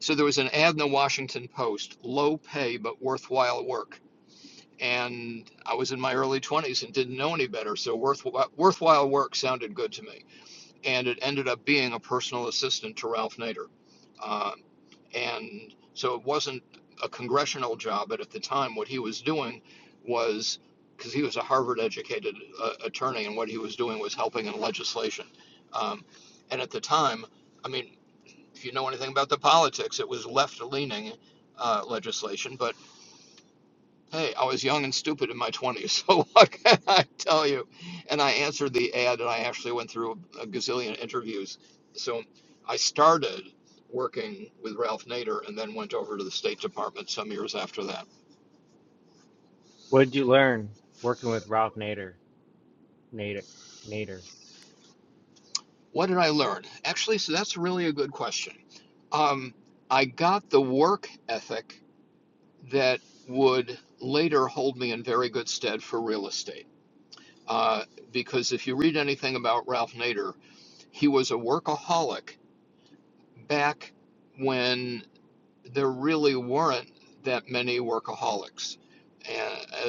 so there was an ad in the Washington Post: low pay but worthwhile work and I was in my early 20s and didn't know any better. So worthwhile, worthwhile work sounded good to me, and it ended up being a personal assistant to Ralph Nader. Um, and so it wasn't a congressional job, but at the time, what he was doing was because he was a Harvard educated uh, attorney, and what he was doing was helping in legislation. Um, and at the time, I mean, if you know anything about the politics, it was left leaning uh, legislation, but Hey, I was young and stupid in my 20s, so what can I tell you? And I answered the ad, and I actually went through a gazillion interviews. So I started working with Ralph Nader and then went over to the State Department some years after that. What did you learn working with Ralph Nader? Nader. Nader. What did I learn? Actually, so that's really a good question. Um, I got the work ethic that would later hold me in very good stead for real estate. Uh, because if you read anything about Ralph Nader, he was a workaholic back when there really weren't that many workaholics, uh,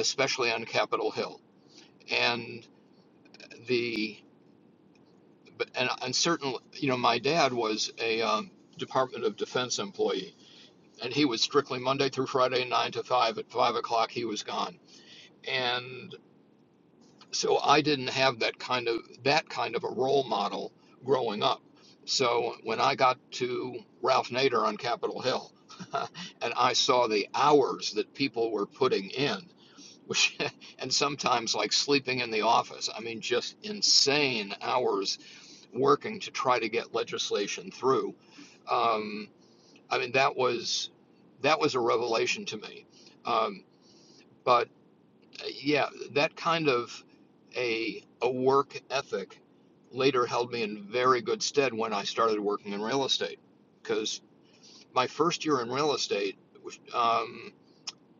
especially on Capitol Hill. And the but- and and certainly, you know, my dad was a um, Department of Defense employee, and he was strictly Monday through Friday, nine to five. At five o'clock, he was gone. and. so I didn't have that kind of that kind of a role model growing up. So when I got to Ralph Nader on Capitol Hill, and I saw the hours that people were putting in, which and sometimes like sleeping in the office, I mean just insane hours working to try to get legislation through. Um, I mean that was that was a revelation to me. Um, but yeah, that kind of a a work ethic later held me in very good stead when I started working in real estate. Because my first year in real estate, um,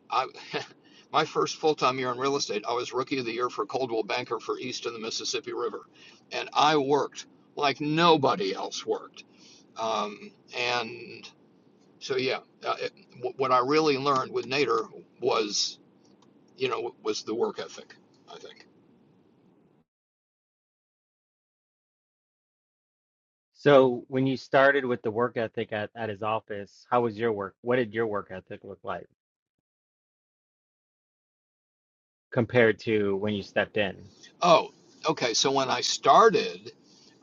I my first full time year in real estate, I was rookie of the year for Coldwell Banker for East of the Mississippi River, and I worked like nobody else worked. Um, and so yeah, uh, it, what I really learned with Nader was you know was the work ethic. I think. So when you started with the work ethic at, at his office, how was your work? What did your work ethic look like compared to when you stepped in? Oh, okay. So when I started,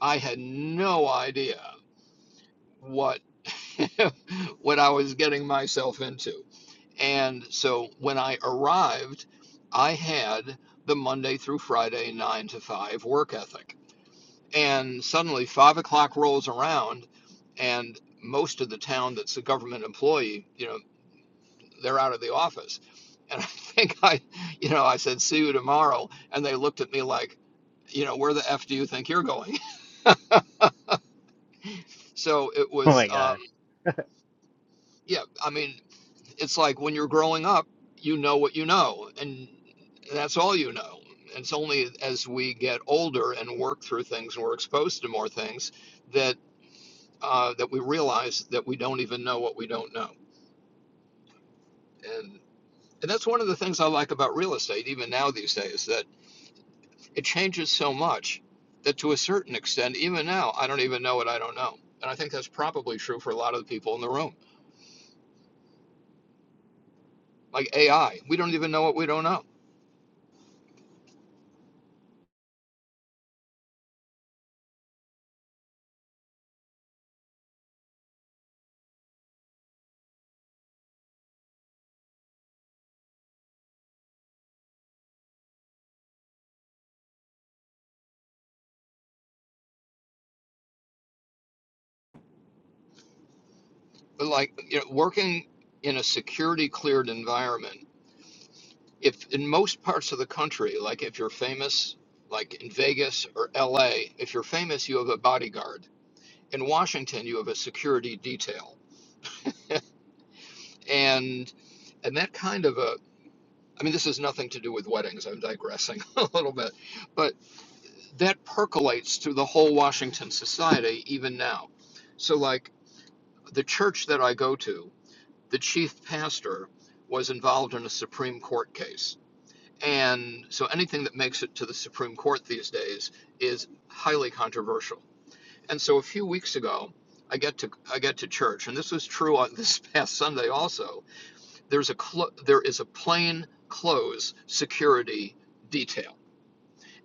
I had no idea what what I was getting myself into. And so when I arrived, I had the Monday through Friday nine to five work ethic. And suddenly five o'clock rolls around and most of the town that's a government employee, you know, they're out of the office. And I think I, you know, I said, see you tomorrow. And they looked at me like, you know, where the F do you think you're going? So it Oh was, my um, gosh, yeah, I mean, it's like when you're growing up, you know what you know, and that's all you know. And It's only as we get older and work through things and we're exposed to more things that uh, that we realize that we don't even know what we don't know. And and that's one of the things I like about real estate, even now these days. that. it changes so much that to a certain extent, even now, I don't even know what I don't know. And I think that's probably true for a lot of the people in the room. Like AI, we don't even know what we don't know. But like you know, working in a security cleared environment, if in most parts of the country, like if you're famous, like in Vegas or LA, if you're famous, you have a bodyguard. In Washington, you have a security detail. And and that kind of a I mean, this has nothing to do with weddings. I'm digressing a little bit. But that percolates through the whole Washington society even now. So, like the church that I go to, the chief pastor was involved in a Supreme Court case. And so anything that makes it to the Supreme Court these days is highly controversial. And so a few weeks ago, I get to I get to church, and this was true on this past Sunday also. There's a clo- there is a plain clothes security detail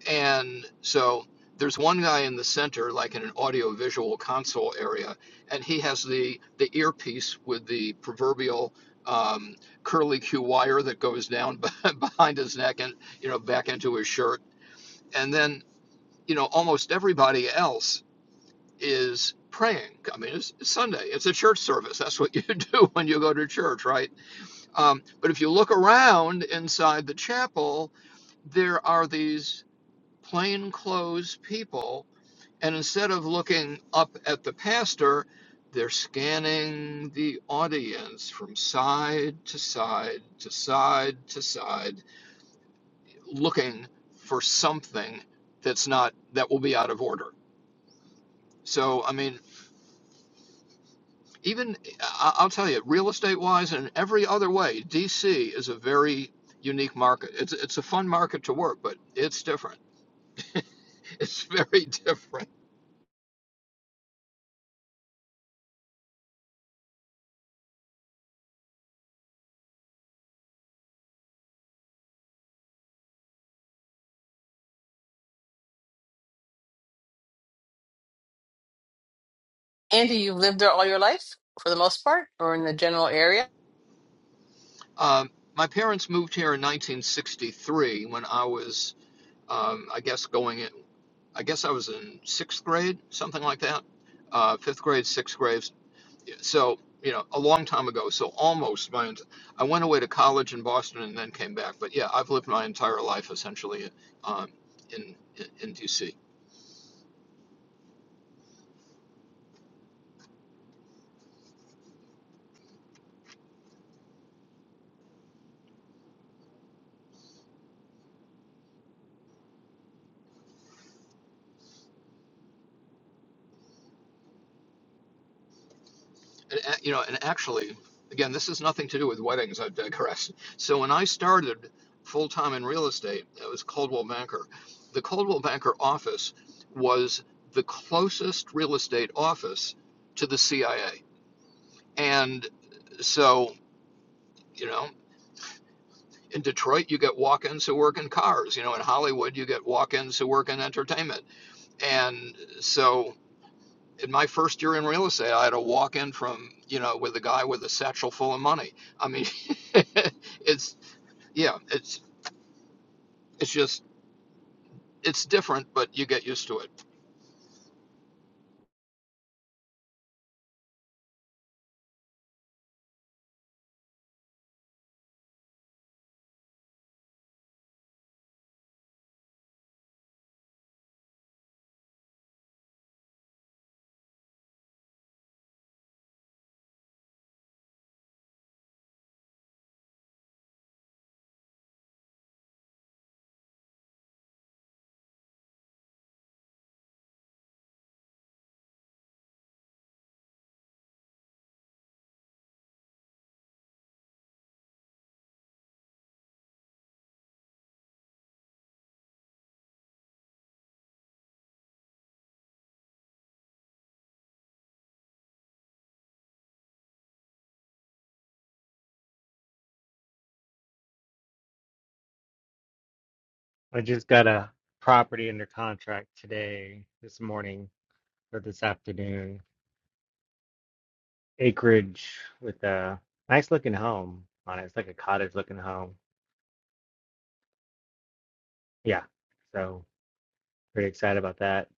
and so there's one guy in the center, like in an audio visual console area, and he has the, the earpiece with the proverbial um, curly Q wire that goes down behind his neck and, you know, back into his shirt. And then, you know, almost everybody else is praying. I mean, it's, it's Sunday, it's a church service. That's what you do when you go to church, right? Um, but if you look around inside the chapel, there are these plainclothes people and instead of looking up at the pastor, they're scanning the audience from side to side to side to side, looking for something that's not, that will be out of order. So, I mean, even, I- will tell you, real estate wise and every other way, DC is a very unique market. It's, it's a fun market to work, but it's different. It's very different. Andy, you've lived there all your life for the most part, or in the general area? Um, my parents moved here in 1963 when I was um, I guess going in, I guess I was in sixth grade, something like that, uh, fifth grade, sixth grade. So, you know, a long time ago. So almost my, ent- I went away to college in Boston and then came back. But yeah, I've lived my entire life essentially um, in, in, in DC. and, a- you know, and actually, again, this has nothing to do with weddings. I digress. So when I started full time in real estate, it was Coldwell Banker. The Coldwell Banker office was the closest real estate office to the CIA, and so you know. In Detroit, you get walk-ins who work in cars. You know, in Hollywood, you get walk-ins who work in entertainment. And so, in my first year in real estate, I had a walk in from, you know, with a guy with a satchel full of money. I mean, it's, yeah, it's, it's just, it's different, but you get used to it. I just got a property under contract today, this morning or this afternoon. Acreage with a nice looking home on it. It's like a cottage looking home. Yeah. So pretty excited about that.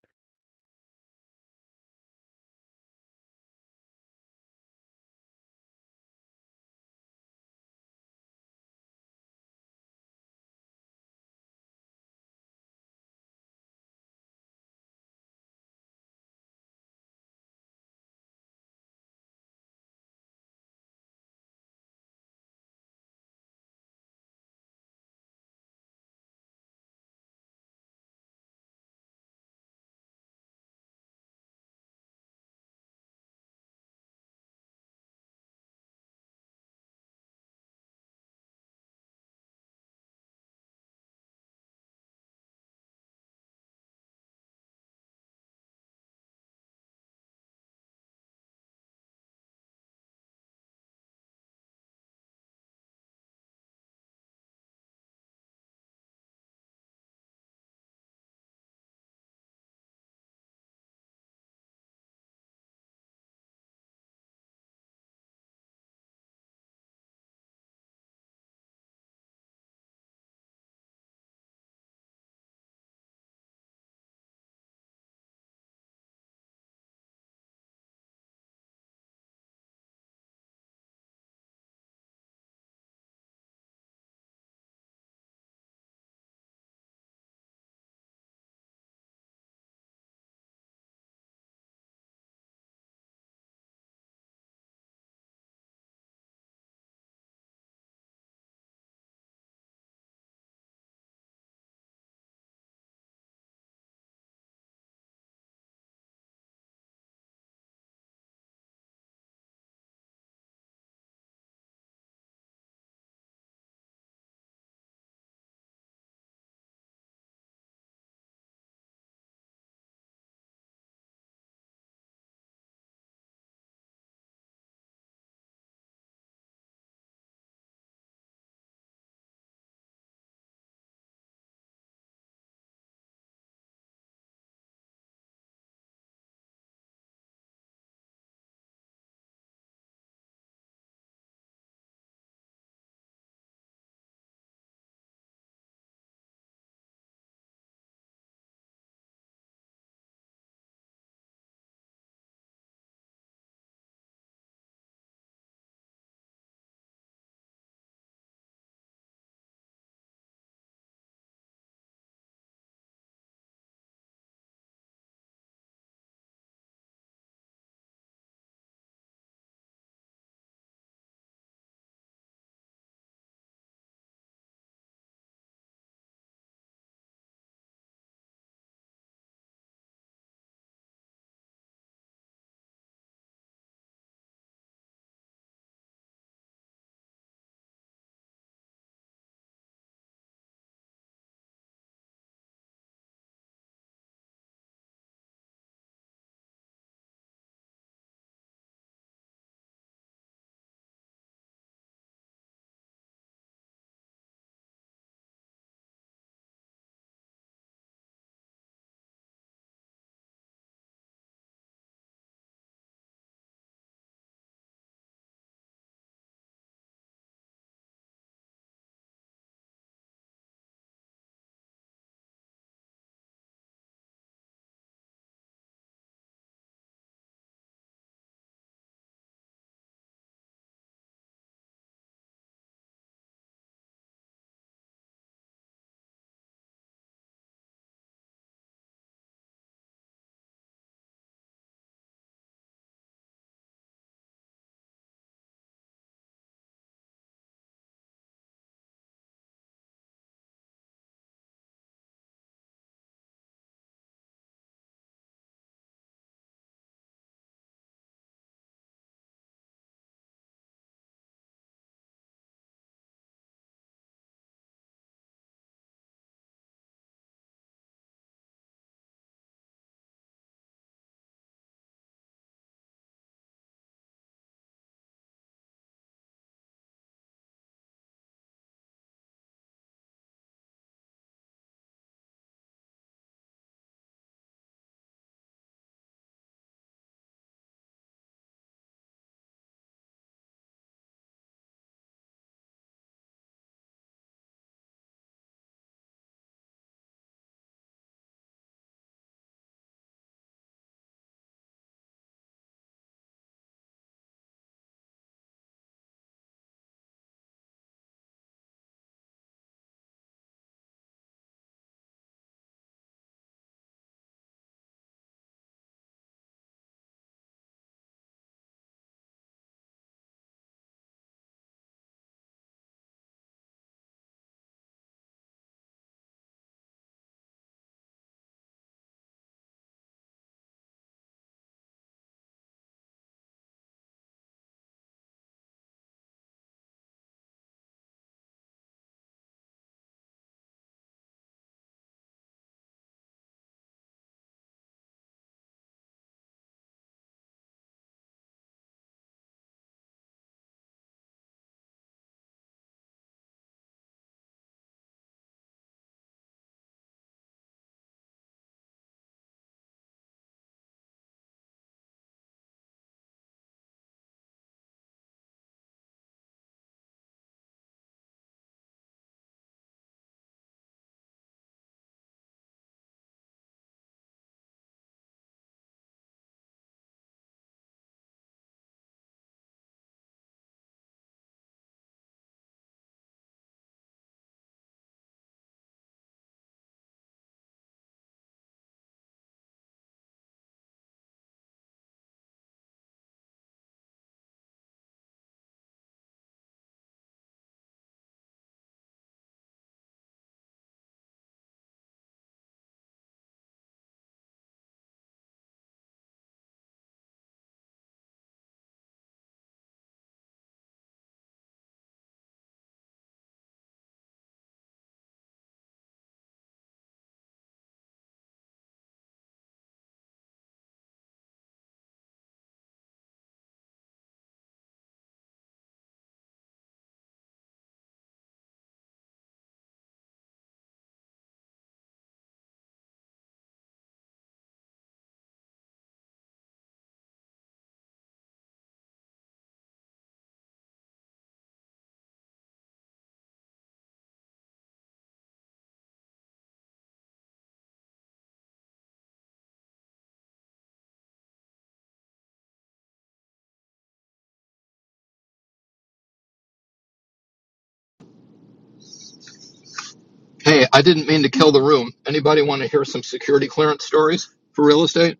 Hey, I didn't mean to kill the room. Anybody want to hear some security clearance stories for real estate?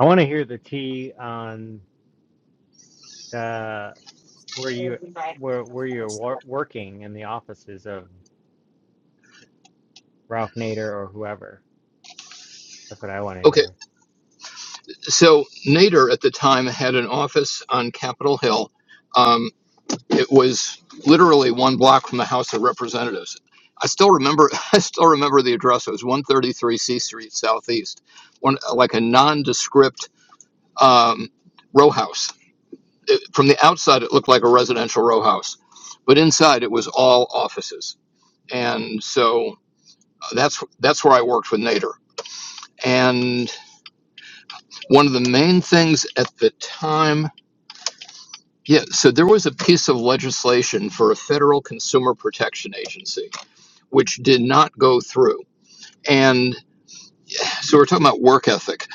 I want to hear the tea on the where you where where you're wor working in the offices of. Ralph Nader or whoever. That's what I want to Okay. hear. So Nader at the time had an office on Capitol Hill. Um, It was literally one block from the House of Representatives. I still remember. I still remember the address. It was 133 C Street Southeast, one like a nondescript um, row house. It, from the outside, it looked like a residential row house, but inside it was all offices. And so uh, that's that's where I worked with Nader. And one of the main things at the time, yeah. So there was a piece of legislation for a federal consumer protection agency which did not go through. And so we're talking about work ethic.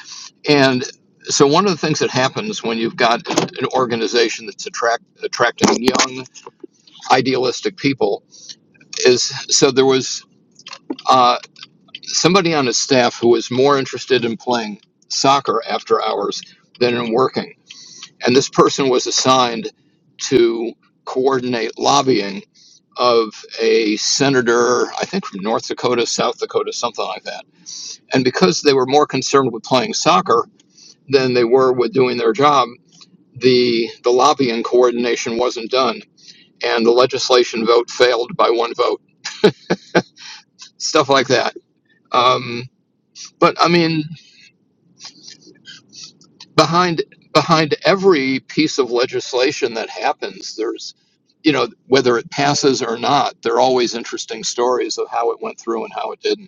And so one of the things that happens when you've got an organization that's attract attracting young, idealistic people is so there was uh, somebody on his staff who was more interested in playing soccer after hours than in working, and this person was assigned to coordinate lobbying of a senator, I think from North Dakota, South Dakota, something like that And because they were more concerned with playing soccer than they were with doing their job, the, the lobbying coordination wasn't done. And the legislation vote failed by one vote, stuff like that. Um, but I mean, behind, behind every piece of legislation that happens, there's, you know, whether it passes or not, there are always interesting stories of how it went through and how it didn't.